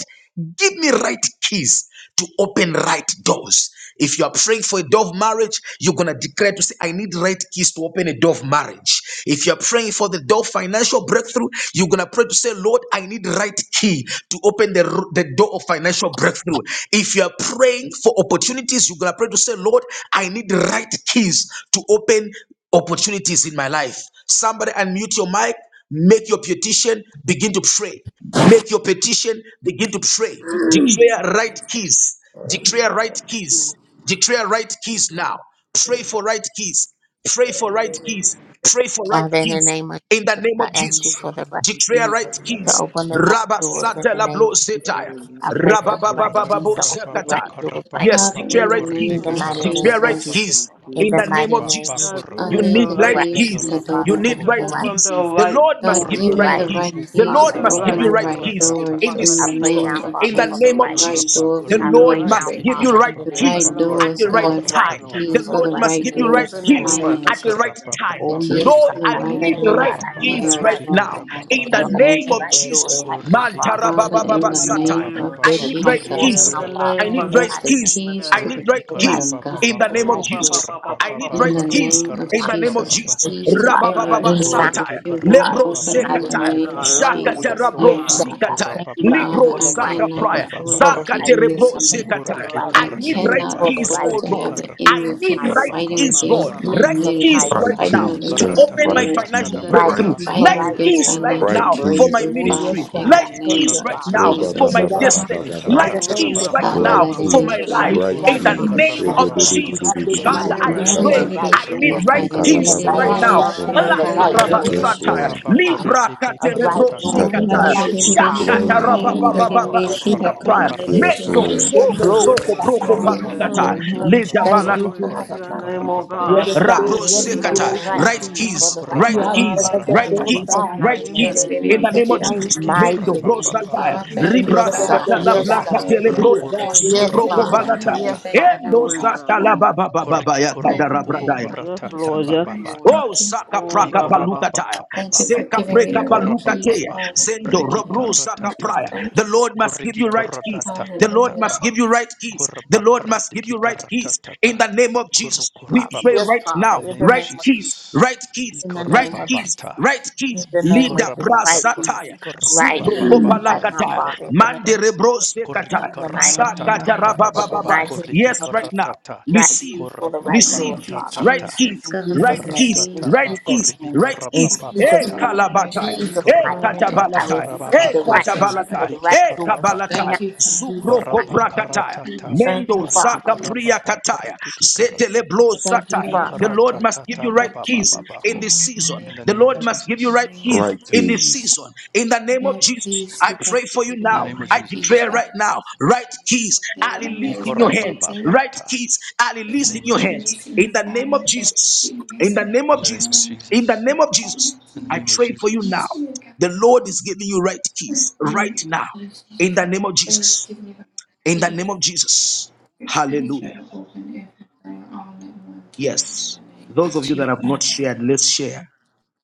Speaker 1: give me right keys to open right doors. If you are praying for a door of marriage, you're going to declare to say, I need right keys to open a door of marriage. If you're praying for the door of financial breakthrough, you're going to pray to say, Lord, I need right key to open the r- the door of financial breakthrough. If you are praying for opportunities, you're going to pray to say, Lord, I need the right keys to open opportunities in my life. Somebody unmute your mic, make your petition, begin to pray. Make your petition, begin to pray. Declare right keys. Declare right keys. Declare right keys now. Pray for right keys. Pray for right keys. Pray for right
Speaker 5: Father, in the
Speaker 1: keys
Speaker 5: name of
Speaker 1: in the
Speaker 5: Jesus,
Speaker 1: name of
Speaker 5: I ask you
Speaker 1: Jesus.
Speaker 5: for the
Speaker 3: Amen.
Speaker 5: right
Speaker 1: Declare
Speaker 5: keys
Speaker 1: right
Speaker 5: to
Speaker 1: keys.
Speaker 3: Hallelujah.
Speaker 5: open the right
Speaker 1: Rabba
Speaker 5: doors in
Speaker 3: Amen.
Speaker 5: the
Speaker 1: satela
Speaker 5: name
Speaker 1: blo
Speaker 5: of Jesus.
Speaker 1: setaya.
Speaker 5: I
Speaker 3: Hallelujah.
Speaker 5: pray for
Speaker 3: Thank
Speaker 1: Rabba
Speaker 5: the
Speaker 4: Rabaco
Speaker 3: you
Speaker 1: baba
Speaker 5: right
Speaker 3: for
Speaker 1: baba
Speaker 3: the
Speaker 4: Rabaco
Speaker 5: keys
Speaker 1: bo
Speaker 5: to
Speaker 3: Lord.
Speaker 5: open the
Speaker 1: sekata.
Speaker 5: right
Speaker 4: rabaco
Speaker 5: doors right now.
Speaker 1: Yes,
Speaker 3: Thank
Speaker 2: Father, in
Speaker 1: declare
Speaker 2: the
Speaker 1: right
Speaker 2: name
Speaker 5: In
Speaker 1: keys.
Speaker 5: the
Speaker 2: of
Speaker 4: ribica
Speaker 5: mighty
Speaker 1: Declare
Speaker 5: name of
Speaker 1: right
Speaker 2: Jesus,
Speaker 5: Jesus.
Speaker 1: keys.
Speaker 5: In
Speaker 3: you,
Speaker 1: In
Speaker 5: the
Speaker 1: the name
Speaker 5: mighty
Speaker 1: of
Speaker 3: Jesus.
Speaker 5: name of
Speaker 1: Jesus,
Speaker 6: God, give
Speaker 2: I
Speaker 1: you
Speaker 6: me
Speaker 2: need
Speaker 1: need
Speaker 2: the
Speaker 6: the
Speaker 5: Jesus,
Speaker 1: right
Speaker 6: right
Speaker 5: right
Speaker 2: keys to
Speaker 1: keys.
Speaker 2: the
Speaker 6: key
Speaker 5: keys,
Speaker 2: door,
Speaker 1: You
Speaker 5: Father,
Speaker 2: Lord
Speaker 5: give
Speaker 1: need
Speaker 5: me
Speaker 6: to
Speaker 4: rabaco
Speaker 5: the
Speaker 1: right
Speaker 5: right
Speaker 2: God.
Speaker 6: open
Speaker 1: keys.
Speaker 6: the
Speaker 5: keys.
Speaker 1: The
Speaker 6: right
Speaker 1: Lord
Speaker 2: God,
Speaker 1: must give
Speaker 5: the
Speaker 2: give
Speaker 1: you
Speaker 6: door.
Speaker 4: corriki
Speaker 2: me
Speaker 1: right
Speaker 5: right
Speaker 2: the
Speaker 1: keys.
Speaker 2: right
Speaker 5: peace,
Speaker 4: karabubu
Speaker 1: The
Speaker 6: Give
Speaker 2: keys
Speaker 6: me
Speaker 1: Lord
Speaker 5: Father,
Speaker 6: the
Speaker 2: to
Speaker 5: in
Speaker 1: must
Speaker 5: the
Speaker 1: give
Speaker 2: open
Speaker 6: right
Speaker 4: korababa
Speaker 1: you
Speaker 2: the
Speaker 5: mighty
Speaker 1: right
Speaker 6: door
Speaker 5: name
Speaker 2: right
Speaker 6: to
Speaker 5: of
Speaker 1: keys
Speaker 5: Jesus.
Speaker 6: open
Speaker 1: in
Speaker 2: doors
Speaker 6: my
Speaker 2: in
Speaker 1: this
Speaker 5: I
Speaker 2: the
Speaker 5: pray
Speaker 6: financial
Speaker 1: season.
Speaker 5: now,
Speaker 2: name of
Speaker 1: In
Speaker 5: Father,
Speaker 1: the
Speaker 6: blessing,
Speaker 5: for the
Speaker 2: Jesus.
Speaker 1: name
Speaker 2: The
Speaker 1: of
Speaker 5: right
Speaker 6: Father.
Speaker 5: peace.
Speaker 2: right
Speaker 1: Jesus.
Speaker 2: doors
Speaker 6: Give
Speaker 1: The
Speaker 2: for
Speaker 6: me
Speaker 5: I
Speaker 6: the
Speaker 1: Lord
Speaker 5: pray
Speaker 6: right
Speaker 5: now,
Speaker 1: must
Speaker 2: ministry.
Speaker 1: give you
Speaker 5: Father,
Speaker 6: key
Speaker 5: in
Speaker 1: right
Speaker 5: the
Speaker 2: The
Speaker 6: to
Speaker 5: name of
Speaker 1: peace
Speaker 2: right
Speaker 5: Jesus,
Speaker 6: flow
Speaker 1: at
Speaker 2: doors,
Speaker 1: the
Speaker 6: in my
Speaker 1: right
Speaker 5: for
Speaker 2: God,
Speaker 5: the
Speaker 6: gift,
Speaker 2: for
Speaker 5: right
Speaker 2: the
Speaker 1: time.
Speaker 6: oh
Speaker 5: peace,
Speaker 6: God.
Speaker 1: The
Speaker 2: keys
Speaker 5: for
Speaker 2: for
Speaker 5: the
Speaker 1: Lord
Speaker 2: the
Speaker 5: right
Speaker 1: must
Speaker 2: right
Speaker 1: give you
Speaker 5: doors, in
Speaker 1: right
Speaker 6: In
Speaker 5: the
Speaker 2: doors
Speaker 6: the
Speaker 2: for
Speaker 5: mighty
Speaker 1: peace
Speaker 6: name
Speaker 5: name
Speaker 6: of
Speaker 5: of
Speaker 1: at the
Speaker 2: finances.
Speaker 5: Jesus.
Speaker 1: right
Speaker 6: Jesus.
Speaker 1: time.
Speaker 2: The
Speaker 5: Oh, yes,
Speaker 2: keys
Speaker 1: Lord,
Speaker 2: to
Speaker 5: God,
Speaker 2: the
Speaker 1: I
Speaker 5: I
Speaker 2: right
Speaker 1: need
Speaker 5: thank you,
Speaker 6: Oh,
Speaker 5: God.
Speaker 1: right
Speaker 2: doors for
Speaker 5: I
Speaker 6: give me
Speaker 5: need the
Speaker 6: the
Speaker 1: peace
Speaker 6: right
Speaker 1: right
Speaker 2: marriage,
Speaker 5: right
Speaker 2: Lord
Speaker 5: peace
Speaker 1: now.
Speaker 6: peace
Speaker 2: God. The
Speaker 1: In
Speaker 5: for the
Speaker 1: the name
Speaker 5: open
Speaker 2: financial
Speaker 1: of
Speaker 5: right doors
Speaker 1: Jesus.
Speaker 2: breakthrough
Speaker 5: right now,
Speaker 1: Man
Speaker 5: Father, in the
Speaker 2: Father,
Speaker 6: to
Speaker 5: name
Speaker 2: in
Speaker 1: tarabababa
Speaker 6: do
Speaker 2: the
Speaker 5: of
Speaker 6: your
Speaker 5: Jesus.
Speaker 1: satire.
Speaker 2: name
Speaker 6: will.
Speaker 2: of
Speaker 1: I
Speaker 5: Let it
Speaker 1: need
Speaker 5: come
Speaker 1: right
Speaker 5: forth
Speaker 2: Jesus,
Speaker 1: peace.
Speaker 6: In
Speaker 5: now,
Speaker 6: the
Speaker 3: Hallelujah.
Speaker 1: I
Speaker 5: Father,
Speaker 6: name
Speaker 5: in
Speaker 1: need
Speaker 6: of
Speaker 2: give
Speaker 5: the
Speaker 1: right
Speaker 2: us
Speaker 5: mighty
Speaker 2: the
Speaker 5: name
Speaker 1: keys.
Speaker 5: of
Speaker 2: keys
Speaker 1: I
Speaker 2: to
Speaker 6: Jesus.
Speaker 1: need
Speaker 2: the
Speaker 4: Korriki
Speaker 1: right
Speaker 5: the right
Speaker 1: keys
Speaker 2: kingdom,
Speaker 5: use
Speaker 2: God.
Speaker 1: in
Speaker 4: karapapapa,
Speaker 5: for
Speaker 1: the
Speaker 5: the
Speaker 1: name of
Speaker 5: right
Speaker 6: Oh,
Speaker 4: korriki
Speaker 6: ba
Speaker 5: door,
Speaker 6: ba
Speaker 1: Jesus.
Speaker 6: ba ba
Speaker 5: God.
Speaker 1: I
Speaker 6: ba ba
Speaker 1: need
Speaker 4: karapapapa,
Speaker 6: ba
Speaker 2: In
Speaker 1: right
Speaker 6: ba
Speaker 5: In
Speaker 2: the
Speaker 6: ba
Speaker 4: korriti
Speaker 1: keys
Speaker 5: ministry,
Speaker 2: name of
Speaker 1: in
Speaker 5: God.
Speaker 1: the name of
Speaker 2: Jesus,
Speaker 5: In
Speaker 2: the
Speaker 1: Jesus.
Speaker 4: karapapapapa,
Speaker 2: keys
Speaker 5: ministry,
Speaker 2: to
Speaker 5: God.
Speaker 6: God,
Speaker 2: every
Speaker 6: I
Speaker 1: Rabababa
Speaker 5: In
Speaker 2: door
Speaker 6: stay in
Speaker 2: that
Speaker 4: korriki
Speaker 1: satire.
Speaker 2: you
Speaker 5: finances,
Speaker 2: want
Speaker 5: God.
Speaker 1: Lebro
Speaker 6: position
Speaker 5: In the
Speaker 4: karapapapa,
Speaker 6: and
Speaker 2: open in the
Speaker 5: mighty
Speaker 1: sekatire.
Speaker 5: name.
Speaker 4: korriti
Speaker 6: in
Speaker 2: name of
Speaker 6: alignment with
Speaker 4: karatataba,
Speaker 2: Jesus,
Speaker 1: Zakatera
Speaker 6: you, oh
Speaker 1: bro
Speaker 5: Yes,
Speaker 6: God.
Speaker 2: Father.
Speaker 5: God. I
Speaker 1: zikatire.
Speaker 5: thank you,
Speaker 4: korukurapapa,
Speaker 5: God,
Speaker 6: In the
Speaker 1: Libro
Speaker 2: Father,
Speaker 5: for
Speaker 4: korriki
Speaker 5: the
Speaker 2: I
Speaker 6: name of
Speaker 5: right,
Speaker 1: zaka
Speaker 2: cannot
Speaker 1: prior.
Speaker 6: Jesus.
Speaker 2: afford
Speaker 5: for
Speaker 2: to
Speaker 5: the
Speaker 2: keep
Speaker 4: karapapapapako,
Speaker 5: right
Speaker 1: Zakatere
Speaker 5: doors.
Speaker 1: bro
Speaker 5: I
Speaker 2: missing
Speaker 5: thank you
Speaker 2: it.
Speaker 5: for the
Speaker 1: sekatire.
Speaker 4: korriki
Speaker 5: right
Speaker 1: I
Speaker 2: I
Speaker 5: keys,
Speaker 1: need right
Speaker 2: cannot
Speaker 4: karatataba,
Speaker 6: Hallelujah.
Speaker 5: for the
Speaker 1: keys,
Speaker 5: right
Speaker 2: afford
Speaker 4: korriti
Speaker 1: oh
Speaker 2: to
Speaker 1: Lord.
Speaker 2: have
Speaker 5: doors.
Speaker 2: the
Speaker 5: In
Speaker 1: I
Speaker 2: enemy
Speaker 5: Jesus'
Speaker 1: need
Speaker 2: keep
Speaker 5: mighty name.
Speaker 1: right
Speaker 4: karapapapapa,
Speaker 6: Oh,
Speaker 2: fighting
Speaker 6: ba
Speaker 1: keys,
Speaker 6: ba
Speaker 4: korriki
Speaker 6: ba
Speaker 5: In
Speaker 1: Lord.
Speaker 2: against
Speaker 6: ba ba
Speaker 2: my
Speaker 6: ba
Speaker 1: Right
Speaker 6: ba.
Speaker 5: Jesus'
Speaker 4: karatata,
Speaker 1: keys
Speaker 2: ministry,
Speaker 5: mighty
Speaker 10: Right
Speaker 1: right
Speaker 5: name.
Speaker 2: fighting
Speaker 5: In
Speaker 1: now
Speaker 4: korriki
Speaker 10: keys,
Speaker 1: to
Speaker 2: against
Speaker 5: Jesus'
Speaker 2: my
Speaker 10: cuz.
Speaker 1: open my
Speaker 10: Right
Speaker 5: mighty name.
Speaker 2: marriage,
Speaker 6: In
Speaker 1: financial
Speaker 6: the
Speaker 10: keys,
Speaker 5: Right
Speaker 6: name
Speaker 10: right
Speaker 1: breakthrough.
Speaker 6: of
Speaker 5: keys
Speaker 4: karatatatatatatababako,
Speaker 5: for
Speaker 2: fighting
Speaker 1: Light
Speaker 10: keys,
Speaker 5: right
Speaker 6: Jesus,
Speaker 2: against
Speaker 4: korriki
Speaker 1: keys
Speaker 5: doors,
Speaker 1: right
Speaker 6: God.
Speaker 5: Father.
Speaker 2: financial
Speaker 10: right
Speaker 1: now
Speaker 4: karatata,
Speaker 1: for
Speaker 10: keys,
Speaker 1: my
Speaker 10: in
Speaker 2: breakthrough,
Speaker 5: Oh, yes,
Speaker 1: ministry.
Speaker 2: Father,
Speaker 10: Jesus'
Speaker 2: in
Speaker 5: God.
Speaker 10: name.
Speaker 2: the
Speaker 5: I
Speaker 1: Light
Speaker 4: korriki
Speaker 5: thank
Speaker 2: name
Speaker 5: you,
Speaker 1: keys
Speaker 2: of
Speaker 1: right
Speaker 4: karatata,
Speaker 5: Father.
Speaker 10: Ro
Speaker 1: now
Speaker 5: I
Speaker 10: ba
Speaker 1: for
Speaker 10: ba
Speaker 9: Thank
Speaker 5: thank
Speaker 4: korriki
Speaker 1: my
Speaker 2: Jesus.
Speaker 10: ba
Speaker 9: you.
Speaker 5: you,
Speaker 9: that
Speaker 10: ba
Speaker 9: I
Speaker 10: ba
Speaker 5: Father.
Speaker 10: ba
Speaker 1: destiny.
Speaker 10: ba ba.
Speaker 5: I
Speaker 1: Light
Speaker 9: am with
Speaker 5: thank
Speaker 6: Oh,
Speaker 9: you.
Speaker 1: keys
Speaker 5: you,
Speaker 6: ba
Speaker 1: right
Speaker 6: ba
Speaker 5: Father,
Speaker 6: ba ba
Speaker 5: for
Speaker 10: Right
Speaker 1: now
Speaker 6: ba
Speaker 4: karatatatatatatababababa.
Speaker 6: ba.
Speaker 1: for
Speaker 5: giving me
Speaker 1: my
Speaker 6: Give
Speaker 5: the
Speaker 6: me the
Speaker 10: keys,
Speaker 5: right
Speaker 6: right
Speaker 1: life.
Speaker 10: right
Speaker 5: keys,
Speaker 6: peace
Speaker 1: In the
Speaker 6: for
Speaker 4: Koriki
Speaker 5: Father.
Speaker 10: keys.
Speaker 1: name
Speaker 6: wisdom,
Speaker 5: I
Speaker 1: of
Speaker 6: oh
Speaker 10: Eke de
Speaker 5: thank
Speaker 4: karababa
Speaker 10: de de
Speaker 6: God.
Speaker 5: you for
Speaker 2: Halalalidishinakaya.
Speaker 10: de
Speaker 1: Jesus,
Speaker 10: de
Speaker 5: giving
Speaker 4: korete
Speaker 5: me
Speaker 10: de
Speaker 5: the
Speaker 10: de
Speaker 5: right
Speaker 1: Father,
Speaker 6: In
Speaker 1: I
Speaker 10: boku
Speaker 4: karababa
Speaker 6: the
Speaker 2: No
Speaker 5: keys
Speaker 6: name
Speaker 5: for
Speaker 6: of
Speaker 5: the
Speaker 1: pray
Speaker 10: shata.
Speaker 4: koriki
Speaker 5: right
Speaker 1: I need
Speaker 6: Jesus.
Speaker 5: doors.
Speaker 4: karababa
Speaker 1: right
Speaker 2: redidishinakaya.
Speaker 10: Ika
Speaker 5: In
Speaker 10: la
Speaker 5: the
Speaker 10: ba
Speaker 1: things
Speaker 4: karata.
Speaker 10: ba
Speaker 5: mighty
Speaker 1: right
Speaker 10: ba
Speaker 5: name
Speaker 1: now.
Speaker 5: of
Speaker 10: suto.
Speaker 5: Jesus,
Speaker 1: Ala
Speaker 5: the
Speaker 2: Nididididishinakaya.
Speaker 5: right
Speaker 4: Riki
Speaker 1: karaba
Speaker 6: Hallelujah.
Speaker 5: doors
Speaker 10: Yes,
Speaker 6: Thank
Speaker 5: in
Speaker 4: karata
Speaker 1: satire.
Speaker 6: you,
Speaker 10: Lord.
Speaker 4: baba
Speaker 5: ministry,
Speaker 2: Nidididishinakaya.
Speaker 6: Jesus.
Speaker 5: Father.
Speaker 1: Libra
Speaker 4: korete ki
Speaker 5: The
Speaker 1: katerebro
Speaker 5: right
Speaker 2: Oh,
Speaker 10: Ika
Speaker 4: karatata.
Speaker 5: doors
Speaker 10: da
Speaker 5: in
Speaker 10: ba
Speaker 1: zikatire.
Speaker 10: shu.
Speaker 5: ministry,
Speaker 4: Koriki
Speaker 5: Father.
Speaker 1: Shakata
Speaker 6: Oh,
Speaker 10: Glory.
Speaker 6: ba,
Speaker 4: karaba
Speaker 2: nididididishinakaya.
Speaker 6: ba,
Speaker 5: In
Speaker 6: ba,
Speaker 5: the
Speaker 6: ba, ba,
Speaker 5: name
Speaker 1: rabababa
Speaker 6: ba,
Speaker 4: korababa
Speaker 5: of
Speaker 6: ba, ba,
Speaker 5: Jesus.
Speaker 1: suka
Speaker 6: ba,
Speaker 4: karata
Speaker 2: Nididididishinakaya.
Speaker 1: praya.
Speaker 4: karata
Speaker 10: Yes,
Speaker 1: Mendo
Speaker 4: taba.
Speaker 10: Lord.
Speaker 2: Nididididishinakaya.
Speaker 5: Woo,
Speaker 6: In
Speaker 1: zopo
Speaker 6: the
Speaker 5: glory.
Speaker 6: name
Speaker 1: zoko
Speaker 6: of
Speaker 4: Koriki
Speaker 1: proko
Speaker 2: Oh, in
Speaker 4: karaba
Speaker 2: the
Speaker 6: Jesus.
Speaker 1: palukata.
Speaker 2: name
Speaker 4: koriki
Speaker 5: hmm
Speaker 2: of
Speaker 1: Leda
Speaker 5: Thank
Speaker 1: balat
Speaker 2: Jesus,
Speaker 5: you,
Speaker 4: karababa
Speaker 6: Glory to
Speaker 2: Father,
Speaker 5: Jesus.
Speaker 6: your
Speaker 4: koriki
Speaker 2: Father,
Speaker 6: name, oh
Speaker 4: karababa
Speaker 9: But
Speaker 5: Yes,
Speaker 6: God.
Speaker 9: the
Speaker 4: baba.
Speaker 2: Mashinakaya.
Speaker 5: God.
Speaker 1: rabro
Speaker 9: faith
Speaker 5: Yes,
Speaker 9: in the
Speaker 1: zekata.
Speaker 5: God.
Speaker 9: old
Speaker 4: Koriki
Speaker 6: Oh,
Speaker 5: Right
Speaker 9: time,
Speaker 2: Nididididishinakaya.
Speaker 1: Right
Speaker 6: God.
Speaker 5: keys
Speaker 6: Ba,
Speaker 9: Lord.
Speaker 4: korobobu
Speaker 5: for
Speaker 1: keys,
Speaker 6: ba,
Speaker 5: the
Speaker 6: ba,
Speaker 5: right
Speaker 6: ba,
Speaker 1: right
Speaker 9: We
Speaker 6: ba,
Speaker 9: are
Speaker 5: door.
Speaker 6: ba,
Speaker 9: in
Speaker 4: korababa
Speaker 6: ba,
Speaker 9: the
Speaker 1: keys,
Speaker 6: ba, ba,
Speaker 9: the
Speaker 1: right
Speaker 6: ba.
Speaker 5: In
Speaker 4: karababa
Speaker 9: fourth
Speaker 1: keys,
Speaker 4: baba.
Speaker 5: Jesus'
Speaker 9: time.
Speaker 1: right
Speaker 2: Halalalidishinakaya.
Speaker 5: mighty
Speaker 6: In the
Speaker 5: name.
Speaker 1: keys.
Speaker 5: In
Speaker 6: name
Speaker 1: In
Speaker 6: of
Speaker 1: the
Speaker 9: We are
Speaker 5: Jesus'
Speaker 1: name of
Speaker 9: now
Speaker 6: Jesus.
Speaker 2: Nididididishinakaya.
Speaker 9: in
Speaker 1: Jesus,
Speaker 4: Riki
Speaker 9: the
Speaker 6: Lord, I
Speaker 9: Jesus.
Speaker 1: Mendo
Speaker 5: mighty
Speaker 6: thank
Speaker 5: name.
Speaker 4: karababa
Speaker 6: you.
Speaker 9: And the
Speaker 1: brosatire.
Speaker 2: Ah,
Speaker 4: koriki
Speaker 2: thank you,
Speaker 1: Libra
Speaker 9: the
Speaker 5: Yes,
Speaker 9: the
Speaker 2: Father,
Speaker 4: karababa
Speaker 5: God.
Speaker 1: sata
Speaker 2: for
Speaker 9: the
Speaker 1: la
Speaker 9: the
Speaker 5: Yes,
Speaker 4: babako.
Speaker 1: blaka
Speaker 5: God.
Speaker 2: restoring
Speaker 9: the Be
Speaker 1: telebroya.
Speaker 2: everything,
Speaker 9: God
Speaker 4: Rukuriki
Speaker 9: in the name
Speaker 5: Yes,
Speaker 2: giving
Speaker 1: Suproko
Speaker 2: me
Speaker 9: of
Speaker 4: karababa
Speaker 5: Father.
Speaker 2: back
Speaker 1: balatire.
Speaker 4: tata.
Speaker 5: Yes,
Speaker 9: Jesus.
Speaker 2: everything
Speaker 6: Have
Speaker 2: that
Speaker 5: Father.
Speaker 6: your
Speaker 2: I've
Speaker 1: Endo
Speaker 6: way,
Speaker 2: lost,
Speaker 1: sata
Speaker 6: God.
Speaker 1: la
Speaker 2: Father.
Speaker 1: baba baba
Speaker 4: Koriki
Speaker 2: In the
Speaker 4: korobobobo
Speaker 1: ya
Speaker 2: name of
Speaker 6: Yes,
Speaker 4: koratata
Speaker 6: Lord.
Speaker 2: Jesus
Speaker 6: Yes,
Speaker 2: Christ,
Speaker 6: Lord.
Speaker 4: bababata.
Speaker 1: Oh,
Speaker 2: thank you.
Speaker 1: saka
Speaker 6: Oh,
Speaker 1: praka
Speaker 6: God. Ba, ba,
Speaker 1: paluka taya,
Speaker 2: Thank you
Speaker 4: Ikorabababababa
Speaker 2: for
Speaker 1: seka
Speaker 2: giving me
Speaker 4: koriki
Speaker 1: preka
Speaker 2: the right
Speaker 1: paluka
Speaker 2: keys,
Speaker 1: teya,
Speaker 4: korabababa.
Speaker 2: Father. In
Speaker 1: zendo
Speaker 2: the
Speaker 4: Riki
Speaker 2: name
Speaker 1: robro
Speaker 2: of
Speaker 1: saka
Speaker 2: Jesus,
Speaker 1: praya.
Speaker 4: karatatata.
Speaker 2: thank
Speaker 1: The
Speaker 2: you.
Speaker 1: Lord must give
Speaker 4: Koriki
Speaker 1: you right keys. The Lord
Speaker 4: koratatata
Speaker 2: Hallelujah.
Speaker 4: ba.
Speaker 1: must
Speaker 2: Oh,
Speaker 1: give you right keys. The
Speaker 4: Koraba
Speaker 1: Lord must give
Speaker 4: karitiki
Speaker 1: you right keys. In
Speaker 4: karatatata.
Speaker 1: the name of Jesus, we
Speaker 5: Father.
Speaker 1: pray
Speaker 5: Yes,
Speaker 1: right
Speaker 4: Kurukurabababa.
Speaker 5: Father.
Speaker 1: now.
Speaker 4: In the
Speaker 5: In the
Speaker 4: name of
Speaker 1: Right
Speaker 5: name of
Speaker 1: keys,
Speaker 5: Jesus.
Speaker 4: Jesus.
Speaker 1: right keys,
Speaker 5: In the
Speaker 1: right
Speaker 5: name of
Speaker 1: keys,
Speaker 5: Jesus.
Speaker 4: Ikorababata.
Speaker 1: right
Speaker 5: In
Speaker 1: keys.
Speaker 5: the name of
Speaker 1: Lida
Speaker 5: Jesus.
Speaker 4: Ikorabata
Speaker 5: Right keys.
Speaker 4: koriki
Speaker 1: brasataya,
Speaker 5: Right
Speaker 1: supro
Speaker 5: keys.
Speaker 4: korabababa
Speaker 5: Right now,
Speaker 4: koriki
Speaker 1: kopalakataya,
Speaker 5: Father. In the
Speaker 4: korababa.
Speaker 5: name of
Speaker 1: manderebro
Speaker 5: Jesus.
Speaker 4: Koriki
Speaker 1: sekataya,
Speaker 5: In the
Speaker 2: Father,
Speaker 5: mighty
Speaker 4: karatata
Speaker 2: in
Speaker 5: name of
Speaker 2: the name
Speaker 5: Jesus.
Speaker 2: of
Speaker 5: In the
Speaker 4: tarababa
Speaker 1: zakatarababababa.
Speaker 5: mighty
Speaker 2: Jesus,
Speaker 4: koriki
Speaker 5: name
Speaker 1: Yes,
Speaker 2: thank
Speaker 5: of
Speaker 1: right
Speaker 5: Jesus.
Speaker 1: now,
Speaker 4: karatata
Speaker 5: Right
Speaker 1: receive,
Speaker 5: keys for the
Speaker 4: koraba
Speaker 2: you.
Speaker 5: right
Speaker 1: receive
Speaker 5: doing,
Speaker 2: Thank you,
Speaker 5: Father.
Speaker 1: right
Speaker 4: karatata
Speaker 2: Jesus.
Speaker 1: keys,
Speaker 5: In
Speaker 2: God, I
Speaker 1: right
Speaker 5: Jesus' name.
Speaker 1: keys,
Speaker 5: In
Speaker 4: ikaratata
Speaker 2: receive.
Speaker 1: right
Speaker 4: ba
Speaker 5: Jesus'
Speaker 1: keys,
Speaker 4: koribi
Speaker 5: name.
Speaker 1: right
Speaker 5: In
Speaker 1: keys.
Speaker 2: I
Speaker 4: korababa
Speaker 1: Eh
Speaker 5: Jesus'
Speaker 4: bata
Speaker 5: name.
Speaker 2: receive the right
Speaker 1: kalabatai,
Speaker 5: Jesus'
Speaker 1: eh
Speaker 2: keys,
Speaker 5: mighty
Speaker 2: Father,
Speaker 5: name.
Speaker 4: ikorabata
Speaker 2: in
Speaker 5: I
Speaker 2: the
Speaker 1: katabalatai,
Speaker 2: name of
Speaker 4: tarababa
Speaker 1: eh
Speaker 5: receive the right
Speaker 2: Jesus
Speaker 4: koku
Speaker 5: keys for
Speaker 1: katabalatai,
Speaker 2: Christ.
Speaker 5: the
Speaker 4: briki
Speaker 5: right
Speaker 1: eh
Speaker 5: doors
Speaker 4: karatata
Speaker 1: kabalatai.
Speaker 5: now
Speaker 2: Thank you,
Speaker 5: in
Speaker 2: Father,
Speaker 5: Jesus'
Speaker 2: for
Speaker 1: Zubro
Speaker 5: name.
Speaker 4: koraba
Speaker 2: giving
Speaker 1: kobra
Speaker 2: me the
Speaker 1: kataya,
Speaker 4: karatata
Speaker 2: keys,
Speaker 4: ba
Speaker 2: the
Speaker 5: Thank you,
Speaker 1: mendo
Speaker 2: right
Speaker 4: koriki
Speaker 5: Father.
Speaker 1: zaka
Speaker 2: keys
Speaker 1: priya
Speaker 2: to
Speaker 4: karababa
Speaker 1: kataya,
Speaker 4: koriki
Speaker 1: setele
Speaker 4: karababa
Speaker 1: blo
Speaker 5: Thank you,
Speaker 1: sataya. The
Speaker 5: Father.
Speaker 2: ministry,
Speaker 1: Lord
Speaker 2: God,
Speaker 1: must
Speaker 4: ikaratata
Speaker 2: the
Speaker 1: give you right
Speaker 2: right
Speaker 4: tababa
Speaker 1: keys
Speaker 4: baba
Speaker 2: keys to
Speaker 1: in
Speaker 4: bako
Speaker 1: this
Speaker 2: my
Speaker 1: season.
Speaker 4: in
Speaker 2: marriage,
Speaker 4: the
Speaker 1: The
Speaker 4: name
Speaker 1: Lord
Speaker 2: the
Speaker 4: of
Speaker 1: must
Speaker 2: right
Speaker 1: give you
Speaker 4: Jesus
Speaker 1: right
Speaker 2: man.
Speaker 1: keys
Speaker 10: Right
Speaker 1: in
Speaker 4: yes
Speaker 1: this
Speaker 10: keys,
Speaker 1: season. In the name of
Speaker 2: Lord,
Speaker 1: Jesus,
Speaker 2: please,
Speaker 1: I
Speaker 2: you got
Speaker 1: pray
Speaker 2: to
Speaker 1: for you
Speaker 2: give
Speaker 4: in
Speaker 2: me
Speaker 4: the
Speaker 2: the
Speaker 1: now.
Speaker 4: name of
Speaker 2: right
Speaker 1: I
Speaker 2: keys.
Speaker 4: Jesus
Speaker 1: declare
Speaker 2: Otherwise,
Speaker 1: right now, right keys
Speaker 2: I'm going to miss it
Speaker 1: are
Speaker 2: again. I'm
Speaker 1: released in your
Speaker 2: going to be
Speaker 1: hands.
Speaker 4: ikorababa
Speaker 2: paid.
Speaker 1: Right
Speaker 4: bata
Speaker 1: keys are
Speaker 4: in
Speaker 2: If
Speaker 4: the
Speaker 1: released
Speaker 2: I
Speaker 1: in
Speaker 4: name of
Speaker 1: your
Speaker 2: keep
Speaker 1: hands.
Speaker 4: Jesus
Speaker 2: missing
Speaker 1: In
Speaker 2: it,
Speaker 1: the
Speaker 2: Father,
Speaker 1: name of
Speaker 2: if I
Speaker 1: Jesus.
Speaker 2: keep
Speaker 1: In the
Speaker 2: missing it,
Speaker 1: name
Speaker 4: In
Speaker 2: then
Speaker 1: of
Speaker 4: the name
Speaker 2: what
Speaker 4: of
Speaker 1: Jesus.
Speaker 2: am I to
Speaker 1: In the
Speaker 4: Jesus.
Speaker 2: do?
Speaker 1: name of
Speaker 2: What am
Speaker 1: Jesus.
Speaker 2: I to
Speaker 4: In the
Speaker 1: I
Speaker 2: do? I
Speaker 4: name of
Speaker 1: pray for you
Speaker 2: keep
Speaker 1: now.
Speaker 4: Jesus.
Speaker 2: missing it,
Speaker 1: The
Speaker 2: God.
Speaker 1: Lord is giving you right keys
Speaker 2: Name
Speaker 1: right now.
Speaker 2: of Jesus,
Speaker 1: In the name of
Speaker 2: please
Speaker 1: Jesus.
Speaker 2: give me the right
Speaker 1: In the name
Speaker 2: keys.
Speaker 1: of Jesus.
Speaker 2: The keys
Speaker 1: Hallelujah.
Speaker 2: that will open every door all at one time in
Speaker 1: Yes.
Speaker 2: the name
Speaker 1: Those
Speaker 2: of
Speaker 1: of you that
Speaker 2: Jesus.
Speaker 1: have not shared, let's share.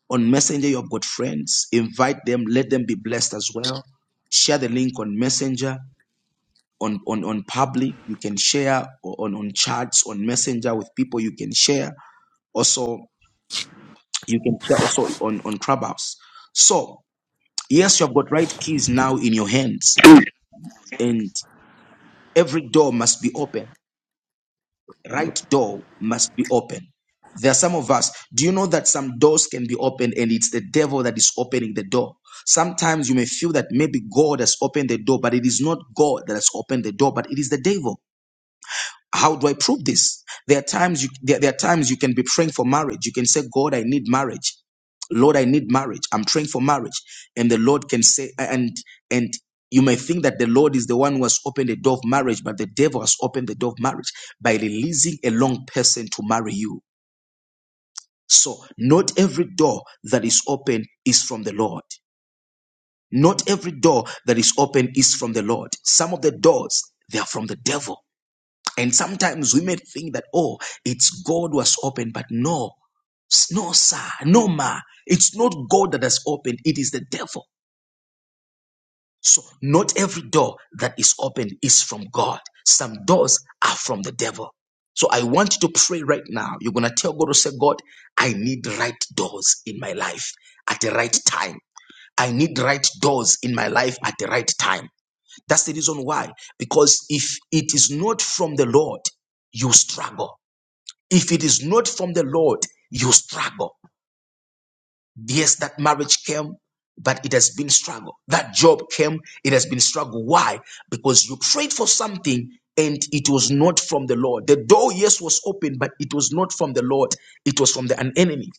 Speaker 1: On Messenger, you have got friends. Invite them. Let them be blessed as well. Share the link on Messenger. On, on, on public, you can share on, on chats, on Messenger with people you can share. Also, you can share also on, on Clubhouse. So, yes, you have got right keys now in your hands, and every door must be open right door must be open. There are some of us, do you know that some doors can be opened and it's the devil that is opening the door? Sometimes you may feel that maybe God has opened the door, but it is not God that has opened the door, but it is the devil how do I prove this? There are times you there, there are times you can be praying for marriage. You can say, God, I need marriage. Lord, I need marriage. I'm praying for marriage. And the Lord can say, and and you may think that the Lord is the one who has opened the door of marriage, but the devil has opened the door of marriage by releasing a wrong person to marry you. So not every door that is open is from the Lord. Not every door that is open is from the Lord. Some of the doors they are from the devil. And sometimes we may think that, oh, it's God was open, but no, no, sir, no, ma. It's not God that has opened, it is the devil. So, not every door that is opened is from God. Some doors are from the devil. So, I want you to pray right now. You're going to tell God to say, God, I need right doors in my life at the right time. I need right doors in my life at the right time. That's the reason why. Because if it is not from the Lord, you struggle. If it is not from the Lord, you struggle. Yes, that marriage came, but it has been struggle. That job came, it has been struggle. Why? Because you prayed for something and it was not from the Lord. The door, yes, was open, but it was not from the Lord. It was from the, an enemy.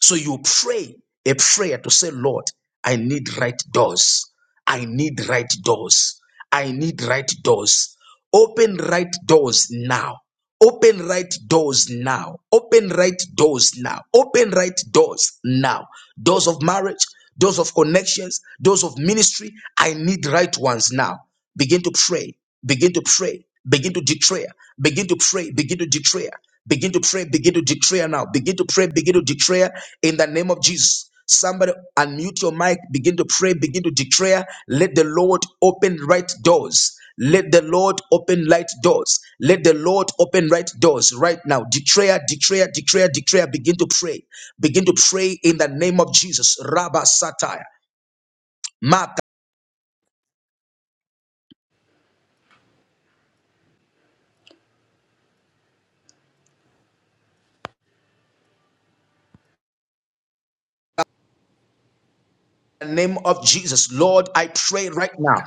Speaker 1: So you pray a prayer to say, Lord, I need right doors. I need right doors. I need right doors. Open right doors now. Open right doors now. Open right doors now. Open right doors now. Doors of marriage, doors of connections, doors of ministry. I need right ones now. Begin to pray begin to pray begin to declare begin to pray begin to declare begin to pray begin to declare now begin to pray begin to declare in the name of jesus somebody unmute your mic begin to pray begin to declare let the lord open right doors let the Lord open light doors. Let the Lord open right doors right now. Declare, declare, declare, declare. Begin to pray. Begin to pray in the name of Jesus. Rabba Satire. Mata. In the name of Jesus, Lord, I pray right now.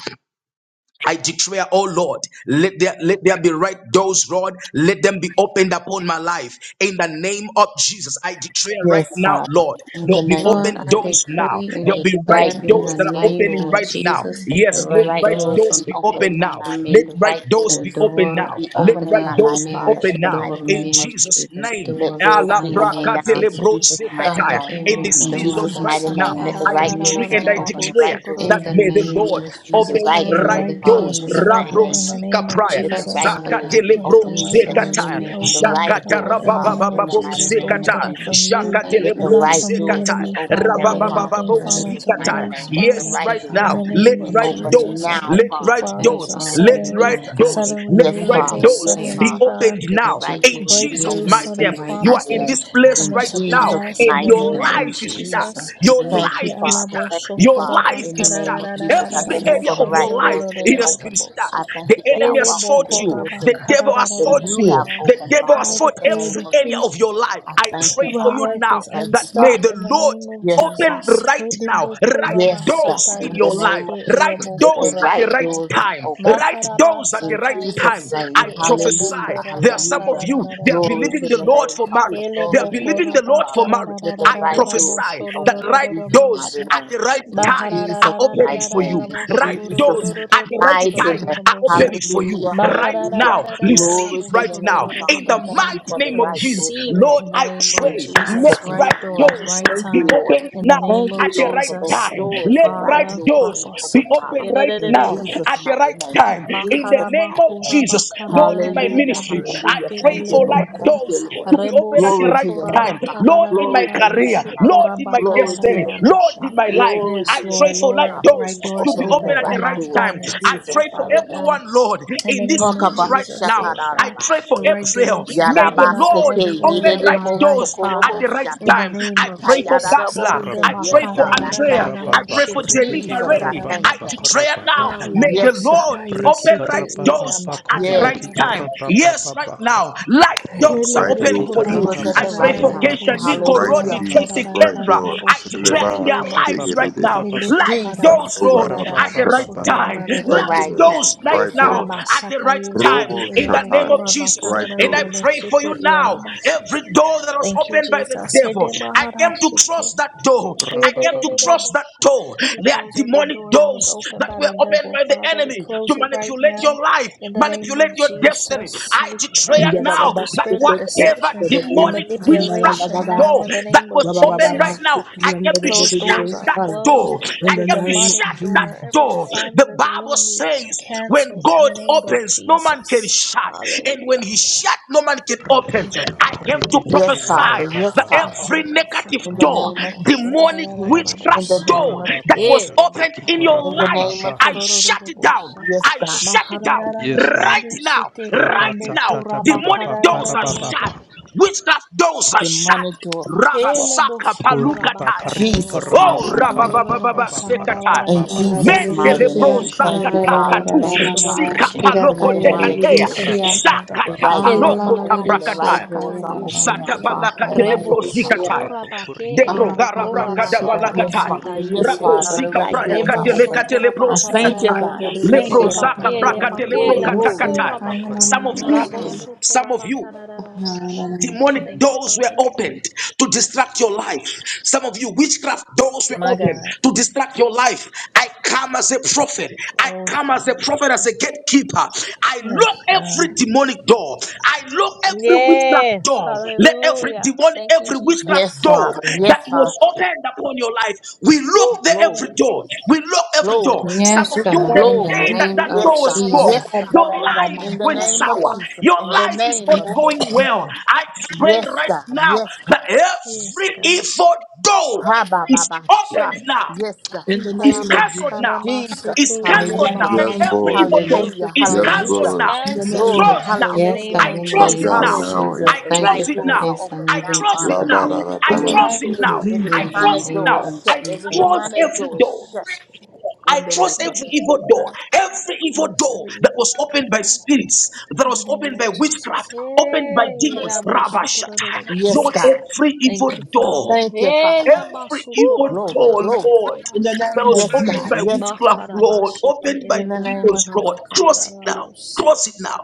Speaker 1: I declare, oh Lord, let there, let there be right doors, Lord. Let them be opened upon my life. In the name of Jesus, I declare right
Speaker 5: Yes,
Speaker 1: now,
Speaker 5: Father.
Speaker 1: Lord,
Speaker 5: In the
Speaker 1: there'll be
Speaker 5: name of
Speaker 2: Lord,
Speaker 1: open
Speaker 2: I
Speaker 5: Jesus.
Speaker 1: doors now.
Speaker 2: decree and
Speaker 1: There'll be right
Speaker 5: Right
Speaker 2: declare in
Speaker 1: doors
Speaker 2: the
Speaker 1: that
Speaker 5: doors,
Speaker 1: are
Speaker 5: right
Speaker 2: name
Speaker 1: opening
Speaker 2: of
Speaker 5: doors.
Speaker 1: right now.
Speaker 2: Jesus that the
Speaker 1: Yes,
Speaker 5: Let the
Speaker 1: let
Speaker 2: right
Speaker 5: right
Speaker 1: right
Speaker 2: doors
Speaker 5: doors
Speaker 1: doors
Speaker 2: will
Speaker 5: be
Speaker 2: be
Speaker 1: be
Speaker 5: open in
Speaker 1: open
Speaker 5: my
Speaker 2: open
Speaker 1: now.
Speaker 2: for
Speaker 5: life. Let
Speaker 1: Let
Speaker 2: me.
Speaker 5: the
Speaker 1: right
Speaker 5: right
Speaker 2: the
Speaker 1: doors
Speaker 5: doors
Speaker 1: be open
Speaker 2: door,
Speaker 1: now.
Speaker 5: be
Speaker 1: Let
Speaker 2: Father
Speaker 5: open in
Speaker 1: right
Speaker 5: my
Speaker 2: God, of
Speaker 5: life,
Speaker 1: doors be
Speaker 5: Father.
Speaker 2: marriage,
Speaker 1: open
Speaker 5: In
Speaker 2: the
Speaker 5: the
Speaker 1: now.
Speaker 2: door of
Speaker 5: mighty
Speaker 1: In
Speaker 5: name of Jesus.
Speaker 1: Jesus'
Speaker 2: ministry, the
Speaker 11: name
Speaker 1: name,
Speaker 11: of
Speaker 2: door
Speaker 5: Let
Speaker 2: of
Speaker 5: doors
Speaker 1: Allah
Speaker 5: be
Speaker 11: Jesus.
Speaker 5: opened
Speaker 1: brakate
Speaker 5: down in
Speaker 2: finances.
Speaker 1: lebro
Speaker 5: Jesus' mighty
Speaker 1: sekataya.
Speaker 2: Father,
Speaker 11: Thank
Speaker 5: name.
Speaker 11: you,
Speaker 1: in
Speaker 2: every
Speaker 1: this
Speaker 5: In
Speaker 11: Lord.
Speaker 2: door
Speaker 1: season
Speaker 5: Jesus'
Speaker 1: right
Speaker 2: that
Speaker 5: mighty
Speaker 2: you
Speaker 1: now,
Speaker 5: name, let the
Speaker 2: have
Speaker 1: I
Speaker 2: for
Speaker 5: right
Speaker 2: me
Speaker 1: decree
Speaker 5: doors
Speaker 2: to
Speaker 1: and
Speaker 5: be
Speaker 1: I
Speaker 5: open. The
Speaker 2: open,
Speaker 1: declare
Speaker 5: right doors
Speaker 1: that
Speaker 2: in the
Speaker 1: may the
Speaker 5: in
Speaker 2: name
Speaker 1: Lord
Speaker 2: of
Speaker 11: I
Speaker 5: ministry. The
Speaker 2: Jesus,
Speaker 1: open
Speaker 11: declare
Speaker 5: right
Speaker 2: give
Speaker 11: the
Speaker 2: me
Speaker 1: right
Speaker 5: doors,
Speaker 2: the
Speaker 11: right
Speaker 5: Father.
Speaker 11: doors
Speaker 1: doors.
Speaker 5: In
Speaker 2: keys,
Speaker 5: the
Speaker 11: be
Speaker 5: mighty
Speaker 11: open
Speaker 1: Rabro
Speaker 2: Father.
Speaker 5: name
Speaker 11: in
Speaker 5: of
Speaker 11: the
Speaker 5: Jesus.
Speaker 1: zika
Speaker 11: name of
Speaker 1: prayer.
Speaker 2: Give
Speaker 5: Let the
Speaker 2: us,
Speaker 11: Jesus.
Speaker 5: right
Speaker 2: Father
Speaker 5: doors
Speaker 1: Zakate
Speaker 2: God,
Speaker 5: be
Speaker 2: the
Speaker 11: Let
Speaker 1: lebro
Speaker 11: the
Speaker 5: open to
Speaker 2: keys
Speaker 11: right
Speaker 2: so that
Speaker 11: doors
Speaker 2: we
Speaker 5: relationship.
Speaker 1: zekata.
Speaker 11: be
Speaker 2: may have
Speaker 5: The
Speaker 2: these
Speaker 11: open,
Speaker 5: right
Speaker 2: doors
Speaker 1: Zakata
Speaker 11: God,
Speaker 5: doors,
Speaker 11: in the
Speaker 2: open
Speaker 5: Father,
Speaker 11: name
Speaker 5: in
Speaker 11: of
Speaker 2: for
Speaker 5: the
Speaker 1: rababababo
Speaker 2: us in
Speaker 5: mighty
Speaker 2: the
Speaker 11: Jesus.
Speaker 5: name
Speaker 11: Doors
Speaker 5: of
Speaker 2: name
Speaker 11: that
Speaker 2: of
Speaker 1: zekata.
Speaker 11: are
Speaker 5: Jesus.
Speaker 2: Jesus.
Speaker 11: from
Speaker 2: And
Speaker 11: you
Speaker 1: Zakate
Speaker 2: thank
Speaker 5: Let
Speaker 2: you,
Speaker 5: the
Speaker 11: and
Speaker 1: lebro
Speaker 11: not
Speaker 2: Father.
Speaker 5: right
Speaker 11: from the
Speaker 5: doors
Speaker 1: zekata.
Speaker 5: be
Speaker 11: enemy,
Speaker 5: open
Speaker 11: Father.
Speaker 5: now,
Speaker 11: Let
Speaker 2: Sena
Speaker 5: Father,
Speaker 11: everything
Speaker 5: in
Speaker 1: Rababababo
Speaker 2: kora
Speaker 11: fall
Speaker 2: de
Speaker 5: Jesus'
Speaker 11: into
Speaker 2: shira
Speaker 5: mighty
Speaker 1: zekata.
Speaker 11: place,
Speaker 5: name.
Speaker 2: kaya.
Speaker 5: Let the
Speaker 11: Father,
Speaker 1: Yes,
Speaker 2: Thank
Speaker 5: right
Speaker 2: you,
Speaker 1: right
Speaker 11: in
Speaker 5: doors
Speaker 1: now.
Speaker 2: Father,
Speaker 11: the
Speaker 2: in
Speaker 1: Let
Speaker 2: the
Speaker 11: name
Speaker 5: be
Speaker 11: of
Speaker 1: right
Speaker 2: name of
Speaker 5: open
Speaker 1: doors
Speaker 11: Jesus. I
Speaker 2: Jesus.
Speaker 5: now,
Speaker 1: let
Speaker 11: thank you,
Speaker 1: right
Speaker 5: Father,
Speaker 2: That
Speaker 11: Father,
Speaker 5: in the
Speaker 2: is
Speaker 1: doors,
Speaker 11: for
Speaker 5: name of
Speaker 1: let
Speaker 2: already
Speaker 11: suddenly,
Speaker 1: right
Speaker 2: done.
Speaker 5: Jesus.
Speaker 2: I
Speaker 1: doors,
Speaker 11: suddenly
Speaker 1: let
Speaker 5: Yes,
Speaker 2: decree
Speaker 1: right
Speaker 2: and
Speaker 5: Father.
Speaker 11: miracles,
Speaker 1: doors
Speaker 5: Yes,
Speaker 2: declare
Speaker 1: be
Speaker 11: suddenly,
Speaker 5: Father.
Speaker 11: God.
Speaker 1: opened
Speaker 5: Let the
Speaker 1: now.
Speaker 2: that you
Speaker 5: right
Speaker 1: In
Speaker 5: doors
Speaker 2: have
Speaker 5: be
Speaker 1: Jesus'
Speaker 11: Breakthrough
Speaker 2: given
Speaker 5: open
Speaker 1: mighty
Speaker 5: in
Speaker 2: us the
Speaker 11: sudden
Speaker 1: name,
Speaker 5: Jesus'
Speaker 1: you
Speaker 2: right
Speaker 1: are
Speaker 5: mighty
Speaker 1: in
Speaker 11: promises
Speaker 5: name.
Speaker 1: this
Speaker 2: keys,
Speaker 1: place
Speaker 2: God,
Speaker 5: In
Speaker 11: coming
Speaker 2: the
Speaker 1: right
Speaker 11: to
Speaker 2: keys
Speaker 1: now,
Speaker 5: Jesus'
Speaker 2: to
Speaker 11: pass
Speaker 2: the
Speaker 1: and
Speaker 11: in the
Speaker 5: mighty
Speaker 1: your
Speaker 11: name
Speaker 2: kingdom
Speaker 5: name.
Speaker 11: of
Speaker 2: in
Speaker 1: life is stuck.
Speaker 11: Jesus.
Speaker 2: Jesus'
Speaker 1: Your
Speaker 2: name.
Speaker 5: Thank you,
Speaker 11: Hiki
Speaker 1: life is
Speaker 5: Father.
Speaker 11: alabo
Speaker 1: stuck.
Speaker 5: Thank you,
Speaker 1: Your
Speaker 11: shotora
Speaker 5: Father.
Speaker 1: life
Speaker 5: In the
Speaker 1: is
Speaker 11: bakara
Speaker 5: name
Speaker 11: ra
Speaker 1: stuck.
Speaker 5: of
Speaker 11: ra
Speaker 2: In
Speaker 11: ra ra
Speaker 5: Jesus, I
Speaker 1: Every
Speaker 5: thank you
Speaker 2: Jesus'
Speaker 1: area
Speaker 5: for the
Speaker 1: of your
Speaker 2: name.
Speaker 5: right
Speaker 1: life,
Speaker 5: doors being
Speaker 1: it has
Speaker 5: open.
Speaker 1: been stuck.
Speaker 5: I thank
Speaker 1: The
Speaker 5: you that I
Speaker 1: enemy has
Speaker 5: walk through
Speaker 1: fought
Speaker 5: the
Speaker 1: you.
Speaker 5: doors that,
Speaker 1: The devil has
Speaker 5: that
Speaker 1: fought
Speaker 5: you
Speaker 1: you.
Speaker 5: have
Speaker 1: The
Speaker 5: opened,
Speaker 1: devil
Speaker 5: Father.
Speaker 1: has
Speaker 11: I
Speaker 5: In
Speaker 1: fought
Speaker 5: the
Speaker 11: declare
Speaker 5: name
Speaker 1: every
Speaker 11: and
Speaker 5: of
Speaker 1: area
Speaker 5: Jesus,
Speaker 11: decree
Speaker 1: of your life.
Speaker 5: I
Speaker 1: I
Speaker 5: thank you,
Speaker 1: pray for
Speaker 11: my
Speaker 1: you
Speaker 5: Father.
Speaker 11: life
Speaker 5: I
Speaker 1: now
Speaker 11: is
Speaker 5: thank
Speaker 1: that
Speaker 5: you, Father.
Speaker 1: may
Speaker 11: unstuck
Speaker 1: the
Speaker 11: in the
Speaker 1: Lord
Speaker 11: name of
Speaker 5: Yes,
Speaker 1: open
Speaker 5: God.
Speaker 11: Jesus.
Speaker 1: right
Speaker 11: Hede
Speaker 1: now,
Speaker 11: bo
Speaker 1: right
Speaker 11: kora
Speaker 5: Yes, God.
Speaker 1: doors in
Speaker 5: In the
Speaker 1: your life,
Speaker 5: name
Speaker 11: yesite
Speaker 5: of
Speaker 11: ele
Speaker 1: right
Speaker 5: Jesus,
Speaker 11: bo
Speaker 5: let
Speaker 1: doors
Speaker 5: the
Speaker 1: at the
Speaker 5: right
Speaker 1: right
Speaker 5: doors be
Speaker 1: time,
Speaker 5: open.
Speaker 1: right
Speaker 11: Baharaba
Speaker 1: doors at the
Speaker 5: In
Speaker 1: right
Speaker 11: sataye
Speaker 5: Jesus'
Speaker 1: time. I
Speaker 11: sete
Speaker 5: name. Hallelujah.
Speaker 1: prophesy.
Speaker 11: eleboko
Speaker 1: There are some of
Speaker 5: Hallelujah.
Speaker 1: you, they are
Speaker 5: Glory to
Speaker 1: believing the
Speaker 5: your
Speaker 11: rabakararararaboshe.
Speaker 1: Lord
Speaker 5: name,
Speaker 1: for
Speaker 5: Father.
Speaker 1: marriage. They
Speaker 5: Glory
Speaker 1: are
Speaker 5: to your
Speaker 11: Eleboko
Speaker 1: believing the
Speaker 5: name,
Speaker 1: Lord for
Speaker 5: Father.
Speaker 1: marriage.
Speaker 5: Let the
Speaker 1: I
Speaker 5: right doors
Speaker 1: prophesy
Speaker 5: be
Speaker 1: that
Speaker 5: open
Speaker 1: right
Speaker 5: in Jesus'
Speaker 1: doors
Speaker 5: mighty
Speaker 11: rabakararararaboshe.
Speaker 1: at
Speaker 5: name.
Speaker 1: the right
Speaker 5: In
Speaker 1: time are
Speaker 5: Jesus'
Speaker 1: opening
Speaker 5: mighty
Speaker 1: for you.
Speaker 5: name. In
Speaker 11: Baharararararaboshe.
Speaker 1: Right doors
Speaker 5: Jesus'
Speaker 1: at the right
Speaker 5: mighty
Speaker 1: time
Speaker 5: name.
Speaker 1: are opening for you.
Speaker 5: Hallelujah.
Speaker 1: Right
Speaker 5: Hallelujah.
Speaker 1: now, receive
Speaker 5: Glory to
Speaker 1: right
Speaker 5: your
Speaker 1: now.
Speaker 5: name,
Speaker 1: In
Speaker 5: Father.
Speaker 1: the
Speaker 5: Thank
Speaker 11: Baharararararaboshe.
Speaker 5: you
Speaker 1: mighty
Speaker 5: for the
Speaker 1: name of
Speaker 5: right
Speaker 1: Jesus,
Speaker 5: doors
Speaker 11: Receive
Speaker 5: being
Speaker 11: it
Speaker 1: Lord,
Speaker 11: in
Speaker 5: open.
Speaker 11: the
Speaker 1: I
Speaker 11: name
Speaker 5: In
Speaker 11: of
Speaker 1: pray. Let
Speaker 11: Jesus.
Speaker 5: Jesus'
Speaker 11: Right
Speaker 1: right
Speaker 5: mighty name.
Speaker 11: doors,
Speaker 1: doors
Speaker 11: right
Speaker 5: Thank
Speaker 1: be
Speaker 5: you,
Speaker 11: time.
Speaker 5: Lord.
Speaker 1: opened
Speaker 11: In the
Speaker 1: now
Speaker 11: name
Speaker 5: Thank
Speaker 11: of
Speaker 1: at
Speaker 5: you,
Speaker 1: the
Speaker 5: Lord,
Speaker 1: right
Speaker 5: for those
Speaker 11: Jesus.
Speaker 1: time.
Speaker 11: Thank you,
Speaker 5: doors,
Speaker 1: Let
Speaker 5: the right
Speaker 1: right
Speaker 11: Father.
Speaker 5: doors
Speaker 1: doors
Speaker 5: being open,
Speaker 1: be opened
Speaker 11: Rabasataye.
Speaker 5: Father
Speaker 1: right
Speaker 5: in
Speaker 1: now
Speaker 5: Jesus'
Speaker 1: at the
Speaker 5: mighty
Speaker 1: right
Speaker 5: name. In
Speaker 1: time. In the
Speaker 5: Jesus'
Speaker 1: name of
Speaker 5: mighty name.
Speaker 11: Makarabakura
Speaker 1: Jesus, Lord, in my
Speaker 11: bakararararara
Speaker 5: Hallelujah.
Speaker 1: ministry, I
Speaker 5: Hallelujah.
Speaker 11: bushite
Speaker 1: pray
Speaker 5: Thank you,
Speaker 1: for
Speaker 5: Lord.
Speaker 1: right
Speaker 11: eleboko.
Speaker 5: Thank
Speaker 1: doors
Speaker 5: you, Lord.
Speaker 1: to be
Speaker 11: Rebo
Speaker 1: opened at the
Speaker 5: Glory to
Speaker 1: right
Speaker 5: your
Speaker 11: sotora
Speaker 5: name,
Speaker 1: time.
Speaker 5: Father.
Speaker 1: Lord, in my
Speaker 5: Glory
Speaker 11: bakararararara
Speaker 5: to your
Speaker 1: career,
Speaker 5: name, Father.
Speaker 1: Lord,
Speaker 11: busotora
Speaker 1: in my
Speaker 5: Glory to
Speaker 1: destiny,
Speaker 5: your
Speaker 11: bakararararara
Speaker 5: name,
Speaker 1: Lord,
Speaker 11: busha.
Speaker 1: in
Speaker 5: Father.
Speaker 1: my life,
Speaker 5: Glory
Speaker 1: I.
Speaker 11: Yes,
Speaker 5: to
Speaker 1: I
Speaker 5: your
Speaker 1: pray
Speaker 11: Lord,
Speaker 5: name,
Speaker 1: for like
Speaker 11: Lord,
Speaker 5: Father.
Speaker 1: doors
Speaker 11: right
Speaker 5: For
Speaker 1: to
Speaker 11: doors
Speaker 1: be
Speaker 5: opening the
Speaker 1: open
Speaker 11: open
Speaker 1: at the
Speaker 11: in
Speaker 5: right
Speaker 11: my
Speaker 1: right
Speaker 5: doors
Speaker 1: time.
Speaker 5: in
Speaker 1: I
Speaker 11: finances.
Speaker 1: pray
Speaker 5: Jesus'
Speaker 11: Oh,
Speaker 1: for
Speaker 5: mighty
Speaker 11: Father
Speaker 5: name.
Speaker 11: God
Speaker 1: everyone, Lord,
Speaker 11: in the
Speaker 1: in this
Speaker 11: name of
Speaker 1: room right
Speaker 11: Jesus,
Speaker 1: now.
Speaker 11: Lord
Speaker 1: I
Speaker 11: God,
Speaker 1: pray for
Speaker 11: the
Speaker 5: Hakabashatarabase.
Speaker 11: right
Speaker 1: April.
Speaker 11: doors to
Speaker 1: May the
Speaker 11: open up in
Speaker 1: Lord
Speaker 5: Yarabaseke.
Speaker 11: every
Speaker 1: open
Speaker 11: area of
Speaker 1: right
Speaker 11: my
Speaker 5: Yidebo
Speaker 11: life,
Speaker 1: doors at
Speaker 11: Father,
Speaker 5: sokorobo
Speaker 1: the right
Speaker 11: in
Speaker 5: shata.
Speaker 11: the
Speaker 1: time.
Speaker 11: name
Speaker 1: I
Speaker 11: of
Speaker 5: Ika
Speaker 1: pray for
Speaker 11: Jesus.
Speaker 1: Babla. I
Speaker 5: yarabose. Yes,
Speaker 1: pray for
Speaker 5: God, I
Speaker 4: Rababakoriki
Speaker 1: Andrea.
Speaker 5: thank you.
Speaker 1: I pray for
Speaker 4: karababakoribiki
Speaker 1: Jennifer
Speaker 5: Jesus, I
Speaker 1: Rainey.
Speaker 5: thank
Speaker 1: I
Speaker 5: you.
Speaker 11: Hidemakarararararaboshikiidararararabosa.
Speaker 1: declare now,
Speaker 4: karabababakorabababa.
Speaker 5: Mm,
Speaker 1: may
Speaker 5: yes,
Speaker 1: the
Speaker 5: God.
Speaker 1: Lord
Speaker 4: Briki
Speaker 1: open right doors at the
Speaker 5: Yes,
Speaker 1: right
Speaker 4: karabababakoribiki
Speaker 5: God.
Speaker 11: Halamasataisitiidamakararararabo.
Speaker 1: time. Yes, right
Speaker 4: karababababaka.
Speaker 1: now, light doors
Speaker 11: Hele
Speaker 1: are
Speaker 10: right
Speaker 1: opening
Speaker 4: Kurkuriki
Speaker 10: doors
Speaker 1: for
Speaker 11: bokora
Speaker 10: in
Speaker 1: you.
Speaker 5: Do us at
Speaker 1: I
Speaker 5: the
Speaker 11: bakara
Speaker 10: Jesus'
Speaker 1: pray
Speaker 5: right
Speaker 1: for
Speaker 10: name.
Speaker 11: bakarara
Speaker 5: time.
Speaker 1: Keisha, Nico,
Speaker 4: karababababakoriki
Speaker 10: Right
Speaker 11: bosotora
Speaker 5: Hallelujah.
Speaker 1: Rodney,
Speaker 10: keys,
Speaker 1: Tracy,
Speaker 4: karatata.
Speaker 10: right
Speaker 1: Kendra.
Speaker 11: bakarara
Speaker 10: doors.
Speaker 1: I
Speaker 11: boshete
Speaker 1: declare in
Speaker 4: Kuriki
Speaker 10: Seleba.
Speaker 1: their
Speaker 11: ele
Speaker 10: Shake
Speaker 11: baka
Speaker 1: lives right
Speaker 10: it.
Speaker 1: now.
Speaker 11: hele
Speaker 4: karababakorababa.
Speaker 1: Light
Speaker 11: bakara
Speaker 5: Jesus,
Speaker 1: those,
Speaker 11: bakara
Speaker 1: Lord,
Speaker 11: bakarara
Speaker 1: at the right
Speaker 10: Obarabashataya.
Speaker 11: bosotora
Speaker 1: time.
Speaker 4: Brabababababa.
Speaker 5: at the
Speaker 10: Right
Speaker 1: Light
Speaker 5: right
Speaker 10: doors.
Speaker 11: boshe
Speaker 1: those
Speaker 5: time.
Speaker 1: right
Speaker 5: Yes,
Speaker 10: Right
Speaker 5: God.
Speaker 1: now
Speaker 10: doors.
Speaker 1: at the
Speaker 11: rabasata
Speaker 1: right time.
Speaker 11: yesete
Speaker 10: Robo
Speaker 11: ele
Speaker 1: In the name of
Speaker 11: bokora
Speaker 10: Shataya.
Speaker 1: Jesus.
Speaker 11: bakara
Speaker 10: Right
Speaker 1: And I
Speaker 10: doors.
Speaker 1: pray for you
Speaker 11: bakarara iya
Speaker 1: now.
Speaker 11: yarabasata.
Speaker 1: Every door that was
Speaker 11: Thank you,
Speaker 1: opened by the
Speaker 11: Jesus. Hele
Speaker 1: devil, I
Speaker 11: bahara
Speaker 1: came to
Speaker 11: shete.
Speaker 1: cross that door. I came to
Speaker 4: Rabababa.
Speaker 1: cross
Speaker 12: Yes,
Speaker 1: that door.
Speaker 11: We
Speaker 1: There are
Speaker 11: close every
Speaker 1: demonic
Speaker 11: door that was
Speaker 1: doors
Speaker 11: opened
Speaker 1: that
Speaker 11: by
Speaker 1: were
Speaker 11: the
Speaker 1: opened
Speaker 11: devil.
Speaker 1: by the
Speaker 11: Father, we
Speaker 1: enemy to
Speaker 11: close it right
Speaker 1: manipulate
Speaker 11: now
Speaker 1: your life,
Speaker 11: in the name of
Speaker 1: manipulate your destiny.
Speaker 11: Jesus.
Speaker 1: I
Speaker 11: We come
Speaker 9: In
Speaker 1: declare
Speaker 9: the the
Speaker 11: against
Speaker 1: now
Speaker 11: every
Speaker 9: the
Speaker 1: that
Speaker 9: the
Speaker 11: spirit of
Speaker 9: the the the the
Speaker 1: whatever
Speaker 11: deception
Speaker 9: the
Speaker 11: and
Speaker 1: demonic
Speaker 9: the the
Speaker 1: witchcraft
Speaker 9: the
Speaker 11: manipulation
Speaker 9: the
Speaker 11: now
Speaker 1: door
Speaker 11: in the
Speaker 1: that
Speaker 11: name
Speaker 1: was
Speaker 9: Ba,
Speaker 11: of
Speaker 9: ba, ba,
Speaker 1: open
Speaker 9: ba,
Speaker 1: right
Speaker 9: ba,
Speaker 11: Jesus.
Speaker 1: now.
Speaker 9: stick to
Speaker 1: I
Speaker 9: the end
Speaker 1: came to
Speaker 9: the
Speaker 11: Those
Speaker 9: the day
Speaker 1: shut
Speaker 11: doors are
Speaker 1: that
Speaker 11: closed.
Speaker 1: door.
Speaker 9: In
Speaker 1: I
Speaker 9: the
Speaker 11: Every
Speaker 1: came to
Speaker 9: name of
Speaker 1: shut
Speaker 11: demonic
Speaker 1: that
Speaker 11: door,
Speaker 9: Jesus.
Speaker 11: every
Speaker 1: door. The
Speaker 11: assignment of the
Speaker 1: Bible
Speaker 11: enemy
Speaker 1: says, when
Speaker 11: canceled in
Speaker 1: God
Speaker 11: the name of
Speaker 1: opens, no man can
Speaker 11: Jesus.
Speaker 1: shut. And when
Speaker 11: Hallelujah.
Speaker 1: He shut, no man can open.
Speaker 11: Thank you,
Speaker 1: I came
Speaker 11: Father.
Speaker 1: to
Speaker 5: Yes, Father.
Speaker 1: prophesy
Speaker 5: Yes,
Speaker 1: that
Speaker 5: Father.
Speaker 1: every negative
Speaker 5: In the
Speaker 1: door,
Speaker 5: name of Jesus.
Speaker 1: demonic
Speaker 4: In the name of
Speaker 5: In
Speaker 1: witchcraft
Speaker 4: Jesus.
Speaker 5: the name
Speaker 1: door
Speaker 5: of
Speaker 1: that
Speaker 5: Jesus.
Speaker 1: was
Speaker 11: Ele
Speaker 1: opened in your
Speaker 5: In the
Speaker 1: life,
Speaker 5: name of
Speaker 1: I
Speaker 5: Jesus.
Speaker 1: shut it down.
Speaker 11: makarararabushutorororobosa.
Speaker 5: Yes,
Speaker 1: I
Speaker 5: God.
Speaker 1: shut it down
Speaker 4: Yes, Lord.
Speaker 1: right now.
Speaker 11: Mahararararabusite ele
Speaker 1: Right now,
Speaker 4: Rabatatata
Speaker 1: demonic
Speaker 4: bababa
Speaker 1: doors are
Speaker 11: mokorabakarararabo.
Speaker 1: shut.
Speaker 4: karabababa.
Speaker 1: Witchcraft doors are shut.
Speaker 5: Demonic door. shut.
Speaker 11: Ele
Speaker 1: Rabasaka
Speaker 4: Kuraba
Speaker 1: palukataya.
Speaker 4: kariki
Speaker 5: Jesus'
Speaker 1: Oh,
Speaker 5: mighty
Speaker 4: korababa
Speaker 5: name.
Speaker 1: rababababa
Speaker 4: karabababa
Speaker 1: sekataya.
Speaker 5: In
Speaker 4: karabababa.
Speaker 5: Jesus'
Speaker 1: Mende
Speaker 5: mighty
Speaker 1: lebro
Speaker 5: name. Thank you,
Speaker 1: zakata
Speaker 5: Father.
Speaker 1: katu.
Speaker 5: Thank you, Father.
Speaker 1: Sika
Speaker 4: Riki
Speaker 11: bosutorabakarararabushorororobosanarararabosonorororobosonarararabosodorororobosh.
Speaker 5: Every
Speaker 1: paloko
Speaker 4: korobobobo
Speaker 5: demonic
Speaker 4: si
Speaker 1: tekatea.
Speaker 5: door is
Speaker 11: Thank you,
Speaker 5: shut.
Speaker 11: Father.
Speaker 4: karatatata
Speaker 5: The
Speaker 1: Sakata
Speaker 5: right
Speaker 11: Hela
Speaker 4: bababa.
Speaker 5: doors are
Speaker 1: paloko
Speaker 5: open. The right
Speaker 1: tabrakataya.
Speaker 5: doors
Speaker 11: makarabasata
Speaker 5: are open
Speaker 1: Zata
Speaker 5: now,
Speaker 11: yesete.
Speaker 5: Father. The
Speaker 1: balakate
Speaker 5: right
Speaker 1: lebro
Speaker 11: Rebo
Speaker 5: doors are open.
Speaker 11: soto
Speaker 1: sikataya.
Speaker 4: Ikorobo
Speaker 11: rabake
Speaker 4: kuriki
Speaker 1: Debro
Speaker 11: eleboko
Speaker 1: garabrakada
Speaker 4: karabababa
Speaker 11: rabakara
Speaker 5: Yes,
Speaker 4: kuriki
Speaker 1: balakataya.
Speaker 11: basata
Speaker 5: Father.
Speaker 4: koruso.
Speaker 5: Yes,
Speaker 1: Rabo
Speaker 11: yesete.
Speaker 5: Father. The
Speaker 1: sika
Speaker 5: right
Speaker 1: praya
Speaker 5: doors
Speaker 11: Rebo
Speaker 5: are
Speaker 1: katele
Speaker 5: open.
Speaker 11: soto
Speaker 1: katele bro
Speaker 5: I
Speaker 11: rabakara
Speaker 5: thank you,
Speaker 1: sikataya.
Speaker 5: God.
Speaker 11: rabo
Speaker 5: I
Speaker 4: Riki
Speaker 11: soto
Speaker 5: thank
Speaker 1: Lebro
Speaker 5: you, God.
Speaker 1: zaka
Speaker 11: rabake
Speaker 4: karabababa
Speaker 1: brakate
Speaker 11: elemake
Speaker 5: Oh,
Speaker 1: lebro
Speaker 4: karababa
Speaker 5: glory.
Speaker 11: eleboko
Speaker 1: katakataya.
Speaker 4: karabababa
Speaker 11: rabaka.
Speaker 4: kuriki
Speaker 1: Some of you,
Speaker 11: Rabo
Speaker 5: Mm.
Speaker 4: karabababa.
Speaker 11: soto
Speaker 1: some of you
Speaker 11: rabakara raboshi.
Speaker 1: demonic
Speaker 2: Ah,
Speaker 11: Thank you,
Speaker 1: doors were
Speaker 11: Father.
Speaker 1: opened to distract your life. Some of you, witchcraft doors were
Speaker 11: My
Speaker 1: opened
Speaker 11: God.
Speaker 1: to distract your life. I come as a prophet. I
Speaker 11: Close
Speaker 1: come as a
Speaker 11: them.
Speaker 1: prophet, as
Speaker 11: God.
Speaker 1: a gatekeeper. I lock
Speaker 11: Yes,
Speaker 1: every
Speaker 11: God.
Speaker 1: demonic door. I lock every witchcraft
Speaker 11: Yes.
Speaker 1: door. Let every
Speaker 11: Hallelujah.
Speaker 1: demonic,
Speaker 11: Thank you,
Speaker 1: every witchcraft
Speaker 5: Yes,
Speaker 11: Jesus.
Speaker 1: door
Speaker 5: Father. Yes,
Speaker 1: that was
Speaker 5: Father.
Speaker 1: opened upon your life. We
Speaker 5: Oh,
Speaker 1: lock the every
Speaker 5: glory.
Speaker 1: door.
Speaker 11: Jesus.
Speaker 1: We lock every
Speaker 5: Glory.
Speaker 1: door. Some
Speaker 2: Yes,
Speaker 1: of
Speaker 11: Yes,
Speaker 9: In the
Speaker 1: you,
Speaker 11: God.
Speaker 2: God,
Speaker 1: the
Speaker 9: name
Speaker 2: in
Speaker 5: Glory.
Speaker 2: the
Speaker 1: day that
Speaker 2: name
Speaker 1: that
Speaker 2: of
Speaker 5: Yes,
Speaker 1: door was
Speaker 5: God.
Speaker 9: of
Speaker 1: locked,
Speaker 2: Jesus.
Speaker 5: Yes,
Speaker 9: God,
Speaker 5: God.
Speaker 9: da,
Speaker 1: your
Speaker 9: da,
Speaker 11: Yehiharamashiki.
Speaker 9: da, da,
Speaker 1: life
Speaker 5: In
Speaker 9: man,
Speaker 5: the
Speaker 1: went
Speaker 11: Thank
Speaker 9: sorry.
Speaker 5: name
Speaker 11: you,
Speaker 5: of
Speaker 1: sour.
Speaker 5: Jesus.
Speaker 11: Father.
Speaker 1: Your
Speaker 5: In the
Speaker 1: life is
Speaker 5: name
Speaker 1: not
Speaker 5: of Jesus.
Speaker 1: going well. I pray
Speaker 5: Yes,
Speaker 1: right
Speaker 5: God.
Speaker 1: now
Speaker 5: Yes,
Speaker 1: that
Speaker 5: God.
Speaker 11: Yes,
Speaker 1: every
Speaker 11: God.
Speaker 1: evil door
Speaker 5: Ha ba ba
Speaker 1: is
Speaker 5: ba sha.
Speaker 1: opened now
Speaker 5: Yes, God.
Speaker 9: In the
Speaker 1: is
Speaker 9: name of
Speaker 1: cancelled
Speaker 9: Jesus.
Speaker 1: now.
Speaker 5: Jesus.
Speaker 11: Hiharamakaramasete
Speaker 1: Is
Speaker 9: Ma, da,
Speaker 1: cancelled
Speaker 9: da,
Speaker 1: now.
Speaker 5: Hallelujah.
Speaker 9: ma,
Speaker 11: iremaka.
Speaker 9: man,
Speaker 10: Yes,
Speaker 1: Every
Speaker 9: stick
Speaker 10: Lord.
Speaker 1: evil door
Speaker 11: Thank you,
Speaker 5: Hallelujah.
Speaker 4: In
Speaker 1: is
Speaker 4: the
Speaker 11: Father.
Speaker 4: name
Speaker 10: Yes,
Speaker 4: of
Speaker 11: It
Speaker 5: Hallelujah.
Speaker 1: cancelled
Speaker 11: is
Speaker 10: Lord.
Speaker 1: now.
Speaker 4: Jesus, in
Speaker 9: In
Speaker 4: the
Speaker 9: the
Speaker 4: name of
Speaker 11: cancelled
Speaker 9: name
Speaker 5: Glory.
Speaker 9: of
Speaker 1: Trust
Speaker 4: Jesus.
Speaker 9: Jesus.
Speaker 1: now.
Speaker 11: in the
Speaker 2: Yes,
Speaker 11: name
Speaker 5: Hallelujah.
Speaker 1: I
Speaker 2: God,
Speaker 11: of
Speaker 2: in the
Speaker 1: trust
Speaker 10: Shut
Speaker 1: it
Speaker 2: name of
Speaker 10: down
Speaker 1: now.
Speaker 11: Jesus.
Speaker 4: Glory,
Speaker 10: now
Speaker 2: Jesus.
Speaker 10: in
Speaker 5: Hallelujah.
Speaker 1: I
Speaker 4: glory,
Speaker 5: The
Speaker 4: glory,
Speaker 2: Thank
Speaker 1: trust
Speaker 2: you
Speaker 5: right
Speaker 10: Jesus'
Speaker 4: glory.
Speaker 1: it
Speaker 2: for
Speaker 4: In
Speaker 5: doors
Speaker 1: now.
Speaker 10: name.
Speaker 5: are open
Speaker 2: canceling
Speaker 1: I
Speaker 4: the
Speaker 2: every
Speaker 4: name
Speaker 5: now,
Speaker 4: of
Speaker 1: trust it
Speaker 5: Father,
Speaker 10: La
Speaker 5: in
Speaker 2: evil
Speaker 5: the
Speaker 4: Jesus.
Speaker 10: ba
Speaker 1: now.
Speaker 2: door,
Speaker 5: name
Speaker 10: da
Speaker 5: of
Speaker 1: I
Speaker 9: In the
Speaker 10: da
Speaker 5: Jesus.
Speaker 2: Father.
Speaker 1: trust it
Speaker 9: name
Speaker 10: da
Speaker 9: of
Speaker 1: now.
Speaker 5: Every
Speaker 1: I
Speaker 2: In
Speaker 11: Thank
Speaker 9: Jesus.
Speaker 11: you,
Speaker 2: the
Speaker 1: trust
Speaker 5: demonic
Speaker 1: it
Speaker 11: Father.
Speaker 5: door
Speaker 2: name
Speaker 1: now.
Speaker 2: of
Speaker 5: is shut.
Speaker 1: I
Speaker 4: Korabababababa.
Speaker 5: Every
Speaker 2: Jesus.
Speaker 1: trust
Speaker 5: demonic
Speaker 11: Every
Speaker 1: every
Speaker 5: door
Speaker 1: door.
Speaker 5: is
Speaker 11: evil
Speaker 5: shut
Speaker 11: spirit,
Speaker 1: I
Speaker 5: in the
Speaker 1: trust
Speaker 5: name of
Speaker 1: every
Speaker 5: Jesus.
Speaker 1: evil
Speaker 11: every,
Speaker 1: door, every evil
Speaker 11: yes,
Speaker 1: door
Speaker 11: every
Speaker 1: that
Speaker 11: evil
Speaker 1: was
Speaker 11: door,
Speaker 1: opened by
Speaker 11: Father.
Speaker 1: spirits, that
Speaker 11: In the
Speaker 1: was
Speaker 11: name
Speaker 1: opened
Speaker 11: of
Speaker 1: by witchcraft,
Speaker 11: Jesus.
Speaker 1: opened by
Speaker 11: Hey,
Speaker 1: demons, Rabashata.
Speaker 5: Yes,
Speaker 11: raboshutororoboshu.
Speaker 1: Lord,
Speaker 5: God.
Speaker 1: every
Speaker 11: Thank
Speaker 1: evil
Speaker 11: you,
Speaker 1: door
Speaker 11: Father.
Speaker 5: Thank you, Father.
Speaker 11: Hey,
Speaker 1: Every
Speaker 5: Ooh,
Speaker 1: evil
Speaker 5: glory,
Speaker 1: door,
Speaker 5: glory.
Speaker 1: Lord,
Speaker 9: In the
Speaker 1: that
Speaker 11: labasutorabakaralamasata.
Speaker 9: name
Speaker 1: was
Speaker 9: of
Speaker 5: Yes,
Speaker 1: opened
Speaker 5: God.
Speaker 9: Jesus.
Speaker 1: by
Speaker 5: Yes, God.
Speaker 1: witchcraft, Lord,
Speaker 11: Makarabashite
Speaker 1: opened by
Speaker 5: In the name
Speaker 11: eleboko
Speaker 5: of
Speaker 1: demons,
Speaker 5: Jesus,
Speaker 1: Lord, cross it now.
Speaker 11: rabakararabose.
Speaker 1: Cross it now.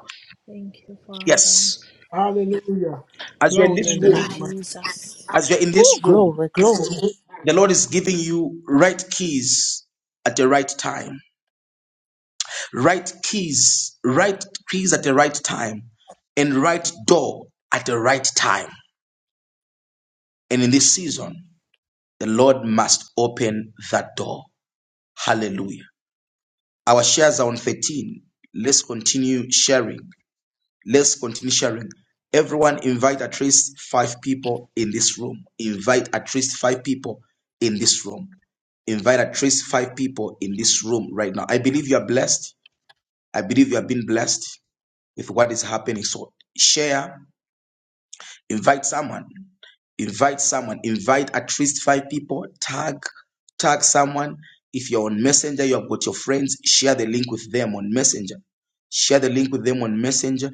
Speaker 11: Thank you, Father.
Speaker 1: Yes.
Speaker 9: Hallelujah.
Speaker 1: As you're in this
Speaker 11: Thank you,
Speaker 5: God.
Speaker 1: room,
Speaker 11: Jesus.
Speaker 1: as you're in this
Speaker 5: Ooh,
Speaker 1: room,
Speaker 5: glory, glory.
Speaker 1: the Lord is giving you right keys at the right time. Right keys, right keys at the right time, and right door at the right time. And in this season, the Lord must open that door. Hallelujah. Our shares are on 13. Let's continue sharing. Let's continue sharing. Everyone invite at least five people in this room. Invite at least five people in this room. Invite at least five people in this room right now. I believe you are blessed. I believe you have been blessed with what is happening. So share. Invite someone. Invite someone. Invite at least five people. Tag, tag someone. If you're on Messenger, you have got your friends. Share the link with them on Messenger. Share the link with them on Messenger.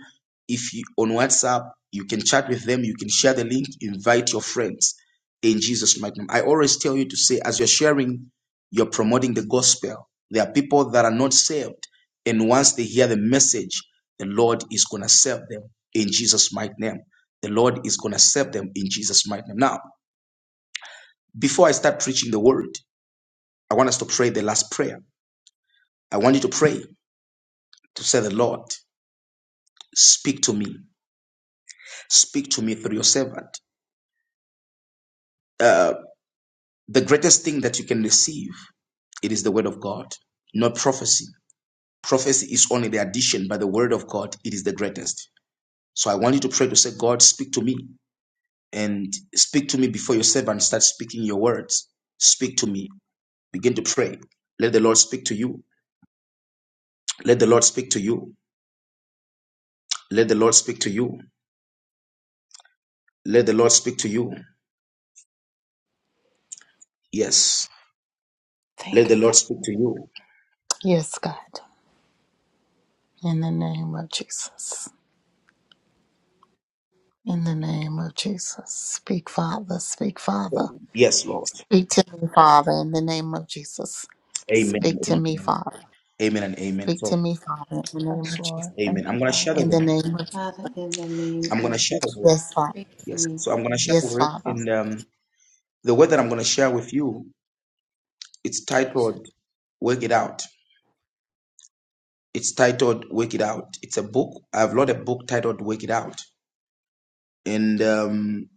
Speaker 1: If you on WhatsApp, you can chat with them. You can share the link. Invite your friends. In Jesus' mighty name. I always tell you to say, as you're sharing, you're promoting the gospel. There are people that are not saved, and once they hear the message, the Lord is gonna save them in Jesus' mighty name. The Lord is going to save them in Jesus' mighty name. Now, before I start preaching the word, I want us to pray the last prayer. I want you to pray to say, The Lord, speak to me. Speak to me through your servant. Uh, the greatest thing that you can receive, it is the word of God, not prophecy. Prophecy is only the addition, but the word of God, it is the greatest. So I want you to pray to say, God, speak to me and speak to me before your servant starts speaking your words. Speak to me. Begin to pray. Let the Lord speak to you Let the Lord speak to you. Let the Lord speak to you. Let the Lord speak to you. Yes. Let
Speaker 5: Thank
Speaker 1: the
Speaker 5: you, God.
Speaker 1: Lord speak to you.
Speaker 5: Yes, God. In the name of Jesus. In the name of Jesus. Speak, Father. Speak, Father.
Speaker 1: Yes, Lord.
Speaker 5: Speak to me, Father, in the name of Jesus.
Speaker 1: Amen.
Speaker 5: Speak to me,
Speaker 1: Amen,
Speaker 5: Father.
Speaker 1: Amen and amen.
Speaker 5: Speak
Speaker 1: So,
Speaker 5: to me, Father, in the name
Speaker 11: Yes,
Speaker 5: of Jesus.
Speaker 11: Lord.
Speaker 1: amen.
Speaker 11: Thank
Speaker 1: I'm
Speaker 11: you,
Speaker 1: going to share the
Speaker 11: Father.
Speaker 5: In the
Speaker 1: word.
Speaker 5: name of Jesus.
Speaker 2: Father, in the name
Speaker 1: I'm going
Speaker 2: of
Speaker 1: to share the word.
Speaker 5: Yes, Father.
Speaker 2: speak to
Speaker 1: Yes.
Speaker 2: me,
Speaker 1: So, I'm
Speaker 2: please.
Speaker 1: going to share the
Speaker 5: Yes,
Speaker 1: word.
Speaker 5: Father.
Speaker 1: And um, the word that I'm going to share
Speaker 2: Speak,
Speaker 1: with you, it's
Speaker 2: Jesus.
Speaker 1: titled Work It Out. It's titled Work It Out. It's a book. I've wrote a book titled Work It Out. And um,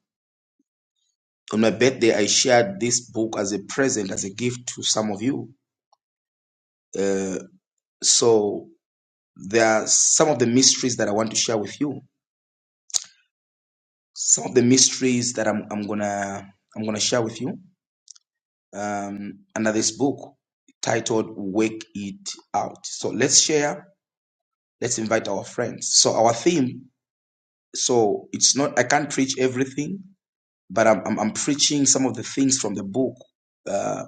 Speaker 1: on my birthday, I shared this book as a present, as a gift to some of you. Uh, So there are some of the mysteries that I want to share with you. Some of the mysteries that I'm, I'm gonna I'm gonna share with you um, under this book titled "Wake It Out." So let's share. Let's invite our friends. So our theme. So it's not I can't preach everything, but I'm I'm, I'm preaching some of the things from the book. Uh,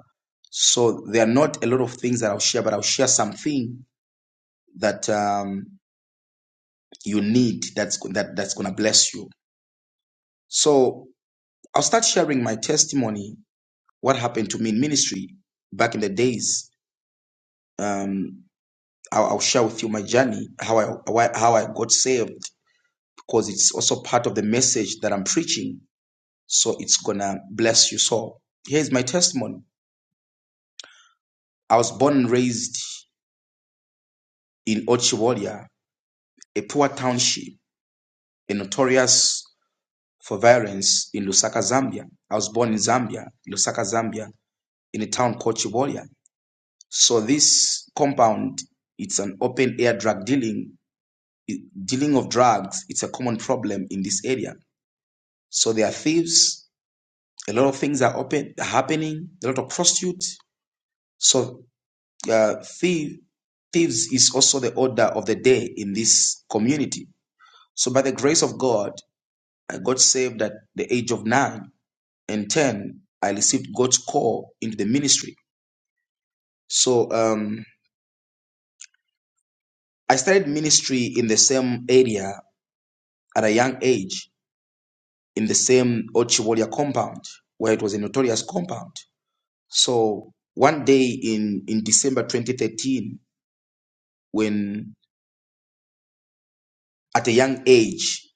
Speaker 1: so there are not a lot of things that I'll share, but I'll share something that um, you need that's go- that that's gonna bless you. So I'll start sharing my testimony, what happened to me in ministry back in the days. Um, I'll, I'll share with you my journey, how I why, how I got saved, because it's also part of the message that I'm preaching. So it's gonna bless you. So here's my testimony. I was born and raised in Ochiwolia, a poor township, and notorious for violence in Lusaka, Zambia. I was born in Zambia, Lusaka, Zambia, in a town called Chivolia. So this compound, it's an open air drug dealing, dealing of drugs. It's a common problem in this area. So there are thieves. A lot of things are open, happening. A lot of prostitutes. So uh, thief, thieves is also the order of the day in this community. So by the grace of God, I got saved at the age of nine and ten. I received God's call into the ministry. So um, I started ministry in the same area at a young age in the same Ochiwolia compound, where it was a notorious compound. So one day in, in December 2013, when at a young age,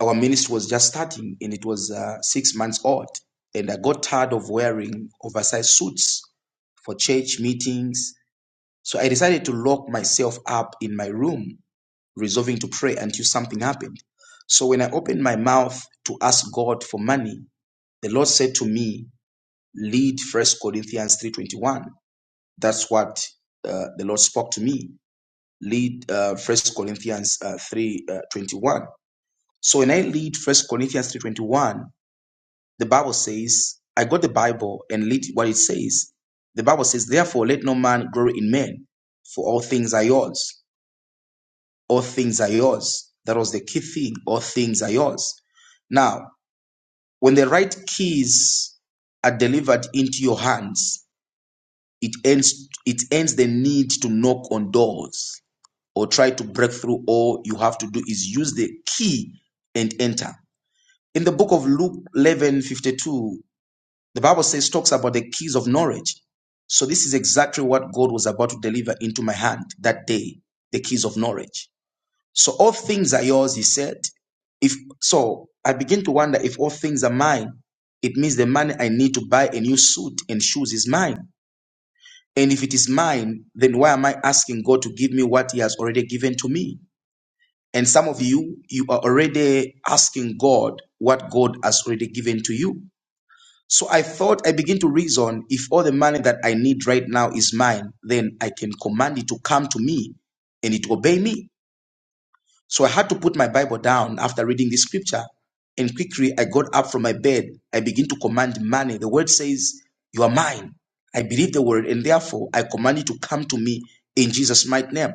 Speaker 1: our ministry was just starting and it was uh, six months old. And I got tired of wearing oversized suits for church meetings. So I decided to lock myself up in my room, resolving to pray until something happened. So when I opened my mouth to ask God for money, the Lord said to me, Lead First Corinthians 3.21. That's what uh, the Lord spoke to me. Lead uh, First Corinthians uh, 3.21. So when I lead First Corinthians 3.21, the Bible says, I got the Bible and lead what it says. The Bible says, therefore let no man glory in men, for all things are yours. All things are yours. That was the key thing. All things are yours. Now, when the right keys are delivered into your hands, It ends it ends the need to knock on doors or try to break through. All you have to do is use the key and enter. In the book of Luke 11:52, the Bible says talks about the keys of knowledge. So this is exactly what God was about to deliver into my hand that day, the keys of knowledge. So all things are yours, he said. If so, I begin to wonder if all things are mine, it means the money I need to buy a new suit and shoes is mine. And if it is mine, then why am I asking God to give me what He has already given to me? And some of you, you are already asking God what God has already given to you. So I thought, I begin to reason if all the money that I need right now is mine, then I can command it to come to me and it obey me. So I had to put my Bible down after reading this scripture. And quickly I got up from my bed. I begin to command money. The word says, You are mine. I believe the word, and therefore I command you to come to me in Jesus' mighty name.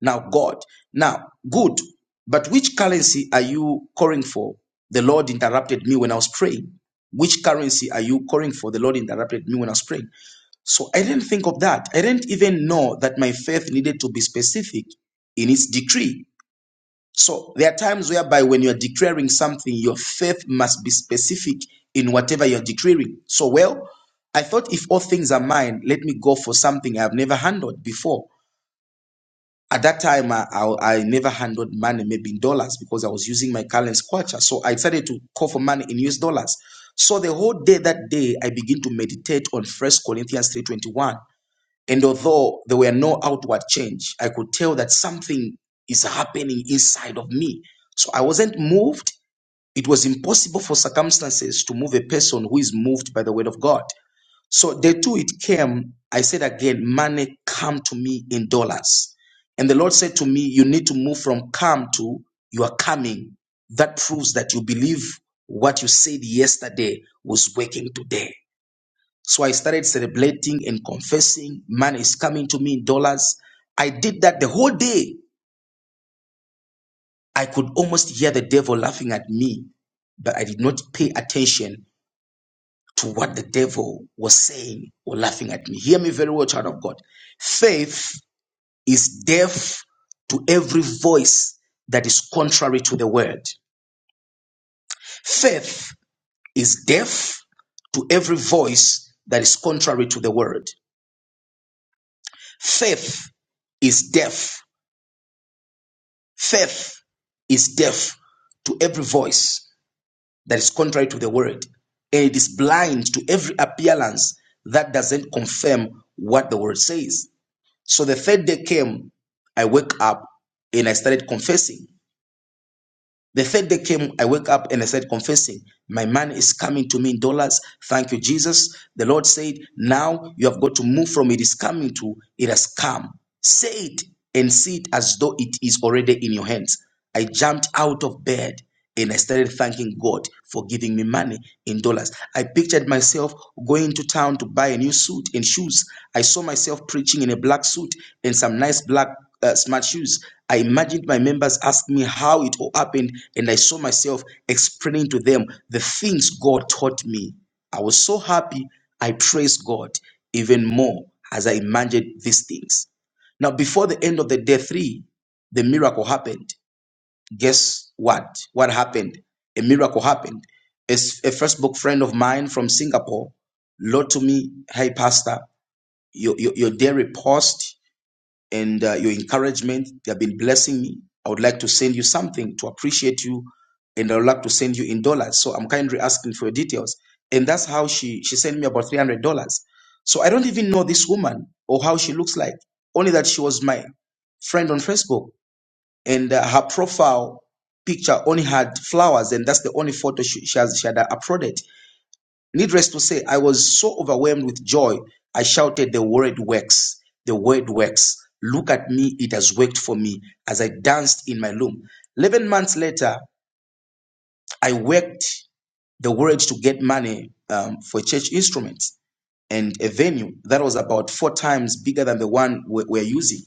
Speaker 1: Now, God, now, good, but which currency are you calling for? The Lord interrupted me when I was praying. Which currency are you calling for? The Lord interrupted me when I was praying. So I didn't think of that. I didn't even know that my faith needed to be specific in its decree so there are times whereby when you're declaring something, your faith must be specific in whatever you're declaring. So, well, I thought if all things are mine, let me go for something I've never handled before. At that time, I, I, I never handled money, maybe in dollars, because I was using my current kwacha. So I decided to call for money in US dollars. So the whole day that day, I begin to meditate on First Corinthians 3.21. And although there were no outward change, I could tell that something is happening inside of me. So I wasn't moved. It was impossible for circumstances to move a person who is moved by the word of God. So day two, it came. I said again, money come to me in dollars. And the Lord said to me, You need to move from come to you are coming. That proves that you believe what you said yesterday was working today. So I started celebrating and confessing. Man is coming to me in dollars. I did that the whole day. I could almost hear the devil laughing at me, but I did not pay attention to what the devil was saying or laughing at me. Hear me very well, child of God. Faith is deaf to every voice that is contrary to the word. Faith is deaf to every voice that is contrary to the word. Faith is deaf Faith is deaf to every voice that is contrary to the word, and it is blind to every appearance that doesn't confirm what the word says. So the third day came, I woke up and I started confessing. The third day came, I woke up and I said, confessing, my man is coming to me in dollars. Thank you, Jesus. The Lord said, now you have got to move from it is coming to it has come. Say it and see it as though it is already in your hands. I jumped out of bed and I started thanking God for giving me money in dollars. I pictured myself going to town to buy a new suit and shoes. I saw myself preaching in a black suit and some nice black uh, smart shoes. I imagined my members asked me how it all happened, and I saw myself explaining to them the things God taught me. I was so happy, I praised God even more as I imagined these things. Now, before the end of the day three, the miracle happened guess what? What happened? A miracle happened. A, s- a Facebook friend of mine from Singapore wrote to me, "Hey, Pastor, your your, your daily post and uh, your encouragement they have been blessing me. I would like to send you something to appreciate you, and I would like to send you in dollars. So I'm kindly asking for your details." And that's how she she sent me about three hundred dollars. So I don't even know this woman or how she looks like, only that she was my friend on Facebook and uh, her profile picture only had flowers and that's the only photo she, she, has, she had uploaded needless to say i was so overwhelmed with joy i shouted the word works the word works look at me it has worked for me as i danced in my room 11 months later i worked the word to get money um, for church instruments and a venue that was about four times bigger than the one we- we're using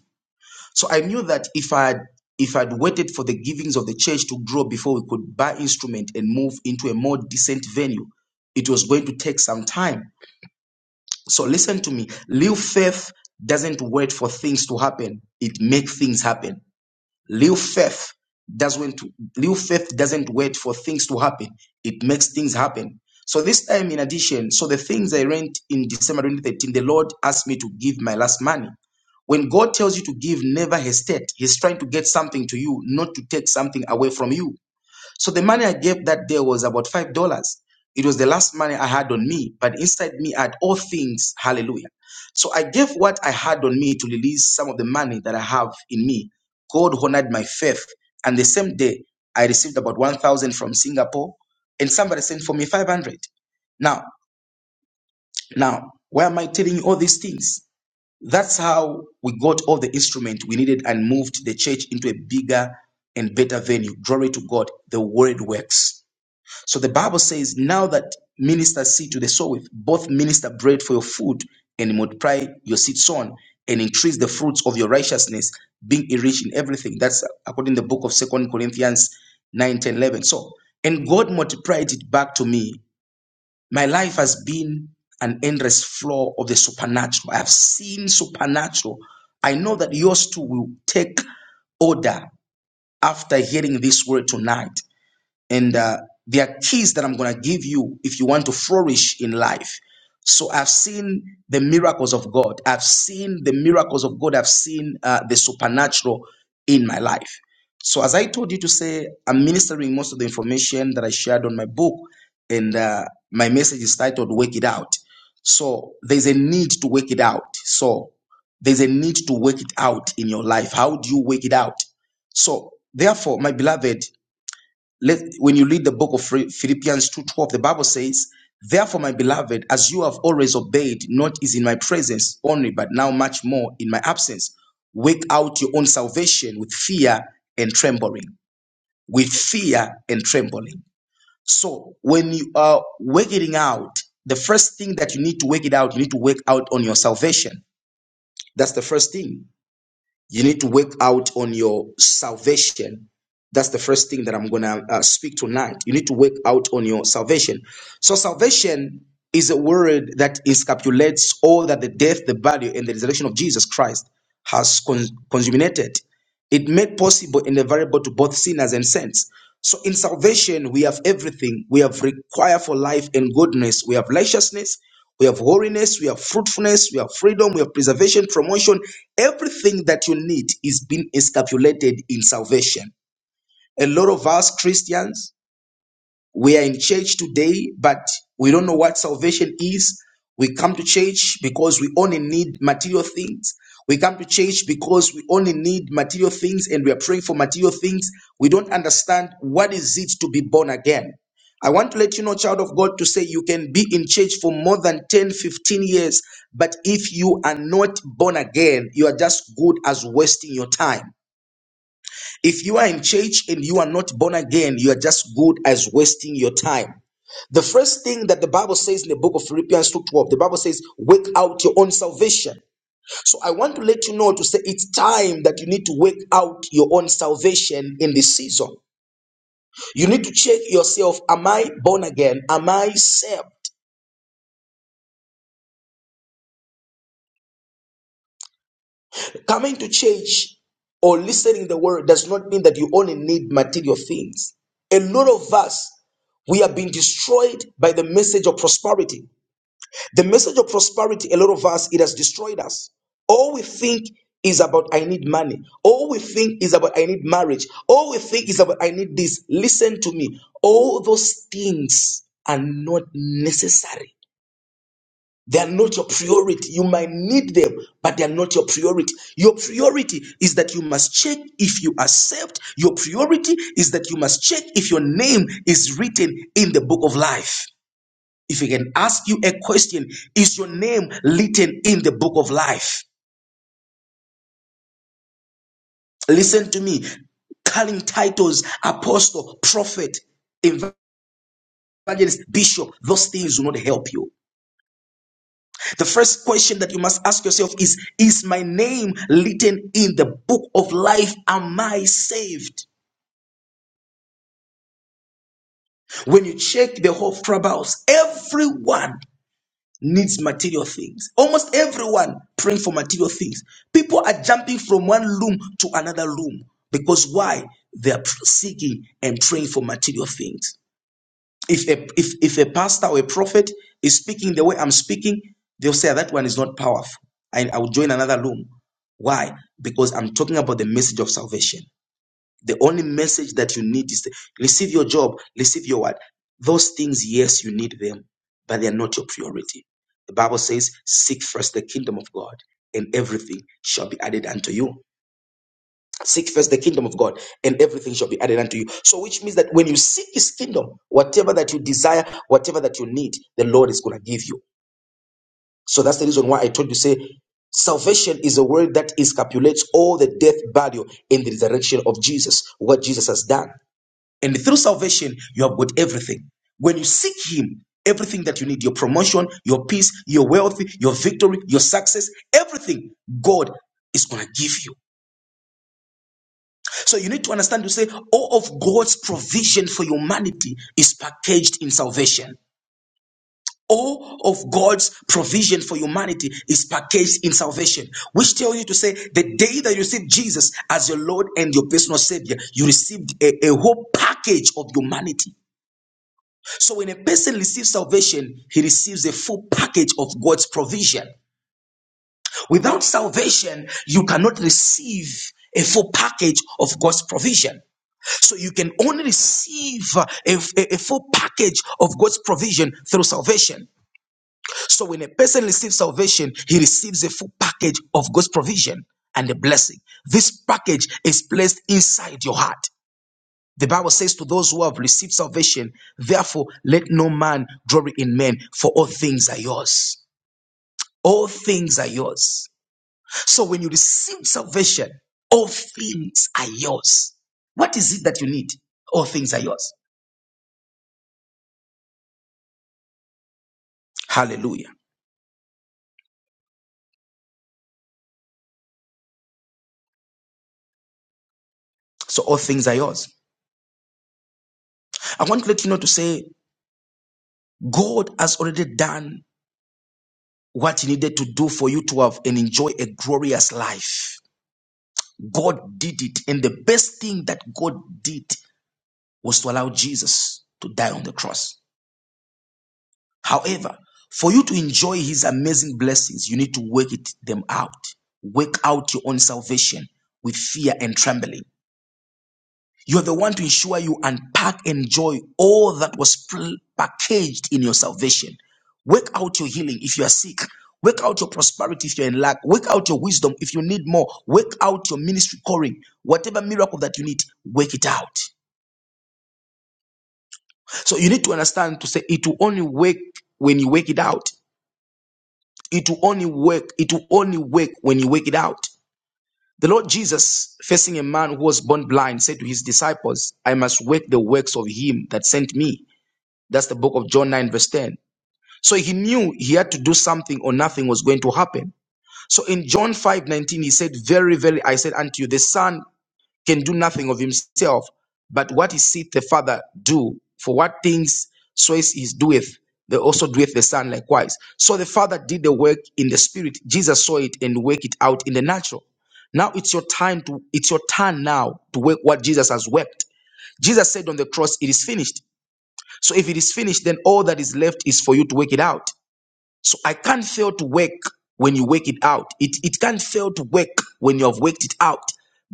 Speaker 1: so I knew that if I had if I'd waited for the givings of the church to grow before we could buy instrument and move into a more decent venue, it was going to take some time. So listen to me. Little faith doesn't wait for things to happen. It makes things happen. Real faith doesn't real faith doesn't wait for things to happen. It makes things happen. So this time, in addition, so the things I rent in December 2013, the Lord asked me to give my last money. When God tells you to give, never hesitate. He's trying to get something to you, not to take something away from you. So the money I gave that day was about five dollars. It was the last money I had on me, but inside me I had all things, hallelujah. So I gave what I had on me to release some of the money that I have in me. God honored my faith. And the same day, I received about 1,000 from Singapore, and somebody sent for me 500. Now, now, why am I telling you all these things? That's how we got all the instrument we needed and moved the church into a bigger and better venue. Glory to God. The word works. So the Bible says, now that ministers see to the sower, both minister bread for your food and multiply your seed sown and increase the fruits of your righteousness, being rich in everything. That's according to the book of Second Corinthians 9, 10, 11. So, and God multiplied it back to me. My life has been an endless flow of the supernatural. I have seen supernatural. I know that yours too will take order after hearing this word tonight and uh, there are keys that I'm going to give you if you want to flourish in life. So I've seen the miracles of God. I've seen the miracles of God. I've seen uh, the supernatural in my life. So as I told you to say, I'm ministering most of the information that I shared on my book, and uh, my message is titled "Work It Out." So there's a need to work it out. So there's a need to work it out in your life. How do you work it out? So therefore, my beloved, let when you read the book of Phil- Philippians 2:12, the Bible says, Therefore, my beloved, as you have always obeyed, not is in my presence only, but now much more in my absence, work out your own salvation with fear and trembling. With fear and trembling. So when you are working out, the first thing that you need to work it out, you need to work out on your salvation. That's the first thing. You need to work out on your salvation. That's the first thing that I'm going to uh, speak tonight. You need to work out on your salvation. So, salvation is a word that encapsulates all that the death, the body, and the resurrection of Jesus Christ has con- consummated. It made possible in the variable to both sinners and saints. So in salvation, we have everything we have required for life and goodness. We have righteousness, we have holiness, we have fruitfulness, we have freedom, we have preservation, promotion. Everything that you need is being encapsulated in salvation. A lot of us Christians we are in church today, but we don't know what salvation is. We come to church because we only need material things. We come to church because we only need material things and we are praying for material things. We don't understand what is it to be born again. I want to let you know, child of God, to say you can be in church for more than 10, 15 years, but if you are not born again, you are just good as wasting your time. If you are in church and you are not born again, you are just good as wasting your time. The first thing that the Bible says in the book of Philippians 2:12, the Bible says, work out your own salvation. So I want to let you know to say it's time that you need to work out your own salvation in this season. You need to check yourself, am I born again? Am I saved? Coming to church or listening the word does not mean that you only need material things. A lot of us, we have been destroyed by the message of prosperity. The message of prosperity, a lot of us, it has destroyed us. All we think is about I need money. All we think is about I need marriage. All we think is about I need this. Listen to me. All those things are not necessary. They are not your priority. You might need them, but they are not your priority. Your priority is that you must check if you accept. Your priority is that you must check if your name is written in the book of life. If I can ask you a question, is your name written in the book of life? Listen to me. Calling titles, apostle, prophet, evangelist, bishop, those things will not help you. The first question that you must ask yourself is Is my name written in the book of life? Am I saved? When you check the whole clubhouse, everyone needs material things. Almost everyone praying for material things. People are jumping from one room to another room because why? They are seeking and praying for material things. If a if if a pastor or a prophet is speaking the way I'm speaking, they'll say that one is not powerful. I, I will join another room. Why? Because I'm talking about the message of salvation. The only message that you need is the, receive your job, receive your what. Those things, yes, you need them, but they are not your priority. The Bible says, "Seek first the kingdom of God, and everything shall be added unto you." Seek first the kingdom of God, and everything shall be added unto you. So, which means that when you seek His kingdom, whatever that you desire, whatever that you need, the Lord is going to give you. So that's the reason why I told you say, salvation is a word that encapsulates all the death, burial, and the resurrection of Jesus, what Jesus has done. And through salvation, you have got everything. When you seek Him, everything that you need, your promotion, your peace, your wealth, your victory, your success, everything God is going to give you. So you need to understand to say all of God's provision for humanity is packaged in salvation. All of God's provision for humanity is packaged in salvation, which tells you to say the day that you receive Jesus as your Lord and your personal Savior, you received a, a whole package of humanity. So when a person receives salvation, he receives a full package of God's provision. Without salvation, you cannot receive a full package of God's provision. So you can only receive uh, a, a- a full package of God's provision through salvation. So when a person receives salvation, he receives a full package of God's provision and a blessing. This package is placed inside your heart. The Bible says to those who have received salvation, therefore let no man glory in men, for all things are yours. All things are yours. So when you receive salvation, all things are yours. What is it that you need? All things are yours. Hallelujah. So all things are yours. I want to let you know to say God has already done what he needed to do for you to have and enjoy a glorious life. God did it. And the best thing that God did was to allow Jesus to die on the cross. However, for you to enjoy his amazing blessings, you need to work it them out. Work out your own salvation with fear and trembling. You're the one to ensure you unpack and enjoy all that was packaged in your salvation. Work out your healing if you are sick. Work out your prosperity if you're in lack. Work out your wisdom if you need more. Work out your ministry calling. Whatever miracle that you need, work it out. So you need to understand to say it will only work when you work it out. It will only work. It will only work when you work it out. The Lord Jesus, facing a man who was born blind, said to his disciples, I must work the works of him that sent me That's the book of John 9, verse 10. So he knew he had to do something or nothing was going to happen. So in John 5 19, he said, Very, very, I said unto you, the Son can do nothing of himself, but what he seeth the Father do, for what things soever he doeth, they also doeth the Son likewise. So the Father did the work in the Spirit. Jesus saw it and worked it out in the natural. Now it's your time to, it's your turn now to work what Jesus has worked. Jesus said on the cross, It is finished. So if it is finished, then all that is left is for you to work it out. So I can't fail to work when you work it out. It, it can't fail to work when you have worked it out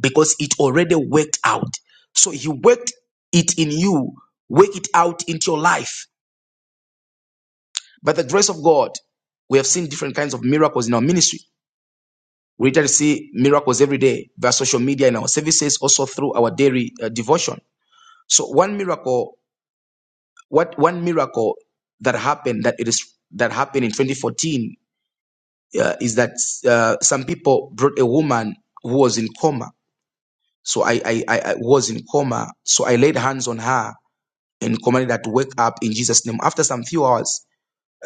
Speaker 1: because it already worked out. So He worked it in you, work it out into your life. By the grace of God, we have seen different kinds of miracles in our ministry. We literally see miracles every day via social media in our services, also through our daily uh, devotion. So one miracle what one miracle that happened that it is that happened in 2014 uh, is that uh, some people brought a woman who was in coma so I, I i I was in coma so i laid hands on her and commanded her to wake up in jesus name after some few hours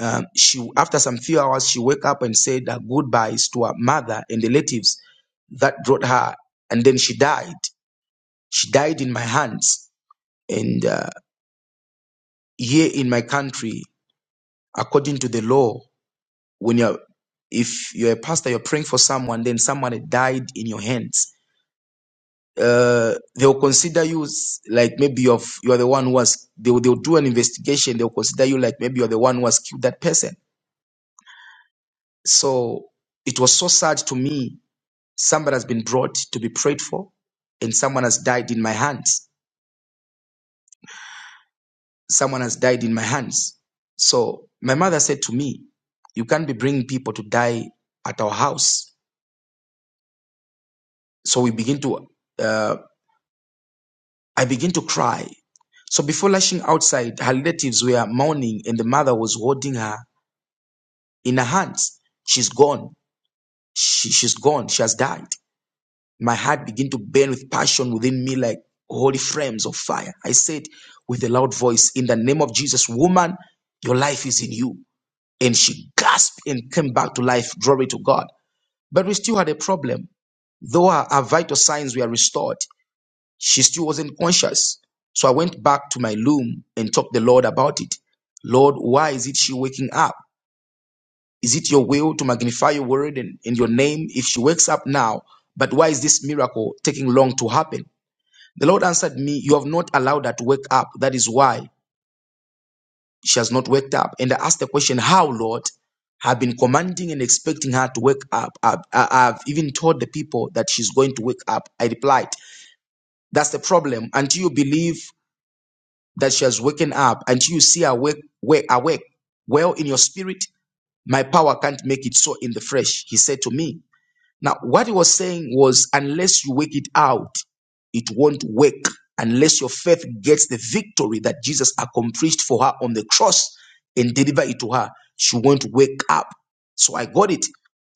Speaker 1: um, she after some few hours she woke up and said her goodbyes to her mother and relatives that brought her and then she died she died in my hands and uh, here in my country according to the law when you're if you're a pastor you're praying for someone then someone died in your hands uh they'll consider you s- like maybe you're, f- you're the one who was they'll, they'll do an investigation they'll consider you like maybe you're the one who has killed that person so it was so sad to me somebody has been brought to be prayed for and someone has died in my hands someone has died in my hands so my mother said to me you can't be bringing people to die at our house so we begin to um, I began to cry. So before lashing outside, her relatives were mourning and the mother was holding her in her hands. She's gone. She, she's gone. She has died. My heart began to burn with passion within me like holy flames of fire. I said with a loud voice, In the name of Jesus, woman, your life is in you. And she gasped and came back to life. Glory to God. But we still had a problem. Though our her vital signs were restored, She still wasn't conscious. So I went back to my loom and talked to the Lord about it. Lord, why is it she waking up? Is it your will to magnify your word and, and your name if she wakes up now? But why is this miracle taking long to happen? The Lord answered me, You have not allowed her to wake up. That is why she has not waked up. And I asked the question, How, Lord? I've been commanding and expecting her to wake up. I've, I- have i have even told the people that she's going to wake up. I replied, That's the problem. Until you believe that she has woken up until you see her wake, wake, awake well in your spirit my power can't make it so in the flesh he said to me now what he was saying was unless you wake it out it won't wake. unless your faith gets the victory that jesus accomplished for her on the cross and deliver it to her she won't wake up so i got it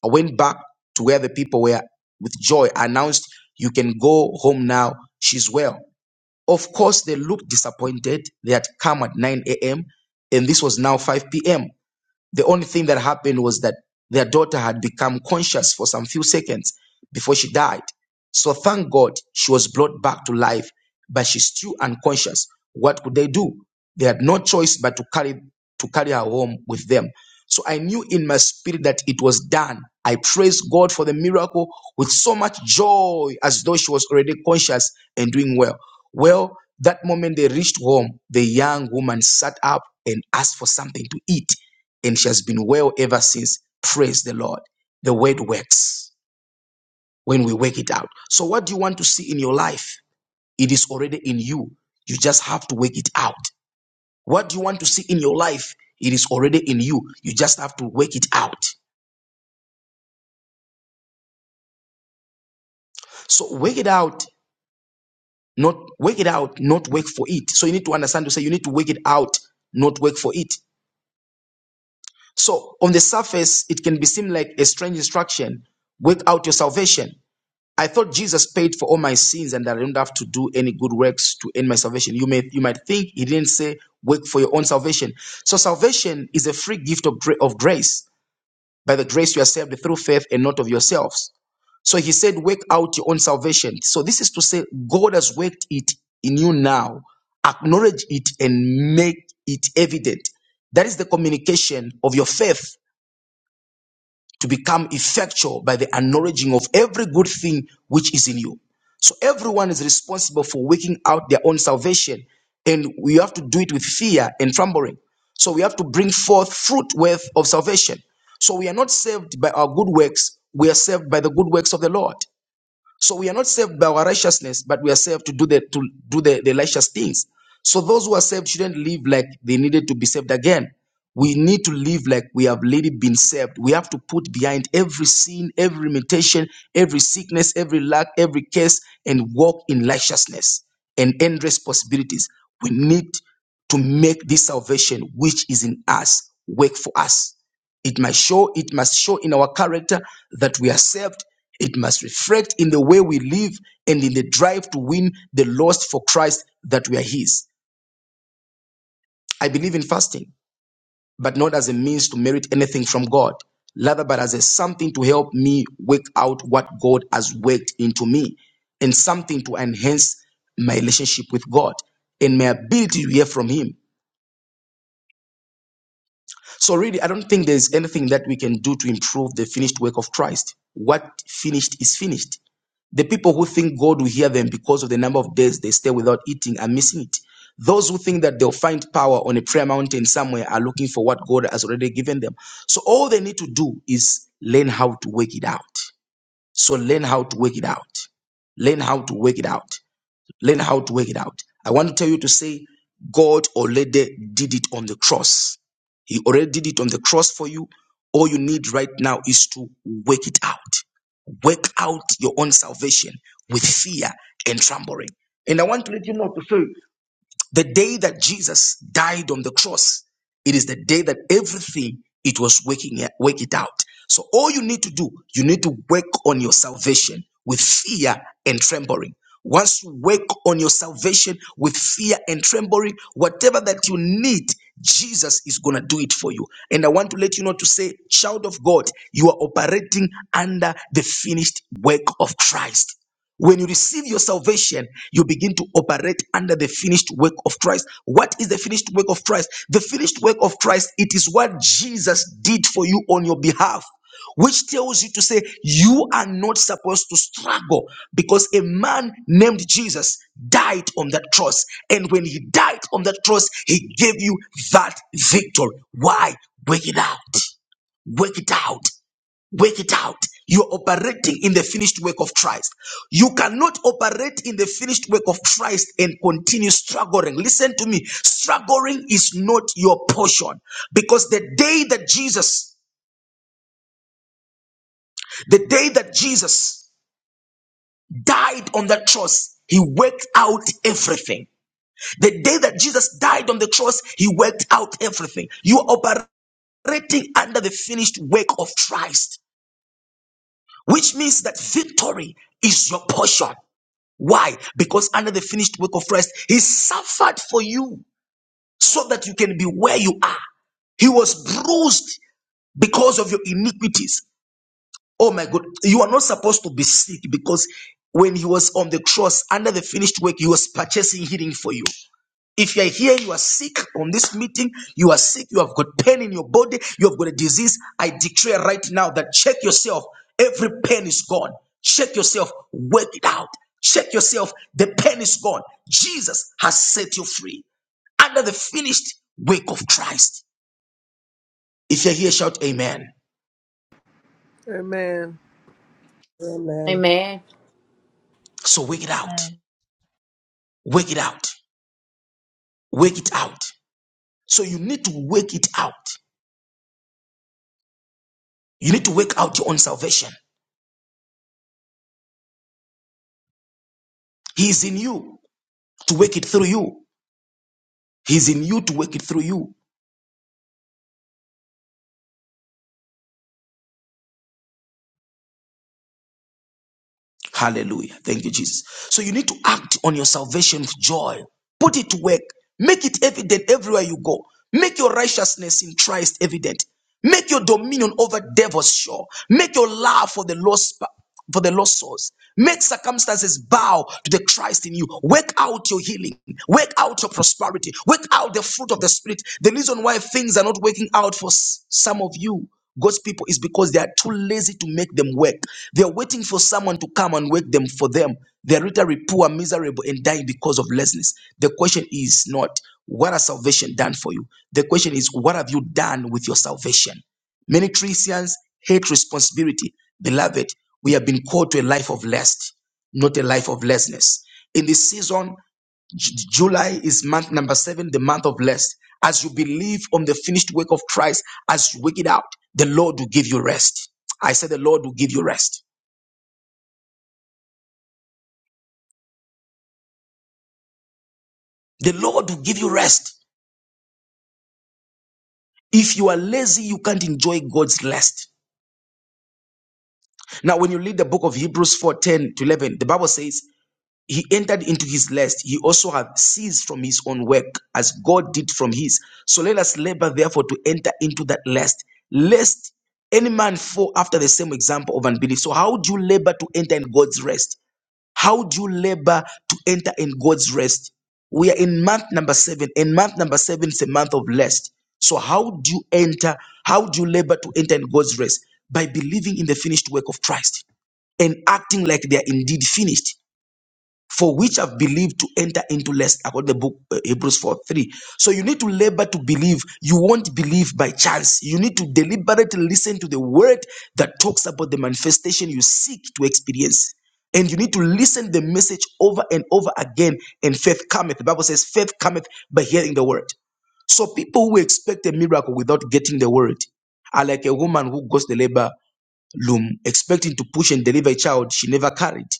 Speaker 1: i went back to where the people were with joy I announced you can go home now she's well of course, they looked disappointed. They had come at 9 a.m., and this was now 5 p.m. The only thing that happened was that their daughter had become conscious for some few seconds before she died. So thank God she was brought back to life, but she's still unconscious. What could they do? They had no choice but to carry to carry her home with them. So I knew in my spirit that it was done. I praised God for the miracle with so much joy as though she was already conscious and doing well. Well, that moment they reached home, the young woman sat up and asked for something to eat and she has been well ever since. Praise the Lord. The word works when we work it out. So, what do you want to see in your life? It is already in you. You just have to work it out. What do you want to see in your life? It is already in you. You just have to work it out. So, work it out, not work it out, not work for it. So, you need to understand to say you need to work it out, not work for it. So, on the surface, it can be seem like a strange instruction work out your salvation. I thought Jesus paid for all my sins and that I don't have to do any good works to earn my salvation. You may you might think he didn't say work for your own salvation. So salvation is a free gift of, gra- of grace. By the grace you are saved through faith and not of yourselves. So he said, work out your own salvation. So this is to say God has worked it in you now. Acknowledge it and make it evident. That is the communication of your faith to become effectual by the acknowledging of every good thing which is in you. So everyone is responsible for working out their own salvation, and we have to do it with fear and trembling. So we have to bring forth fruit worth of salvation. So we are not saved by our good works, we are saved by the good works of the Lord. So we are not saved by our righteousness, but we are saved to do the to do the, the righteous things. So those who are saved shouldn't live like they needed to be saved again. We need to live like we have already been saved. We have to put behind every sin, every limitation, every sickness, every lack, every curse, and walk in righteousness and endless possibilities. We need to make this salvation which is in us work for us. It must show, it must show in our character that we are saved. It must reflect in the way we live and in the drive to win the lost for Christ that we are His. I believe in fasting, but not as a means to merit anything from God, rather, but as a something to help me work out what God has worked into me and something to enhance my relationship with God and my ability to hear from Him. So, really, I don't think there's anything that we can do to improve the finished work of Christ. What finished is finished. The people who think God will hear them because of the number of days they stay without eating are missing it. Those who think that they'll find power on a prayer mountain somewhere are looking for what God has already given them. So all they need to do is learn how to work it out. So learn how to work it out. Learn how to work it out. Learn how to work it out. I want to tell you to say, God already did it on the cross. He already did it on the cross for you. All you need right now is to work it out. Work out your own salvation with fear and trembling. And I want to let you know to say. The day that Jesus died on the cross, it is the day that everything it was waking it, it out. So all you need to do, you need to work on your salvation with fear and trembling. Once you work on your salvation with fear and trembling, whatever that you need, Jesus is going to do it for you. And I want to let you know to say, child of God, you are operating under the finished work of Christ. When you receive your salvation, you begin to operate under the finished work of Christ. What is the finished work of Christ? The finished work of Christ, it is what Jesus did for you on your behalf, which tells you to say, You are not supposed to struggle because a man named Jesus died on that cross. And when he died on that cross, he gave you that victory. Why? Work it out. Work it out. Work it out. You're operating in the finished work of Christ. You cannot operate in the finished work of Christ and continue struggling. Listen to me. Struggling is not your portion because the day that Jesus, the day that Jesus died on the cross, he worked out everything. The day that Jesus died on the cross, he worked out everything. You are operating under the finished work of Christ, which means that victory is your portion. Why? Because under the finished work of Christ, he suffered for you so that you can be where you are. He was bruised because of your iniquities. Oh my God. You are not supposed to be sick because when he was on the cross under the finished work, he was purchasing healing for you. If you are here, you are sick on this meeting, you are sick, you have got pain in your body, you have got a disease. I declare right now that check yourself. Every pain is gone. Check yourself. Work it out. Check yourself. The pain is gone. Jesus has set you free under the finished work of Christ. If you're here, shout amen.
Speaker 8: Amen.
Speaker 3: Amen.
Speaker 2: Amen.
Speaker 1: So work it out.
Speaker 11: Amen.
Speaker 1: Work it out. Work it out. So you need to work it out. You need to work out your own salvation. He is in you to work it through you. He's in you to work it through you. Hallelujah. Thank you, Jesus. So you need to act on your salvation with joy. Put it to work. Make it evident everywhere you go. Make your righteousness in Christ evident. Make your dominion over devils sure. Make your love for the lost for the lost souls. Make circumstances bow to the Christ in you. Work out your healing. Work out your prosperity. Work out the fruit of the Spirit. The reason why things are not working out for s- some of you God's people is because they are too lazy to make them work. They are waiting for someone to come and work them for them. They are literally poor, miserable, and dying because of laziness. The question is not, what has salvation done for you? The question is, what have you done with your salvation? Many Christians hate responsibility. Beloved, we have been called to a life of lust, not a life of laziness. In this season, J- July is month number seven, the month of rest. As you believe on the finished work of Christ, as you work it out, the Lord will give you rest. I said, The Lord will give you rest. The Lord will give you rest. If you are lazy, you can't enjoy God's rest. Now, when you read the book of Hebrews 410 to 11, the Bible says, he entered into his lust. He also have ceased from his own work as God did from his. So let us labor therefore to enter into that lust, lest any man fall after the same example of unbelief. So how do you labor to enter in God's rest? How do you labor to enter in God's rest? We are in month number seven, and month number seven is a month of rest. So how do you enter? How do you labor to enter in God's rest? By believing in the finished work of Christ and acting like they are indeed finished for which have believed to enter into rest according to the book uh, hebrews 4 3 so you need to labor to believe you won't believe by chance you need to deliberately listen to the word that talks about the manifestation you seek to experience and you need to listen the message over and over again and faith cometh the bible says faith cometh by hearing the word so people who expect a miracle without getting the word are like a woman who goes to the labor loom expecting to push and deliver a child she never carried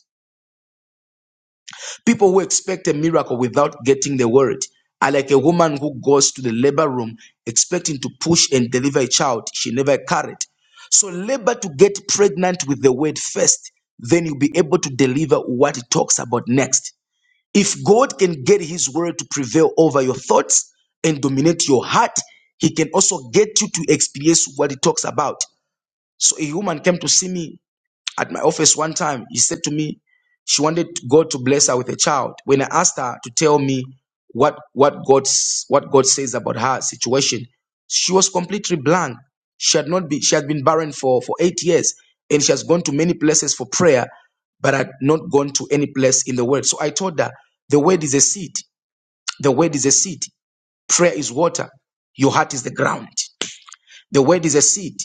Speaker 1: People who expect a miracle without getting the word are like a woman who goes to the labor room expecting to push and deliver a child she never carried. So labor to get pregnant with the word first, then you'll be able to deliver what it talks about next. If God can get his word to prevail over your thoughts and dominate your heart, he can also get you to experience what he talks about. So a woman came to see me at my office one time, he said to me, she wanted God to bless her with a child. When I asked her to tell me what what God's what God says about her situation, she was completely blank. She had not been she had been barren for for eight years, and she has gone to many places for prayer, but had not gone to any place in the world. So I told her, the word is a seed. The word is a seed. Prayer is water. Your heart is the ground. The word is a seed.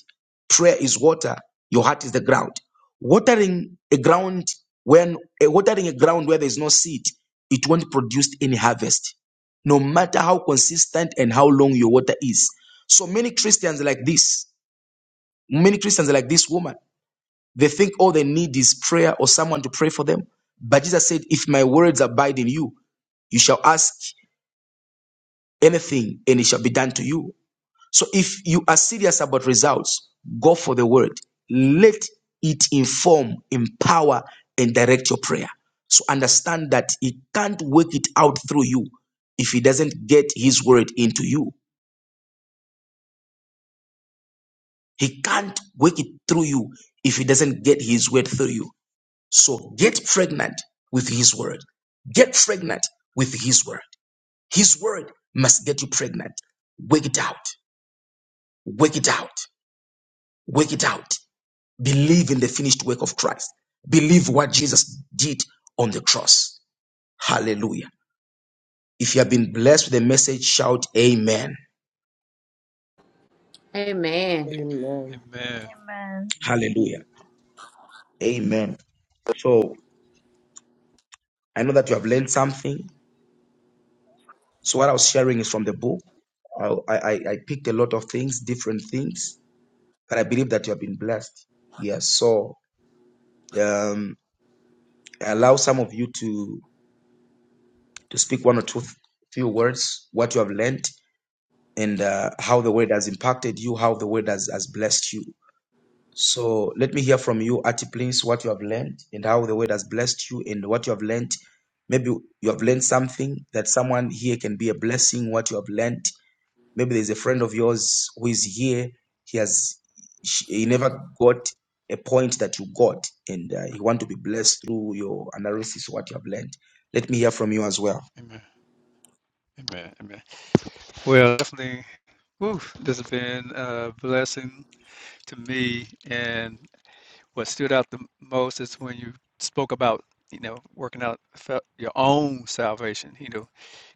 Speaker 1: Prayer is water. Your heart is the ground. Watering a ground when eh, watering a ground where there is no seed, it won't produce any harvest, no matter how consistent and how long your water is. So many Christians are like this, many Christians are like this woman. They think all they need is prayer or someone to pray for them. But Jesus said, "If my words abide in you, you shall ask anything, and it shall be done to you." So if you are serious about results, go for the word. Let it inform, empower, and direct your prayer. So understand that he can't work it out through you if he doesn't get his word into you. He can't work it through you if he doesn't get his word through you. So get pregnant with his word. Get pregnant with his word. His word must get you pregnant. Work it out. Work it out. Work it out. Believe in the finished work of Christ. Believe what Jesus did on the cross. Hallelujah. If you have been blessed with the message, shout Amen.
Speaker 2: Amen.
Speaker 3: Amen.
Speaker 4: Amen.
Speaker 11: Amen.
Speaker 1: Hallelujah. Amen. So I know that you have learned something. So what I was sharing is from the book. I, I, I picked a lot of things, different things, but I believe that you have been blessed. Yes. So um, I allow some of you to to speak one or two few words, what you have learned, and uh, how the word has impacted you, how the word has, has blessed you. So let me hear from you, Ati Please, what you have learned and how the word has blessed you and what you have learned. Maybe you have learned something that someone here can be a blessing, what you have learned. Maybe there's a friend of yours who is here. He has, he never got a point that you got and uh, you want to be blessed through your analysis, what you have learned. Let me hear from you as well.
Speaker 4: Amen. Amen. Amen. Well, definitely Whew, this has been a blessing to me. And what stood out the most is when you spoke about, you know, working out fel- your own salvation. You know,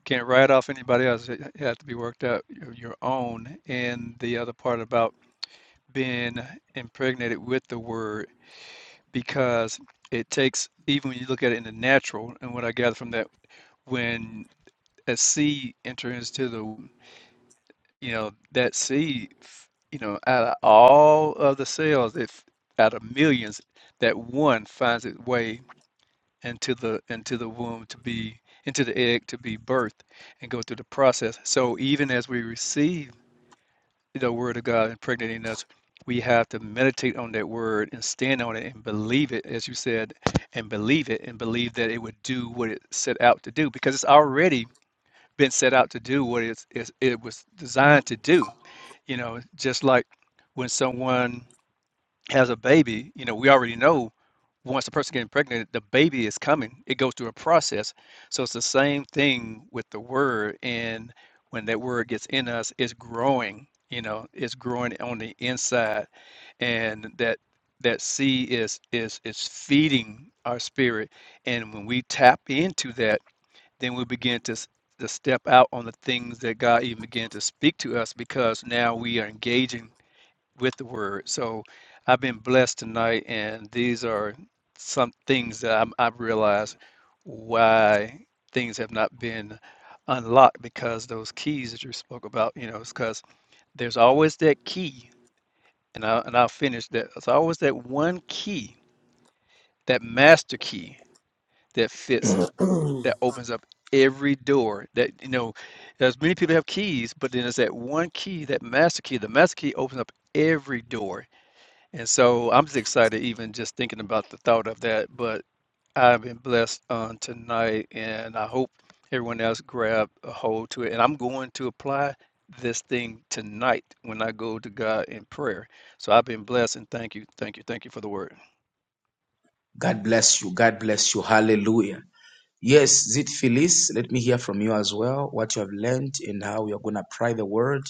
Speaker 4: can't write off anybody else. It has to be worked out your your own. And the other part about being impregnated with the word, because it takes, even when you look at it in the natural, and what I gather from that, when a seed enters into the you know, that seed, f- you know, out of all of the cells, if out of millions, that one finds its way into the into the womb to be into the egg to be birthed and go through the process. So even as we receive the word of God impregnating us, we have to meditate on that word and stand on it and believe it, as you said, and believe it and believe that it would do what it set out to do because it's already been set out to do what it's, it's, it was designed to do you know, just like when someone has a baby, you know, we already know once a person getting pregnant, the baby is coming. It goes through a process. So it's the same thing with the word. And when that word gets in us, it's growing, you know, it's growing on the inside. And that that seed is is is feeding our spirit. And when we tap into that, then we begin to s- to step out on the things that God even began to speak to us because now we are engaging with the word. So I've been blessed tonight, and these are some things that I'm, I've realized why things have not been unlocked because those keys that you spoke about, you know, it's because there's always that key, and, I, and I'll finish that. There's always that one key, that master key that fits,
Speaker 1: Mm.
Speaker 4: that opens up every door that you know there's many people have keys but then there's that one key that master key the master key opens up every door And so I'm just excited even just thinking about the thought of that. But I've been blessed on tonight, and I hope everyone else grabbed a hold to it. And I'm going to apply this thing tonight when I go to God in prayer. So I've been blessed, and thank you, thank you, thank you for the word.
Speaker 1: God bless you. God bless you. Hallelujah. Yes, Zit Phyllis, let me hear from you as well what you have learned and how you're going to apply the word.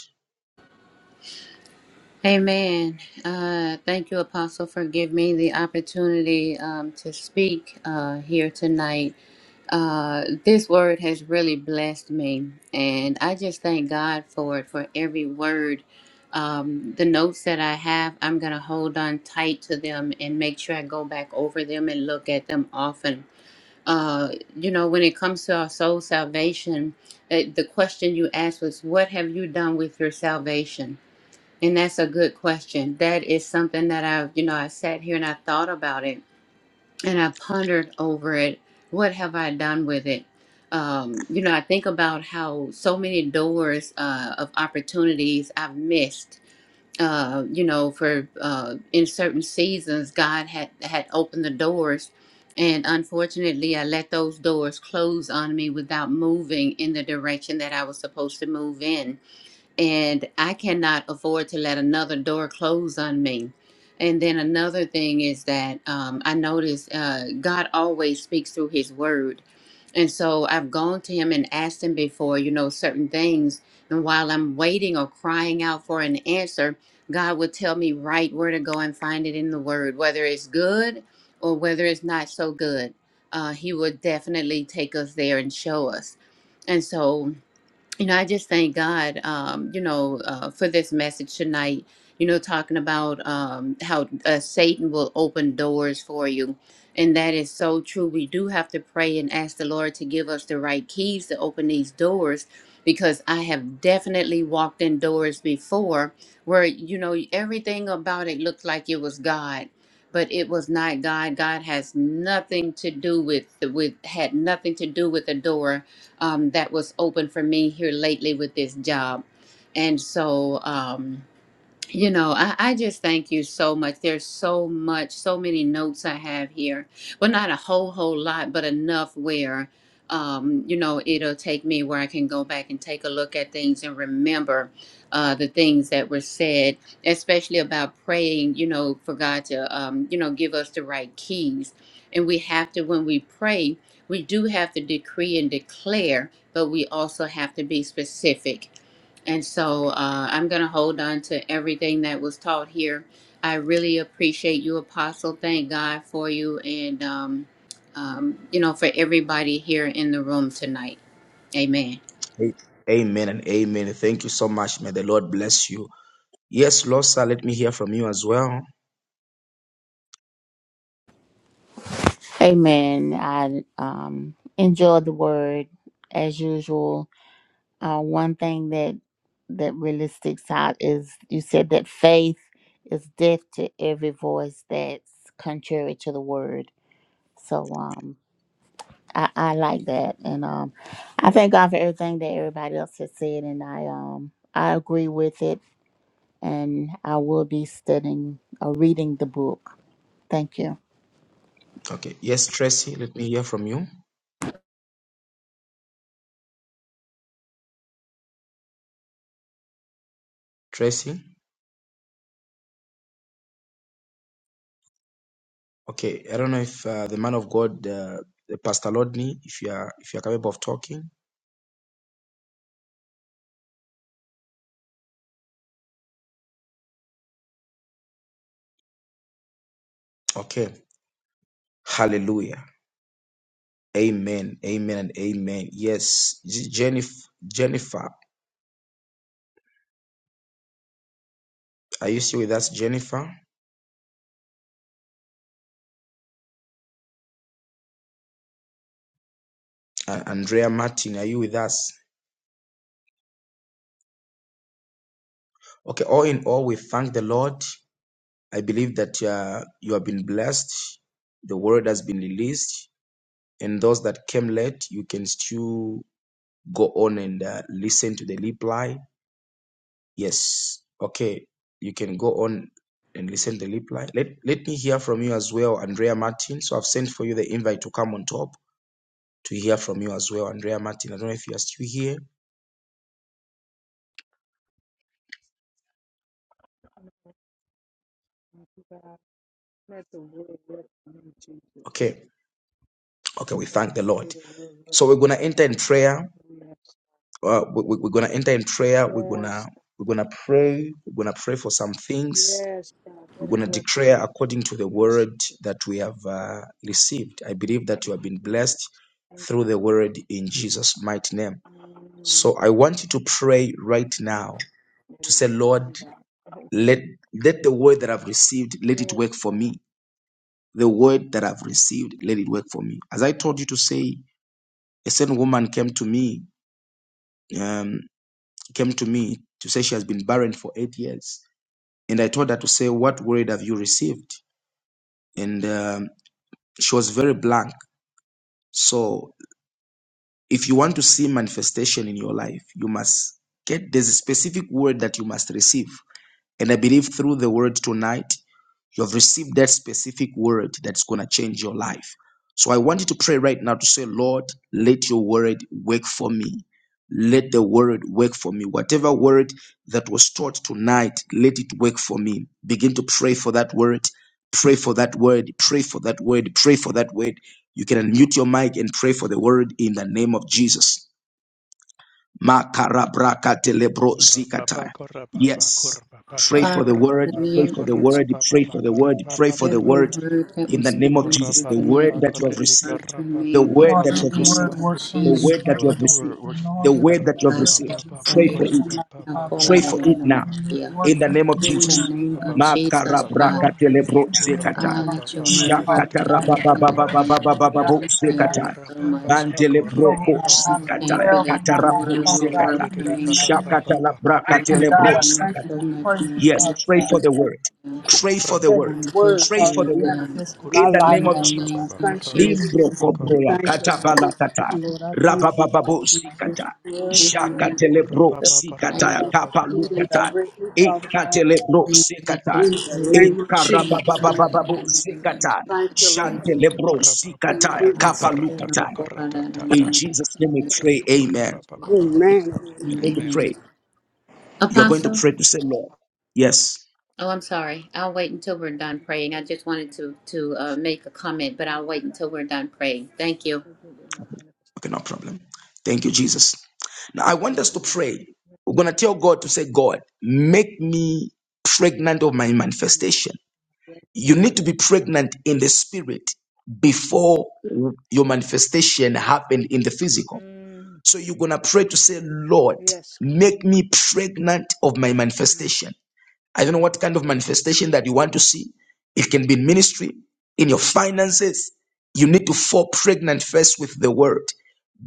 Speaker 2: Amen. Uh, thank you, Apostle, for giving me the opportunity um, to speak uh, here tonight. Uh, this word has really blessed me, and I just thank God for it, for every word. Um, the notes that I have, I'm going to hold on tight to them and make sure I go back over them and look at them often. Uh, you know, when it comes to our soul salvation, uh, the question you asked was, What have you done with your salvation? And that's a good question. That is something that I've, you know, I sat here and I thought about it and I pondered over it. What have I done with it? Um, you know, I think about how so many doors uh, of opportunities I've missed. Uh, you know, for uh, in certain seasons, God had had opened the doors, and unfortunately, I let those doors close on me without moving in the direction that I was supposed to move in and I cannot afford to let another door close on me. And then another thing is that um, I notice uh, God always speaks through His Word, and so I've gone to Him and asked Him before, you know, certain things. And while I'm waiting or crying out for an answer, God would tell me right where to go and find it in the Word, whether it's good or whether it's not so good. Uh, he would definitely take us there and show us. And so you know, I just thank God, um, you know, uh, for this message tonight. You know, talking about um, how uh, Satan will open doors for you. And that is so true. We do have to pray and ask the Lord to give us the right keys to open these doors because I have definitely walked in doors before where, you know, everything about it looked like it was God. But it was not God. God has nothing to do with with had nothing to do with the door um, that was open for me here lately with this job. And so, um, you know, I, I just thank you so much. There's so much, so many notes I have here. Well, not a whole, whole lot, but enough where, um, you know, it'll take me where I can go back and take a look at things and remember uh, the things that were said, especially about praying, you know, for God to, um, you know, give us the right keys. And we have to, when we pray, we do have to decree and declare, but we also have to be specific and so uh, I'm going to hold on to everything that was taught here. I really appreciate you, Apostle. Thank God for you and, um, um, you know, for everybody here in the room tonight. Amen.
Speaker 1: A- Amen and amen. Thank you so much. May the Lord bless you. Yes, Losa, let me hear from you as well.
Speaker 5: Amen. I um, enjoy the word as usual. Uh, one thing that that really sticks out is you said that faith is deaf to every voice that's contrary to the word. So um, I, I like that, and um, I thank God for everything that everybody else has said, and I um, I agree with it, and I will be studying or reading the book. Thank you.
Speaker 1: Okay. Yes, Tracy, let me hear from you. Tracy. Okay. I don't know if uh, the man of God, uh, Pastor Lodney, if you are if you are capable of talking. Okay. Hallelujah. Amen. Amen and amen. Yes, Jennifer. Jennifer, are you still with us, Jennifer? Uh, Andrea Martin, are you with us? Okay, all in all, we thank the Lord. I believe that uh, you have been blessed. The word has been released. And those that came late, you can still go on and uh, listen to the reply. Yes. Okay, you can go on and listen to the reply. Let, let me hear from you as well, Andrea Martin. So I've sent for you the invite to come on top to hear from you as well, Andrea Martin. I don't know if you are still here.
Speaker 12: mighty God. Let the word work for me, Jesus.
Speaker 1: Okay. Okay, we
Speaker 12: Let
Speaker 1: thank the
Speaker 12: the pray
Speaker 1: Lord.
Speaker 12: the word work
Speaker 1: So we're
Speaker 12: for
Speaker 1: going
Speaker 12: me,
Speaker 1: to enter
Speaker 12: God.
Speaker 1: in prayer
Speaker 12: Hallelujah.
Speaker 1: uh, we, we- we're gonna enter in prayer. We're
Speaker 12: Yes,
Speaker 1: gonna we're gonna pray. We're gonna pray for some things.
Speaker 12: yes, God.
Speaker 1: We're
Speaker 12: Let it
Speaker 1: gonna
Speaker 12: work for me.
Speaker 1: declare
Speaker 12: God.
Speaker 1: according to the
Speaker 12: Please,
Speaker 1: word
Speaker 12: Jesus.
Speaker 1: that we have uh, received. I believe
Speaker 12: Thank
Speaker 1: that you have been
Speaker 12: you,
Speaker 1: blessed
Speaker 12: Jesus. Thank you.
Speaker 1: through the word in Jesus' mighty name.
Speaker 12: Mm,
Speaker 1: So I want you to pray right now
Speaker 12: let
Speaker 1: to
Speaker 12: it
Speaker 1: say,
Speaker 12: work
Speaker 1: Lord,
Speaker 12: for me, God.
Speaker 1: let let the word that I've received let it
Speaker 12: yes,
Speaker 1: work for
Speaker 12: God.
Speaker 1: me. The word that I've received let it work for me. As I told you to say, a certain woman came to me. Um, came to me to say she has been barren for eight years. And I told her to say, What word have you received? And um, she was very blank. So if you want to see manifestation in your life, you must get there's a specific word that you must receive. And I believe through the word tonight, You have received that specific word that's going to change your life. So I want you to pray right now to say, Lord, let your word work for me. Let the word work for me. Whatever word that was taught tonight, let it work for me. Begin to pray for that word. Pray for that word. Pray for that word. Pray for that word. You can unmute your mic and pray for the word in the name of Jesus.
Speaker 4: Korra papa,
Speaker 1: Makarabrakatelebrosikataya.
Speaker 4: korra papa, korra
Speaker 1: Yes.
Speaker 4: papa,
Speaker 1: Pray for the
Speaker 4: korra
Speaker 2: Father,
Speaker 1: word,
Speaker 2: in the
Speaker 1: pray
Speaker 4: papa,
Speaker 2: name
Speaker 1: for
Speaker 2: of
Speaker 1: the
Speaker 4: korra
Speaker 2: Jesus,
Speaker 1: word,
Speaker 4: papa, korra
Speaker 1: pray for
Speaker 4: papa,
Speaker 1: the word, pray
Speaker 4: korra
Speaker 1: for the
Speaker 4: papa,
Speaker 2: every
Speaker 1: word
Speaker 2: word that
Speaker 1: in
Speaker 2: was
Speaker 1: the name of
Speaker 2: spoken
Speaker 4: Corra
Speaker 1: Jesus.
Speaker 2: here
Speaker 4: corra
Speaker 1: The
Speaker 4: pa
Speaker 1: word
Speaker 4: pa
Speaker 2: tonight,
Speaker 1: that you have
Speaker 2: it
Speaker 4: corriti
Speaker 2: word
Speaker 1: received,
Speaker 4: corra
Speaker 2: from
Speaker 4: pa,
Speaker 1: the
Speaker 4: pa
Speaker 2: me
Speaker 4: pa
Speaker 2: in
Speaker 1: word
Speaker 7: Lord,
Speaker 4: pa
Speaker 1: that
Speaker 2: the
Speaker 4: pa
Speaker 1: you
Speaker 7: let
Speaker 1: have
Speaker 7: the
Speaker 4: pa
Speaker 2: name
Speaker 4: pa.
Speaker 7: word
Speaker 1: received,
Speaker 2: of
Speaker 7: work for
Speaker 1: the
Speaker 7: me,
Speaker 2: Jesus.
Speaker 1: word that
Speaker 7: Father
Speaker 4: Lord,
Speaker 1: you
Speaker 4: let
Speaker 1: have
Speaker 4: the
Speaker 7: God.
Speaker 1: received,
Speaker 4: word works
Speaker 7: The
Speaker 4: for me.
Speaker 7: Lord,
Speaker 1: the
Speaker 7: that
Speaker 1: word
Speaker 4: Corra
Speaker 1: that
Speaker 7: I
Speaker 1: you
Speaker 4: pa
Speaker 1: have
Speaker 2: I
Speaker 7: word
Speaker 4: pa
Speaker 7: that I
Speaker 2: say,
Speaker 1: received.
Speaker 4: pa pa pa
Speaker 2: "What
Speaker 1: Pray
Speaker 7: receive
Speaker 2: it
Speaker 7: will
Speaker 1: for
Speaker 2: is,
Speaker 4: corra
Speaker 7: come
Speaker 1: it.
Speaker 4: pa
Speaker 7: out,
Speaker 4: pa
Speaker 2: I
Speaker 4: pa
Speaker 7: Father
Speaker 2: call
Speaker 4: pa
Speaker 2: on
Speaker 1: Pray
Speaker 2: the
Speaker 7: God.
Speaker 1: for
Speaker 2: name
Speaker 4: corra
Speaker 1: it
Speaker 2: of
Speaker 4: pa
Speaker 2: my
Speaker 1: now
Speaker 4: pa,
Speaker 7: Let it
Speaker 2: dear."
Speaker 7: work
Speaker 1: in the
Speaker 7: for me,
Speaker 1: name
Speaker 4: corra
Speaker 1: of
Speaker 4: pa
Speaker 7: for
Speaker 2: In
Speaker 7: me,
Speaker 2: the
Speaker 4: corra
Speaker 1: Jesus.
Speaker 4: pa pa
Speaker 2: name
Speaker 7: Father
Speaker 4: pa
Speaker 2: of
Speaker 4: pa,
Speaker 7: God.
Speaker 2: Jesus, Father.
Speaker 7: Lord Jesus,
Speaker 1: Makarabrakatelebro
Speaker 7: even let it with
Speaker 1: zekata.
Speaker 2: Ah,
Speaker 7: my
Speaker 2: let your
Speaker 7: family,
Speaker 2: word
Speaker 4: de
Speaker 7: Father
Speaker 2: work,
Speaker 4: de de de
Speaker 7: God.
Speaker 2: Father,
Speaker 7: Let
Speaker 4: de
Speaker 2: in
Speaker 4: pa
Speaker 2: the
Speaker 7: the
Speaker 4: pa
Speaker 7: word
Speaker 2: name
Speaker 7: that
Speaker 2: of
Speaker 7: you
Speaker 2: Jesus.
Speaker 7: God,
Speaker 1: Shakatarabababababababo
Speaker 7: let the
Speaker 2: Thank
Speaker 7: right
Speaker 2: you
Speaker 1: zekata.
Speaker 2: so
Speaker 4: kurapa
Speaker 7: word
Speaker 4: pa
Speaker 7: that
Speaker 2: much.
Speaker 4: pa
Speaker 7: speak
Speaker 4: corra
Speaker 7: over
Speaker 4: pa
Speaker 1: Mantelebroko
Speaker 7: my
Speaker 4: pa
Speaker 7: life
Speaker 2: Father,
Speaker 4: pa
Speaker 7: and
Speaker 2: thank
Speaker 1: zikata.
Speaker 7: prayer
Speaker 2: you
Speaker 7: over
Speaker 2: that
Speaker 7: my
Speaker 2: your
Speaker 1: Katarabro
Speaker 7: life,
Speaker 2: word
Speaker 7: Father
Speaker 2: will work
Speaker 7: God,
Speaker 1: zekata.
Speaker 4: kurati de
Speaker 7: in
Speaker 4: de
Speaker 2: for
Speaker 7: the
Speaker 4: de
Speaker 2: me.
Speaker 4: Corra
Speaker 7: name
Speaker 4: pa
Speaker 7: of Jesus.
Speaker 4: pa pa pa
Speaker 2: You
Speaker 4: pa
Speaker 2: have
Speaker 7: And
Speaker 2: given
Speaker 7: God,
Speaker 1: Shakatalabrakatelebro
Speaker 7: I
Speaker 2: me
Speaker 7: thank you
Speaker 2: so
Speaker 1: zekata.
Speaker 7: and I
Speaker 2: much
Speaker 7: praise
Speaker 2: more
Speaker 7: you,
Speaker 1: Yes,
Speaker 2: faith
Speaker 7: Father
Speaker 1: pray
Speaker 2: and
Speaker 1: for
Speaker 7: God.
Speaker 1: the
Speaker 2: courage
Speaker 1: word.
Speaker 2: now
Speaker 1: Pray for the
Speaker 7: This
Speaker 1: word.
Speaker 4: pa.
Speaker 2: from
Speaker 7: word,
Speaker 2: this
Speaker 1: Pray
Speaker 7: Father
Speaker 1: for the
Speaker 7: God,
Speaker 2: word,
Speaker 1: word.
Speaker 2: God.
Speaker 7: manifest in my
Speaker 4: corra
Speaker 1: In
Speaker 4: pa
Speaker 1: the
Speaker 4: kurapa
Speaker 7: life,
Speaker 2: In
Speaker 1: name
Speaker 4: pa
Speaker 1: of
Speaker 2: the
Speaker 4: pa
Speaker 7: Father
Speaker 4: pa
Speaker 1: Jesus.
Speaker 4: pa pa
Speaker 7: God.
Speaker 2: name
Speaker 4: pa,
Speaker 2: of
Speaker 7: Thank
Speaker 4: corra
Speaker 7: you,
Speaker 4: pa pa pa pa kurapa pa pa pa kurapa pa corra pa, pa
Speaker 2: Jesus,
Speaker 1: Limbro
Speaker 7: Jesus.
Speaker 2: I
Speaker 4: corra
Speaker 7: I
Speaker 1: kobroya
Speaker 7: Thank you,
Speaker 1: kata
Speaker 7: Lord.
Speaker 1: balakata.
Speaker 7: Lord, I thank you, Father
Speaker 1: Rabababo
Speaker 2: thank you,
Speaker 7: God.
Speaker 1: sikata.
Speaker 2: Father.
Speaker 7: Let your word,
Speaker 2: In the name
Speaker 4: corra
Speaker 1: Shakatelebro
Speaker 2: of Jesus,
Speaker 7: Father
Speaker 2: thank
Speaker 1: sikata.
Speaker 4: kurata
Speaker 2: you.
Speaker 4: pa
Speaker 7: God,
Speaker 4: pa
Speaker 7: lead
Speaker 4: pa
Speaker 7: and
Speaker 1: Kapalukata.
Speaker 7: direct me, Father God.
Speaker 1: Ekatelebro
Speaker 2: Thank you that
Speaker 1: sikata.
Speaker 7: In
Speaker 2: this
Speaker 7: the
Speaker 2: word will
Speaker 7: name
Speaker 2: work
Speaker 7: of
Speaker 2: for
Speaker 7: Jesus,
Speaker 2: me, Father, in
Speaker 1: Ekarababababo
Speaker 2: the name of
Speaker 1: sikata.
Speaker 2: Jesus
Speaker 7: thank you, Lord.
Speaker 2: Christ.
Speaker 1: Shantelebro
Speaker 4: Rababa
Speaker 7: Thank
Speaker 1: sikata.
Speaker 7: you, Lord.
Speaker 2: Amen.
Speaker 1: Kapalukata. In
Speaker 2: In
Speaker 12: I want
Speaker 1: Jesus'
Speaker 12: to be
Speaker 1: name we
Speaker 2: Jesus'
Speaker 12: pregnant
Speaker 1: pray.
Speaker 12: with my
Speaker 1: Amen.
Speaker 12: ministry,
Speaker 2: name,
Speaker 7: Amen. Amen.
Speaker 12: manifestation.
Speaker 7: Amen.
Speaker 1: You're going to
Speaker 12: Pregnant
Speaker 4: Amen.
Speaker 2: Amen.
Speaker 1: pray. You're going to
Speaker 12: with
Speaker 2: Apostle.
Speaker 1: pray to say, Lord.
Speaker 12: my
Speaker 1: Yes.
Speaker 2: Oh, I'm sorry. I'll wait until we're done
Speaker 12: ministry.
Speaker 2: praying. I
Speaker 12: Pregnant
Speaker 2: just
Speaker 12: with
Speaker 2: wanted
Speaker 12: my
Speaker 2: to to uh,
Speaker 12: manifestation.
Speaker 2: make a comment, but
Speaker 12: Thank
Speaker 2: I'll
Speaker 12: you,
Speaker 2: wait
Speaker 12: God.
Speaker 2: until we're done praying. Thank you.
Speaker 12: Pregnant with my
Speaker 1: Okay,
Speaker 12: manifestation.
Speaker 1: no problem. Thank you, Jesus. Now I want
Speaker 12: Thank
Speaker 1: us to
Speaker 12: you, God.
Speaker 1: pray. We're gonna tell
Speaker 12: Yes,
Speaker 1: God
Speaker 12: God.
Speaker 1: to say, God, make me pregnant of my
Speaker 12: Mm,
Speaker 1: manifestation.
Speaker 12: Yes,
Speaker 1: You
Speaker 12: God.
Speaker 1: need to be
Speaker 12: Yes, God.
Speaker 1: pregnant in the spirit before your manifestation happened in the physical.
Speaker 12: Mm,
Speaker 1: So you're gonna pray to say, Lord,
Speaker 12: Yes, God.
Speaker 1: make me pregnant of my
Speaker 12: Mm,
Speaker 1: manifestation. I don't know what kind of manifestation that you want to see. It can be in ministry, in your finances. You need to fall pregnant first with the word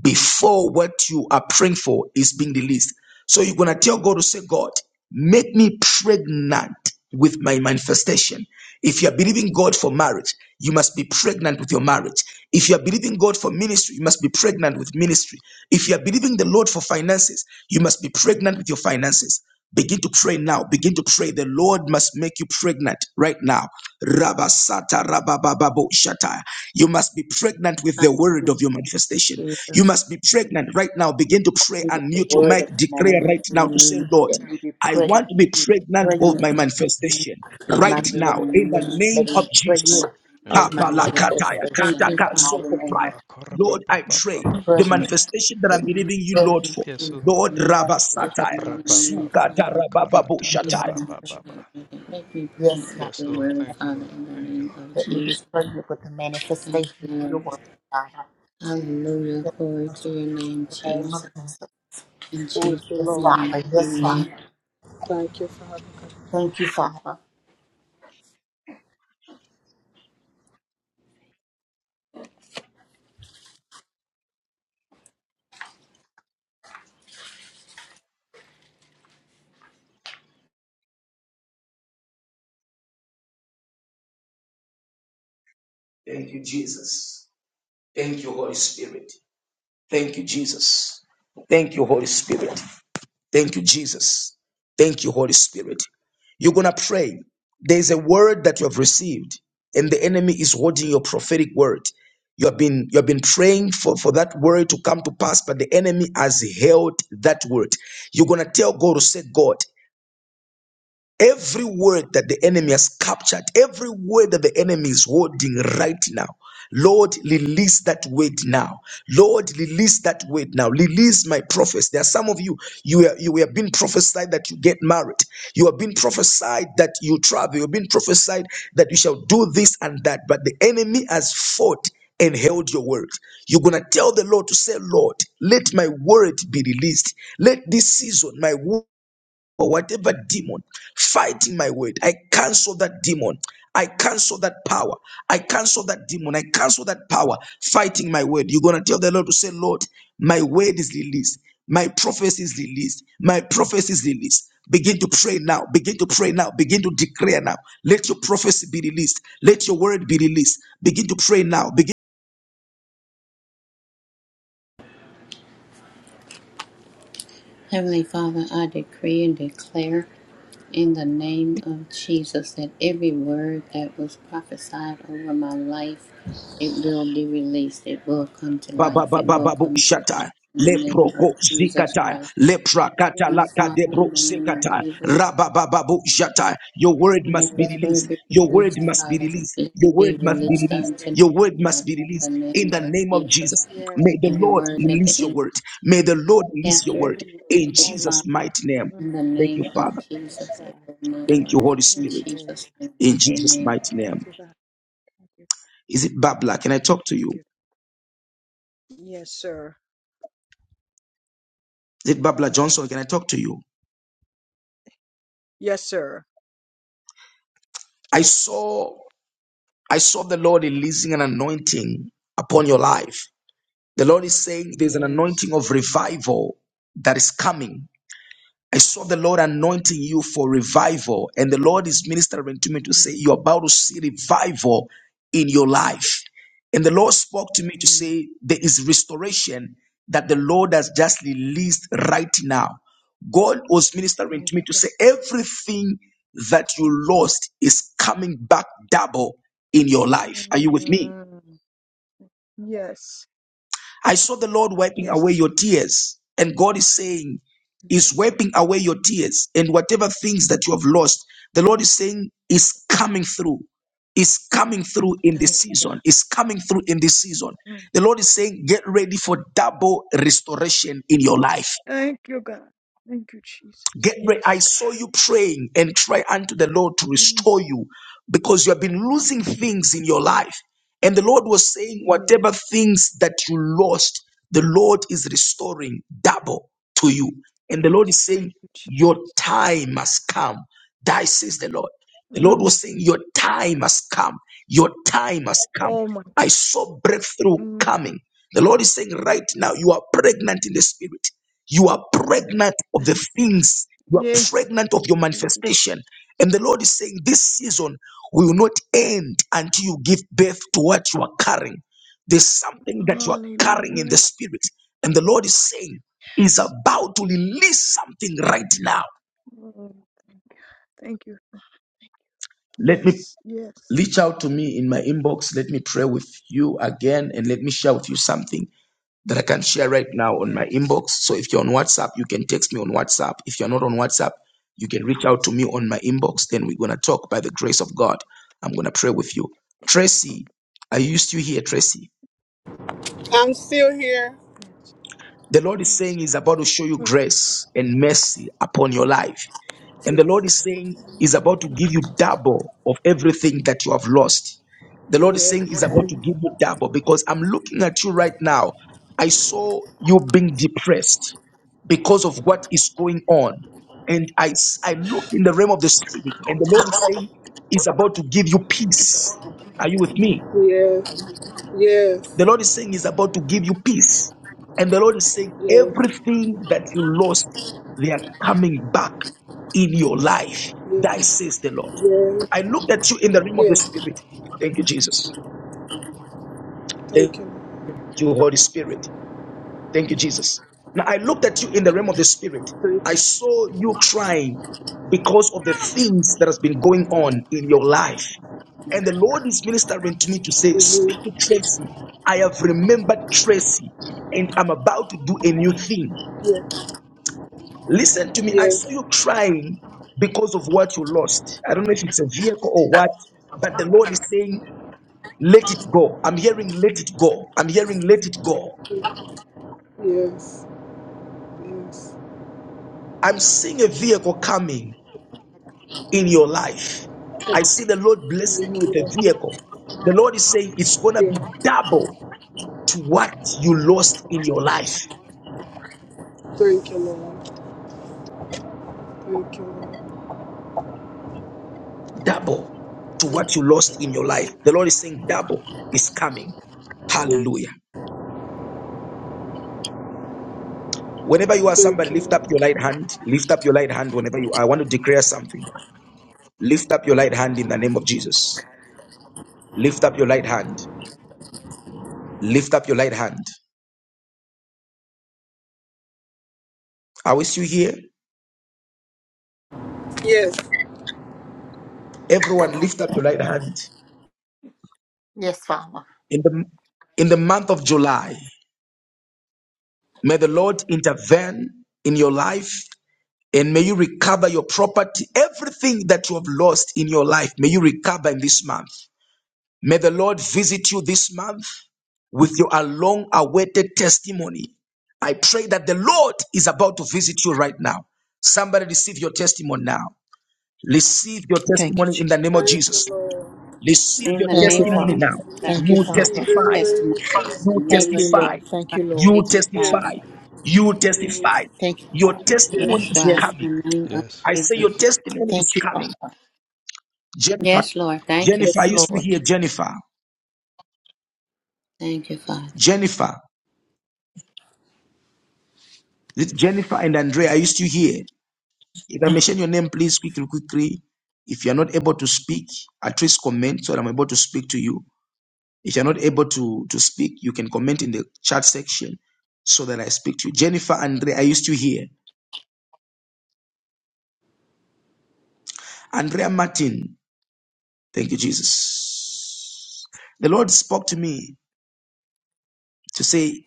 Speaker 1: before what you are praying for is being released. So you're going to tell God to say, God, make me pregnant with my manifestation. If you are believing God for marriage, you must be pregnant with your marriage. If you are believing God for ministry, you must be pregnant with ministry. If you are believing the Lord for finances, you must be pregnant with your finances. Begin to pray now. Begin to pray. The Lord must make you pregnant right now. Rabasata rabababo shata. You must be pregnant with the word of your manifestation. You must be pregnant right now. Begin to pray and
Speaker 5: The
Speaker 1: mute your
Speaker 5: word
Speaker 1: mic.
Speaker 5: of the
Speaker 1: Declare
Speaker 5: manifest
Speaker 1: right now to say, Lord,
Speaker 5: that we be
Speaker 1: I
Speaker 5: pregnant,
Speaker 1: want to be pregnant of
Speaker 5: pregnant
Speaker 1: my manifestation
Speaker 5: of my
Speaker 1: right now in the
Speaker 5: manifestation,
Speaker 1: name
Speaker 5: make
Speaker 1: of
Speaker 5: me pregnant
Speaker 1: Jesus.
Speaker 4: Yes,
Speaker 5: of my
Speaker 4: Lord.
Speaker 1: Kapalakataya,
Speaker 5: manifestation
Speaker 2: Thank
Speaker 5: in
Speaker 2: you,
Speaker 1: kataka,
Speaker 5: the
Speaker 2: Father.
Speaker 5: mighty name
Speaker 1: sokopaya.
Speaker 5: of
Speaker 1: Lord, I pray the
Speaker 5: pregnant.
Speaker 1: manifestation that
Speaker 5: Let
Speaker 1: I'm
Speaker 5: me be
Speaker 1: believing you,
Speaker 5: pregnant
Speaker 1: Lord, for.
Speaker 4: Yes, Lord.
Speaker 1: Lord,
Speaker 5: of manifestation
Speaker 1: Rabasata.
Speaker 5: in the
Speaker 2: Make
Speaker 1: Zukatarabababushata.
Speaker 2: me
Speaker 5: name of Jesus.
Speaker 2: pregnant with it. Make me
Speaker 5: Yes,
Speaker 2: it
Speaker 5: God.
Speaker 2: with
Speaker 4: Yes,
Speaker 2: your
Speaker 4: Lord.
Speaker 2: word,
Speaker 4: Thank you,
Speaker 2: Father,
Speaker 4: Lord.
Speaker 2: in the
Speaker 4: Thank you,
Speaker 2: name
Speaker 4: Lord.
Speaker 2: of
Speaker 5: Let me be
Speaker 2: Jesus.
Speaker 5: pregnant with the
Speaker 2: Thank
Speaker 5: manifestation
Speaker 2: you,
Speaker 5: of your
Speaker 2: Lord.
Speaker 5: word, God. In
Speaker 2: Hallelujah.
Speaker 5: the
Speaker 2: Glory to your name,
Speaker 5: name of
Speaker 2: Jesus.
Speaker 5: Jesus.
Speaker 2: In Jesus'
Speaker 7: Thank you,
Speaker 5: Yes,
Speaker 7: Lord.
Speaker 2: name,
Speaker 5: Father. Yes,
Speaker 7: Yes.
Speaker 2: amen.
Speaker 5: Father.
Speaker 7: Thank you, Father God.
Speaker 5: Thank you, Father.
Speaker 1: Thank you, Jesus. Thank you, Holy Spirit. Thank you, Jesus. Thank you, Holy Spirit. Thank you, Jesus. Thank you, Holy Spirit. You're going to pray. There's a word that you have received, and the enemy is holding your prophetic word. You have been you have been praying for, for that word to come to pass, but the enemy has held that word. You're gonna tell God to say, God, Every word that the enemy has captured, every word that the enemy is holding right now, Lord, release that word now. Lord, release that word now. Release my prophets. There are some of you, you are, you have been prophesied that you get married. You have been prophesied that you travel. You have been prophesied that you shall do this and that. But the enemy has fought and held your word. You're going to tell the Lord to say, Lord, let my word be released. Let this season, my word or whatever demon fighting my word, I cancel that demon. I cancel that power. I cancel that demon. I cancel that power fighting my word. You're going to tell the Lord to say, Lord, my word is released. My prophecy is released. My prophecy is released. Begin to pray now. Begin to pray now. Begin to declare now. Let your prophecy be released. Let your word be released. Begin to pray now.
Speaker 2: Heavenly Father, I decree and declare in the name of Jesus that every word that was prophesied over my life, it will be released. It will come to life. It will
Speaker 1: bababababu
Speaker 2: come to pass
Speaker 1: shata
Speaker 2: in the name
Speaker 1: leproko
Speaker 2: of Jesus
Speaker 1: zikata
Speaker 2: Christ.
Speaker 1: leprakata
Speaker 2: And
Speaker 12: Yes,
Speaker 2: Father,
Speaker 12: God.
Speaker 2: in
Speaker 1: lakadebro
Speaker 12: Every
Speaker 2: the name
Speaker 12: word,
Speaker 2: of
Speaker 1: zikata
Speaker 12: God.
Speaker 2: Jesus,
Speaker 1: rababababu shata your word
Speaker 12: Every
Speaker 1: must
Speaker 2: let
Speaker 1: be
Speaker 12: word,
Speaker 2: this
Speaker 1: released
Speaker 2: word
Speaker 12: God.
Speaker 2: be
Speaker 1: your word
Speaker 12: Every
Speaker 2: released,
Speaker 12: word,
Speaker 1: must be
Speaker 12: God.
Speaker 2: Father.
Speaker 1: released
Speaker 2: Let
Speaker 1: your
Speaker 2: it
Speaker 1: word
Speaker 2: be
Speaker 1: must be
Speaker 2: released
Speaker 1: released
Speaker 12: Outside
Speaker 2: unto
Speaker 12: of
Speaker 2: me,
Speaker 12: my
Speaker 1: your
Speaker 12: life,
Speaker 1: word
Speaker 12: let it
Speaker 1: must
Speaker 2: Father,
Speaker 12: be
Speaker 1: be
Speaker 2: in the
Speaker 1: released
Speaker 12: released, God.
Speaker 1: in
Speaker 2: name
Speaker 1: the
Speaker 2: of
Speaker 1: name of
Speaker 2: Jesus
Speaker 1: jesus
Speaker 12: Yes,
Speaker 1: may the
Speaker 12: God.
Speaker 2: every
Speaker 1: lord
Speaker 2: word that the
Speaker 1: release your
Speaker 2: enemy
Speaker 1: word
Speaker 12: Yes.
Speaker 1: may the lord release your
Speaker 2: captured
Speaker 1: word
Speaker 12: Every word.
Speaker 1: in
Speaker 2: and
Speaker 1: jesus
Speaker 2: recorded,
Speaker 12: Hallelujah.
Speaker 1: mighty name
Speaker 2: In
Speaker 12: Mm,
Speaker 2: the
Speaker 1: thank you
Speaker 2: name of
Speaker 1: father
Speaker 12: Yes,
Speaker 2: Jesus, it
Speaker 12: God.
Speaker 2: will not
Speaker 1: thank you
Speaker 2: work.
Speaker 1: holy
Speaker 2: In
Speaker 12: Every
Speaker 1: spirit
Speaker 12: word,
Speaker 2: Jesus'
Speaker 12: God.
Speaker 2: name,
Speaker 1: in jesus
Speaker 2: amen.
Speaker 1: mighty
Speaker 12: Thank
Speaker 1: name
Speaker 12: you, God. Thank you.
Speaker 1: is it babla can i talk to
Speaker 12: Thank
Speaker 1: you
Speaker 12: you. Yes, sir.
Speaker 1: is it babla johnson can i talk to you
Speaker 12: Yes, sir.
Speaker 1: I saw. I saw the Lord releasing an anointing upon your life. The Lord is saying there's an
Speaker 12: Yes.
Speaker 1: anointing of revival that is coming I saw the Lord anointing you for revival, and the Lord is ministering to me to say,
Speaker 12: Mm,
Speaker 1: You're about to see revival in your life. And the Lord spoke to me to
Speaker 12: mm.
Speaker 1: say, There is restoration that the Lord has just released right now. God was ministering
Speaker 12: Thank
Speaker 1: to me
Speaker 12: you,
Speaker 1: to say,
Speaker 12: God.
Speaker 1: Everything that you lost is coming back double in your life. Are you with me?
Speaker 12: Mm, Yes.
Speaker 1: I saw the Lord wiping away
Speaker 12: Yes.
Speaker 1: your tears. And God is saying,
Speaker 12: Yes.
Speaker 1: is wiping away your tears and whatever things that you have lost. The Lord is saying, is coming through. Is coming through in this
Speaker 12: Thank you,
Speaker 1: season.
Speaker 12: God.
Speaker 1: Is coming through in this season.
Speaker 12: Mm.
Speaker 1: The Lord is saying, get ready for double restoration in your life.
Speaker 12: Thank you, God. Thank you, Jesus.
Speaker 1: Get ready. I
Speaker 12: Yes,
Speaker 1: saw you praying and cry unto the Lord to
Speaker 12: God. Mm.
Speaker 1: restore you because you have been losing
Speaker 12: Yes.
Speaker 1: things in your life. And the Lord was saying,
Speaker 12: Yes.
Speaker 1: whatever things that you lost, the Lord is restoring double to you. And the Lord
Speaker 12: Yes.
Speaker 1: is saying,
Speaker 12: Thank you,
Speaker 1: your
Speaker 12: Jesus.
Speaker 1: time must come. Thy says the Lord. The Lord
Speaker 12: Mm.
Speaker 1: was saying, your time has come. Your time has come.
Speaker 12: Oh, my
Speaker 1: I
Speaker 12: God.
Speaker 1: saw breakthrough
Speaker 12: Mm.
Speaker 1: coming. The Lord is saying right now, you are pregnant in the spirit. You are pregnant of the
Speaker 12: Thank you, God.
Speaker 1: things, you are
Speaker 12: Yeah.
Speaker 1: pregnant of your
Speaker 12: Thank you, Jesus.
Speaker 1: manifestation. And the Lord is saying, This season will not end until you give birth to what you are carrying. There's something that you are carrying in the
Speaker 12: Hallelujah.
Speaker 1: spirit. And the Lord is saying, Is
Speaker 12: Yes.
Speaker 1: about to release something right now.
Speaker 12: Mm. Thank you.
Speaker 1: Let me
Speaker 12: Yes. Yes.
Speaker 1: reach out to me in my inbox. Let me pray with you again and let me share with you something that I can share right now on my
Speaker 12: Yes.
Speaker 1: inbox. So if you're on WhatsApp, you can text me on WhatsApp. If you're not on WhatsApp, you can reach out to
Speaker 12: Yes.
Speaker 1: me on my inbox. Then we're going to talk by the grace of God. I'm going to pray with you.
Speaker 12: Okay.
Speaker 1: Tracy, are you still here, Tracy?
Speaker 7: Answer.
Speaker 12: Yes.
Speaker 1: The Lord is
Speaker 12: Yes,
Speaker 1: saying He's about to show you
Speaker 12: God.
Speaker 1: grace and mercy upon your life. And the
Speaker 7: Yes.
Speaker 1: Lord is saying, He's
Speaker 12: Mm.
Speaker 1: about to
Speaker 12: Mm. Mm.
Speaker 1: give you double of everything that you have lost. The Lord is
Speaker 7: Yes. Yes.
Speaker 1: saying, He's about to give you double because I'm looking at you right now. I saw you being depressed because of what is going on. And I, s- I looked in the realm of the Spirit, and the Lord is saying, He's about to give you peace. Are you with me?
Speaker 7: Yes.
Speaker 1: The Lord is saying He's about to give you peace. And the Lord is saying
Speaker 7: Yes.
Speaker 1: everything that you lost, they are coming back in your life. Thy
Speaker 7: Yes.
Speaker 1: says the Lord.
Speaker 7: Yes.
Speaker 1: I looked at you in the realm of the
Speaker 7: Yes.
Speaker 1: Spirit. Thank you, Jesus. Thank
Speaker 7: Thank you, Lord.
Speaker 1: you, Holy Spirit. Thank you, Jesus. Now I looked at you in the realm of the spirit.
Speaker 7: Thank
Speaker 1: I
Speaker 7: you.
Speaker 1: saw you crying because of the things that has been going on in your life. And the Lord is ministering to me to say, Speak
Speaker 7: Mm-hmm.
Speaker 1: to Tracy. I have remembered Tracy and I'm about to do a new thing.
Speaker 7: Yeah.
Speaker 1: Listen to me. I
Speaker 7: Yeah.
Speaker 1: saw you crying because of what you lost. I don't know if it's a vehicle or what, but the Lord is saying, Let it go. I'm hearing, Let it go. I'm hearing, Let it go.
Speaker 7: Mm. Yes. Yes.
Speaker 1: I'm seeing a vehicle coming in your life. I see the Lord blessing you
Speaker 7: Thank you,
Speaker 1: with a
Speaker 7: Lord.
Speaker 1: vehicle. The Lord is saying it's going to be
Speaker 7: Yeah.
Speaker 1: double to what you lost in your life.
Speaker 7: Thank you, Lord. Thank you, Lord.
Speaker 1: Double to
Speaker 7: Thank you.
Speaker 1: what you lost in your life. The Lord is saying double is coming.
Speaker 7: Yeah.
Speaker 1: Hallelujah. Whenever you are
Speaker 7: Thank
Speaker 1: somebody,
Speaker 7: you,
Speaker 1: lift up your
Speaker 7: Lord.
Speaker 1: right hand. Lift up your right hand whenever you are. I want to declare something. Lift up your right hand in the name of Jesus. Lift up your right hand. Lift up your right hand. I wish you here.
Speaker 7: Yes.
Speaker 1: Everyone, lift up your right hand.
Speaker 5: Yes, Father.
Speaker 1: In the in the month of July, May the Lord intervene in your life and may you recover your property. Everything that you have lost in your life, may you recover in this month. May the Lord visit you this month with your long awaited testimony. I pray that the Lord is about to visit you right now. Somebody receive your testimony now. Receive your
Speaker 5: Thank you,
Speaker 1: testimony
Speaker 5: Jesus.
Speaker 1: in the name of
Speaker 7: Thank you,
Speaker 1: Jesus.
Speaker 7: Lord. Thank
Speaker 1: Receive
Speaker 2: In
Speaker 1: your
Speaker 2: the
Speaker 7: you,
Speaker 5: Thank you,
Speaker 2: name of
Speaker 1: testimony
Speaker 7: Lord.
Speaker 5: Father.
Speaker 1: now.
Speaker 2: Jesus,
Speaker 7: We
Speaker 2: I
Speaker 1: You
Speaker 5: Thank you,
Speaker 7: receive
Speaker 2: receive
Speaker 7: in
Speaker 5: Father.
Speaker 2: this
Speaker 7: the
Speaker 1: testify.
Speaker 2: testimony.
Speaker 7: name of
Speaker 2: In
Speaker 7: Jesus.
Speaker 2: the
Speaker 1: You
Speaker 2: name
Speaker 5: Thank
Speaker 2: of
Speaker 5: you,
Speaker 2: Jesus,
Speaker 1: testify.
Speaker 5: Lord. Thank
Speaker 2: I
Speaker 5: you, Lord.
Speaker 2: thank
Speaker 1: You
Speaker 2: you,
Speaker 1: testify.
Speaker 2: Father.
Speaker 7: Yes.
Speaker 1: You
Speaker 7: Yes.
Speaker 1: testify.
Speaker 5: Thank you,
Speaker 1: Your
Speaker 5: Father.
Speaker 4: In the
Speaker 1: testimony
Speaker 4: name
Speaker 2: Yes,
Speaker 4: of
Speaker 7: Yes.
Speaker 1: is
Speaker 2: God.
Speaker 4: Jesus.
Speaker 5: Yes.
Speaker 1: coming.
Speaker 2: In the name of
Speaker 4: Yes.
Speaker 1: I say your
Speaker 2: Jesus.
Speaker 4: Yes.
Speaker 1: testimony is
Speaker 5: Thank you,
Speaker 1: coming.
Speaker 5: Father.
Speaker 1: Jennifer,
Speaker 2: Yes, Lord. Thank you.
Speaker 5: Yes,
Speaker 1: Jennifer, are you still
Speaker 5: Lord.
Speaker 1: here? Jennifer,
Speaker 2: Thank you, Father.
Speaker 1: Jennifer, Is it Jennifer and Andrea, are you still here? If I mention your name, please quickly, quickly. If you're not able to speak, at least comment so that I'm able to speak to you. If you're not able to, to speak, you can comment in the chat section so that I speak to you. Jennifer, Andrea, are you still here? Andrea Martin, Thank you, Jesus. The Lord spoke to me to say,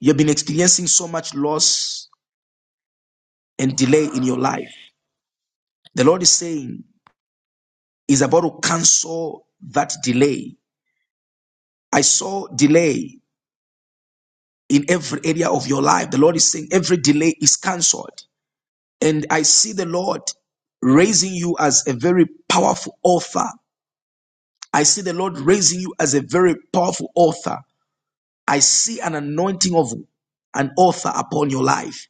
Speaker 1: You've been experiencing so much loss and delay in your life. The Lord is saying, He's about to cancel that delay. I saw delay in every area of your life. The Lord is saying, Every delay is cancelled. And I see the Lord raising you as a very powerful author. I see the Lord raising you as a very powerful author. I see an anointing of an author upon your life.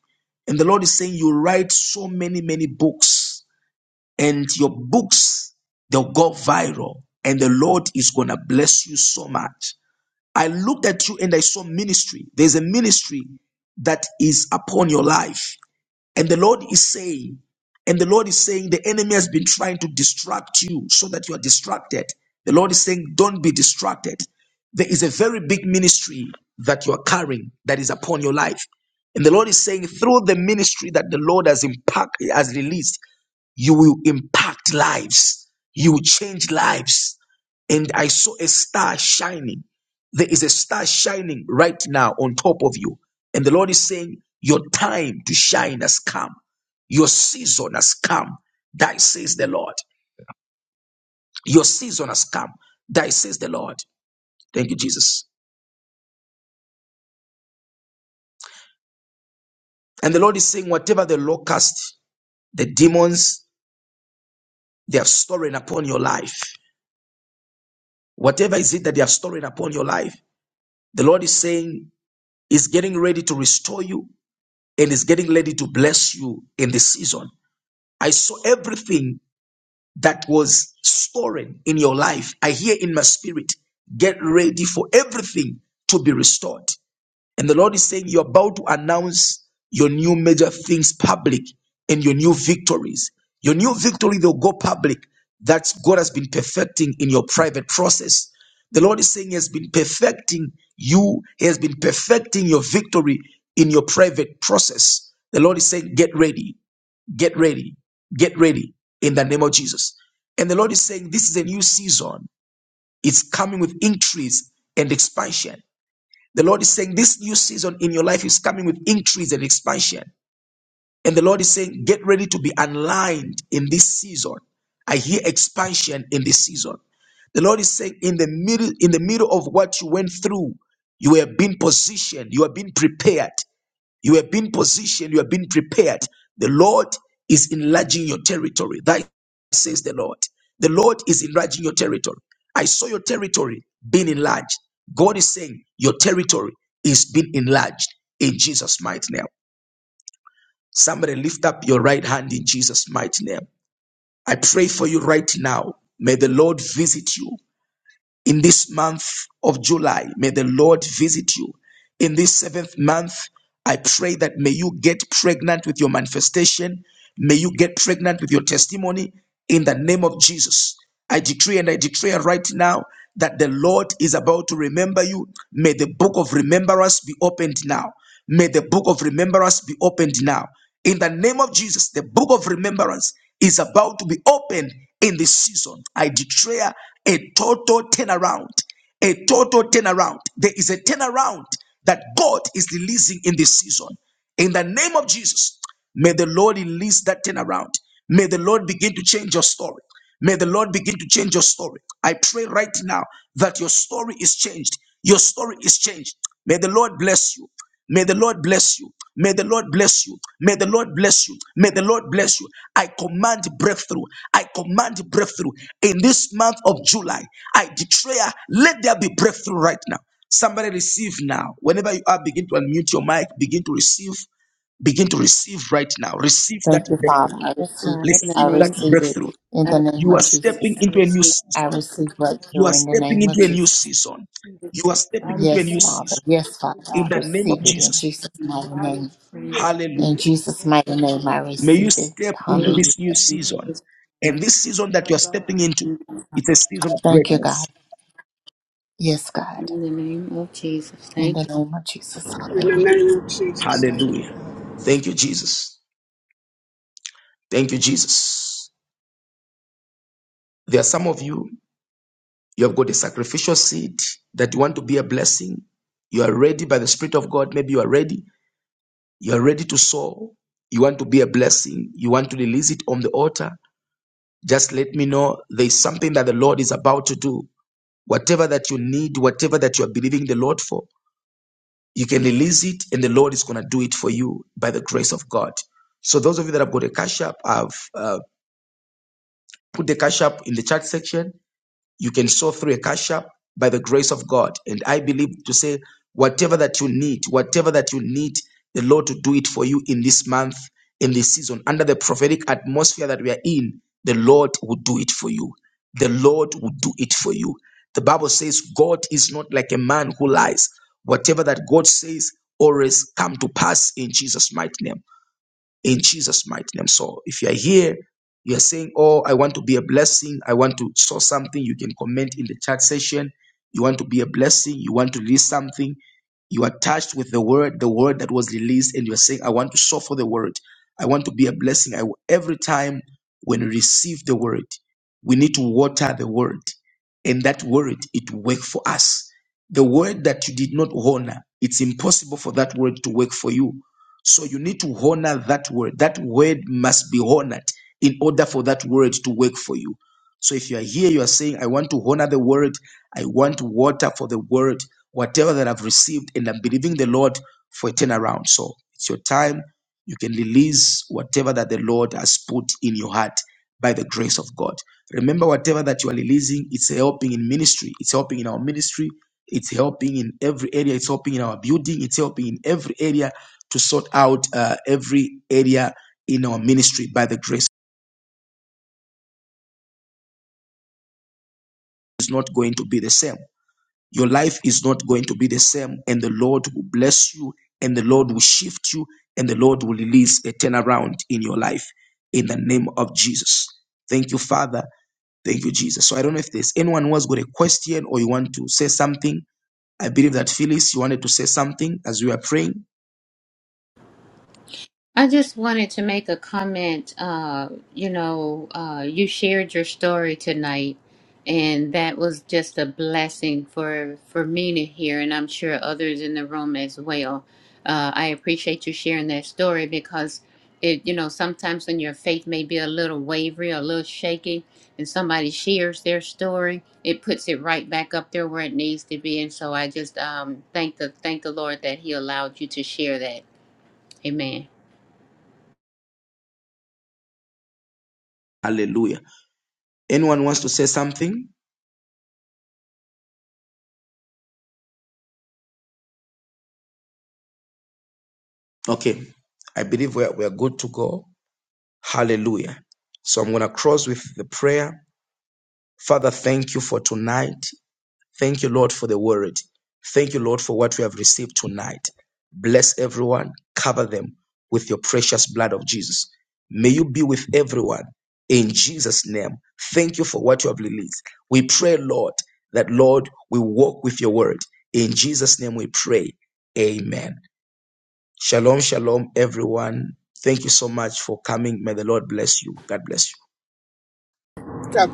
Speaker 1: And the Lord is saying, You write so many, many books, and your books, they'll go viral. And the Lord is going to bless you so much. I looked at you and I saw ministry. There's a ministry that is upon your life. And the Lord is saying, and the Lord is saying, the enemy has been trying to distract you so that you are distracted. The Lord is saying, don't be distracted. There is a very big ministry that you are carrying that is upon your life. And the Lord is saying, through the ministry that the Lord has impact, has released, you will impact lives. You will change lives. And I saw a star shining. There is a star shining right now on top of you. And the Lord is saying, Your time to shine has come. Your season has come. Thy says the Lord. Your season has come. Thy says the Lord. Thank you, Jesus. And the Lord is saying, whatever the locust, the demons, they are storing upon your life, whatever is it that they are storing upon your life, the Lord is saying, is getting ready to restore you and is getting ready to bless you in this season. I saw everything that was stolen in your life. I hear in my spirit, get ready for everything to be restored. And the Lord is saying, You're about to announce your new major things public and your new victories. Your new victory, they'll go public that God has been perfecting in your private process. The Lord is saying, He has been perfecting you, He has been perfecting your victory in your private process. The Lord is saying, Get ready, get ready, get ready in the name of Jesus. And the Lord is saying, This is a new season, it's coming with increase and expansion. The Lord is saying this new season in your life is coming with increase and expansion. And the Lord is saying, get ready to be aligned in this season. I hear expansion in this season. The Lord is saying, in the middle, in the middle of what you went through, you were being positioned, you are being prepared. You have been positioned, you have been prepared. The Lord is enlarging your territory. That says the Lord. The Lord is enlarging your territory. I saw your territory being enlarged. God is saying your territory is being enlarged in Jesus' mighty name. Somebody lift up your right hand in Jesus' mighty name. I pray for you right now. May the Lord visit you. In this month of July, may the Lord visit you. In this seventh month, I pray that may you get pregnant with your manifestation. May you get pregnant with your testimony in the name of Jesus. I decree and I declare right now that the Lord is about to remember you. May the book of remembrance be opened now. May the book of remembrance be opened now. In the name of Jesus, the book of remembrance is about to be opened in this season. I declare a total turnaround. A total turnaround. There is a turnaround that God is releasing in this season. In the name of Jesus, May the Lord release that thing around. May the Lord begin to change your story. May the Lord begin to change your story. I pray right now that your story is changed. Your story is changed. May the Lord bless you. May the Lord bless you. May the Lord bless you. May the Lord bless you. May the Lord bless you. I command breakthrough. I command breakthrough. In this month of July, I declare, let there be breakthrough right now. Somebody receive now. Whenever you are, begin to unmute your mic, begin to receive begin to receive right now. Receive that
Speaker 5: Thank you, Father.
Speaker 1: breakthrough.
Speaker 5: I
Speaker 2: Yes,
Speaker 5: receive
Speaker 2: God. In
Speaker 5: it.
Speaker 2: the
Speaker 5: I
Speaker 1: Receive that
Speaker 2: name of
Speaker 5: receive it
Speaker 1: breakthrough.
Speaker 2: Jesus,
Speaker 5: in
Speaker 2: I
Speaker 5: the
Speaker 2: receive.
Speaker 5: name
Speaker 1: You
Speaker 5: of
Speaker 1: are stepping
Speaker 2: I
Speaker 5: Jesus.
Speaker 1: into a new
Speaker 2: receive.
Speaker 5: I
Speaker 2: it.
Speaker 1: season.
Speaker 5: receive
Speaker 2: In
Speaker 1: You
Speaker 5: breakthrough
Speaker 1: are
Speaker 5: in the
Speaker 1: stepping
Speaker 2: Jesus'
Speaker 5: name of
Speaker 1: into a
Speaker 2: name,
Speaker 1: new
Speaker 5: Jesus.
Speaker 12: I
Speaker 1: season.
Speaker 12: receive it.
Speaker 1: You are
Speaker 12: I
Speaker 1: stepping into a
Speaker 2: Father.
Speaker 5: Yes,
Speaker 1: new
Speaker 12: receive it.
Speaker 5: Father.
Speaker 1: season.
Speaker 12: I
Speaker 5: Yes,
Speaker 12: receive
Speaker 5: Father.
Speaker 12: it.
Speaker 5: I
Speaker 1: In the name of
Speaker 5: receive it
Speaker 2: Thank
Speaker 5: in
Speaker 1: Jesus.
Speaker 5: Jesus'
Speaker 2: you,
Speaker 5: mighty
Speaker 12: I
Speaker 2: Jesus.
Speaker 5: name.
Speaker 12: receive
Speaker 2: Praise
Speaker 12: it in
Speaker 5: In
Speaker 2: Jesus.
Speaker 1: Hallelujah.
Speaker 12: Jesus'
Speaker 5: Jesus'
Speaker 12: name.
Speaker 5: mighty
Speaker 2: For this
Speaker 5: name,
Speaker 12: Yes.
Speaker 5: I
Speaker 1: May
Speaker 12: God.
Speaker 2: reason.
Speaker 1: you
Speaker 5: receive it.
Speaker 1: step into
Speaker 2: Amen.
Speaker 5: Hallelujah.
Speaker 1: this new
Speaker 2: In
Speaker 12: Mm,
Speaker 1: season.
Speaker 2: Jesus'
Speaker 1: And this season that
Speaker 12: my
Speaker 1: you are
Speaker 12: God.
Speaker 1: stepping into,
Speaker 2: name.
Speaker 1: it's a season of
Speaker 5: Thank you, God.
Speaker 1: greatness.
Speaker 5: Yes, God.
Speaker 2: In the name of Jesus.
Speaker 5: In
Speaker 2: Thank you.
Speaker 5: the name of Jesus.
Speaker 7: In the name of Jesus. Thank
Speaker 1: Hallelujah.
Speaker 7: you,
Speaker 1: Thank you, Jesus. Thank you, Jesus. There are some of you. You have got a sacrificial seed that you want to be a blessing. You are ready by the Spirit of God. Maybe you are ready. You are ready to sow. You want to be a blessing. You want to release it on the altar. Just let me know there is something that the Lord is about to do. Whatever that you need, whatever that you are believing the Lord for, you can release it and the Lord is going to do it for you by the grace of God. So those of you that have got a cash app, I've uh, put the cash app in the chat section. you can sow through a cash app by the grace of God. And I believe to say, whatever that you need, whatever that you need, the Lord to do it for you in this month, in this season, under the prophetic atmosphere that we are in, the Lord will do it for you. The Lord will do it for you. The Bible says, God is not like a man who lies. Whatever that God says, always come to pass in Jesus' mighty name in Jesus' mighty name. So if you are here, you are saying, Oh, I want to be a blessing. I want to sow something. You can comment in the chat session. You want to be a blessing. You want to release something. You are touched with the word, the word that was released, and you are saying, I want to sow for the word. I want to be a blessing. I, w- every time when we receive the word, we need to water the word. And that word, it work for us. The word that you did not honor, it's impossible for that word to work for you so you need to honor that word. That word must be honored in order for that word to work for you. So if you are here, you are saying, I want to honor the word, I want water for the word, whatever that I've received, and I'm believing the Lord for a turnaround. So it's your time. You can release whatever that the Lord has put in your heart by the grace of God. Remember, whatever that you are releasing, it's helping in ministry, it's helping in our ministry, it's helping in every area, it's helping in our building, it's helping in every area to sort out uh, every area in our ministry by the grace is not going to be the same. Your life is not going to be the same, and the Lord will bless you, and the Lord will shift you, and the Lord will release a turnaround in your life in the name of Jesus. Thank you, Father. Thank you, Jesus. So I don't know if there's anyone who has got a question or you want to say something. I believe that Phyllis, you wanted to say something as we are praying.
Speaker 2: I just wanted to make a comment. Uh, you know, uh, you shared your story tonight, and that was just a blessing for for me to hear, and I'm sure others in the room as well. Uh, I appreciate you sharing that story because it, you know, sometimes when your faith may be a little wavery, a little shaky, and somebody shares their story, it puts it right back up there where it needs to be. And so I just um, thank the thank the Lord that He allowed you to share that. Amen.
Speaker 1: Hallelujah. Anyone wants to say something? Okay. I believe we're, we're good to go. Hallelujah. So I'm going to close with the prayer. Father, thank you for tonight. Thank you, Lord, for the word. Thank you, Lord, for what we have received tonight. Bless everyone. Cover them with your precious blood of Jesus. May you be with everyone in Jesus' name. Thank you for what you have released. We pray, Lord, that, Lord, we walk with your word. In Jesus' name we pray. Amen. Shalom, shalom, everyone. Thank you so much for coming. May the Lord bless you. God bless you.
Speaker 7: God.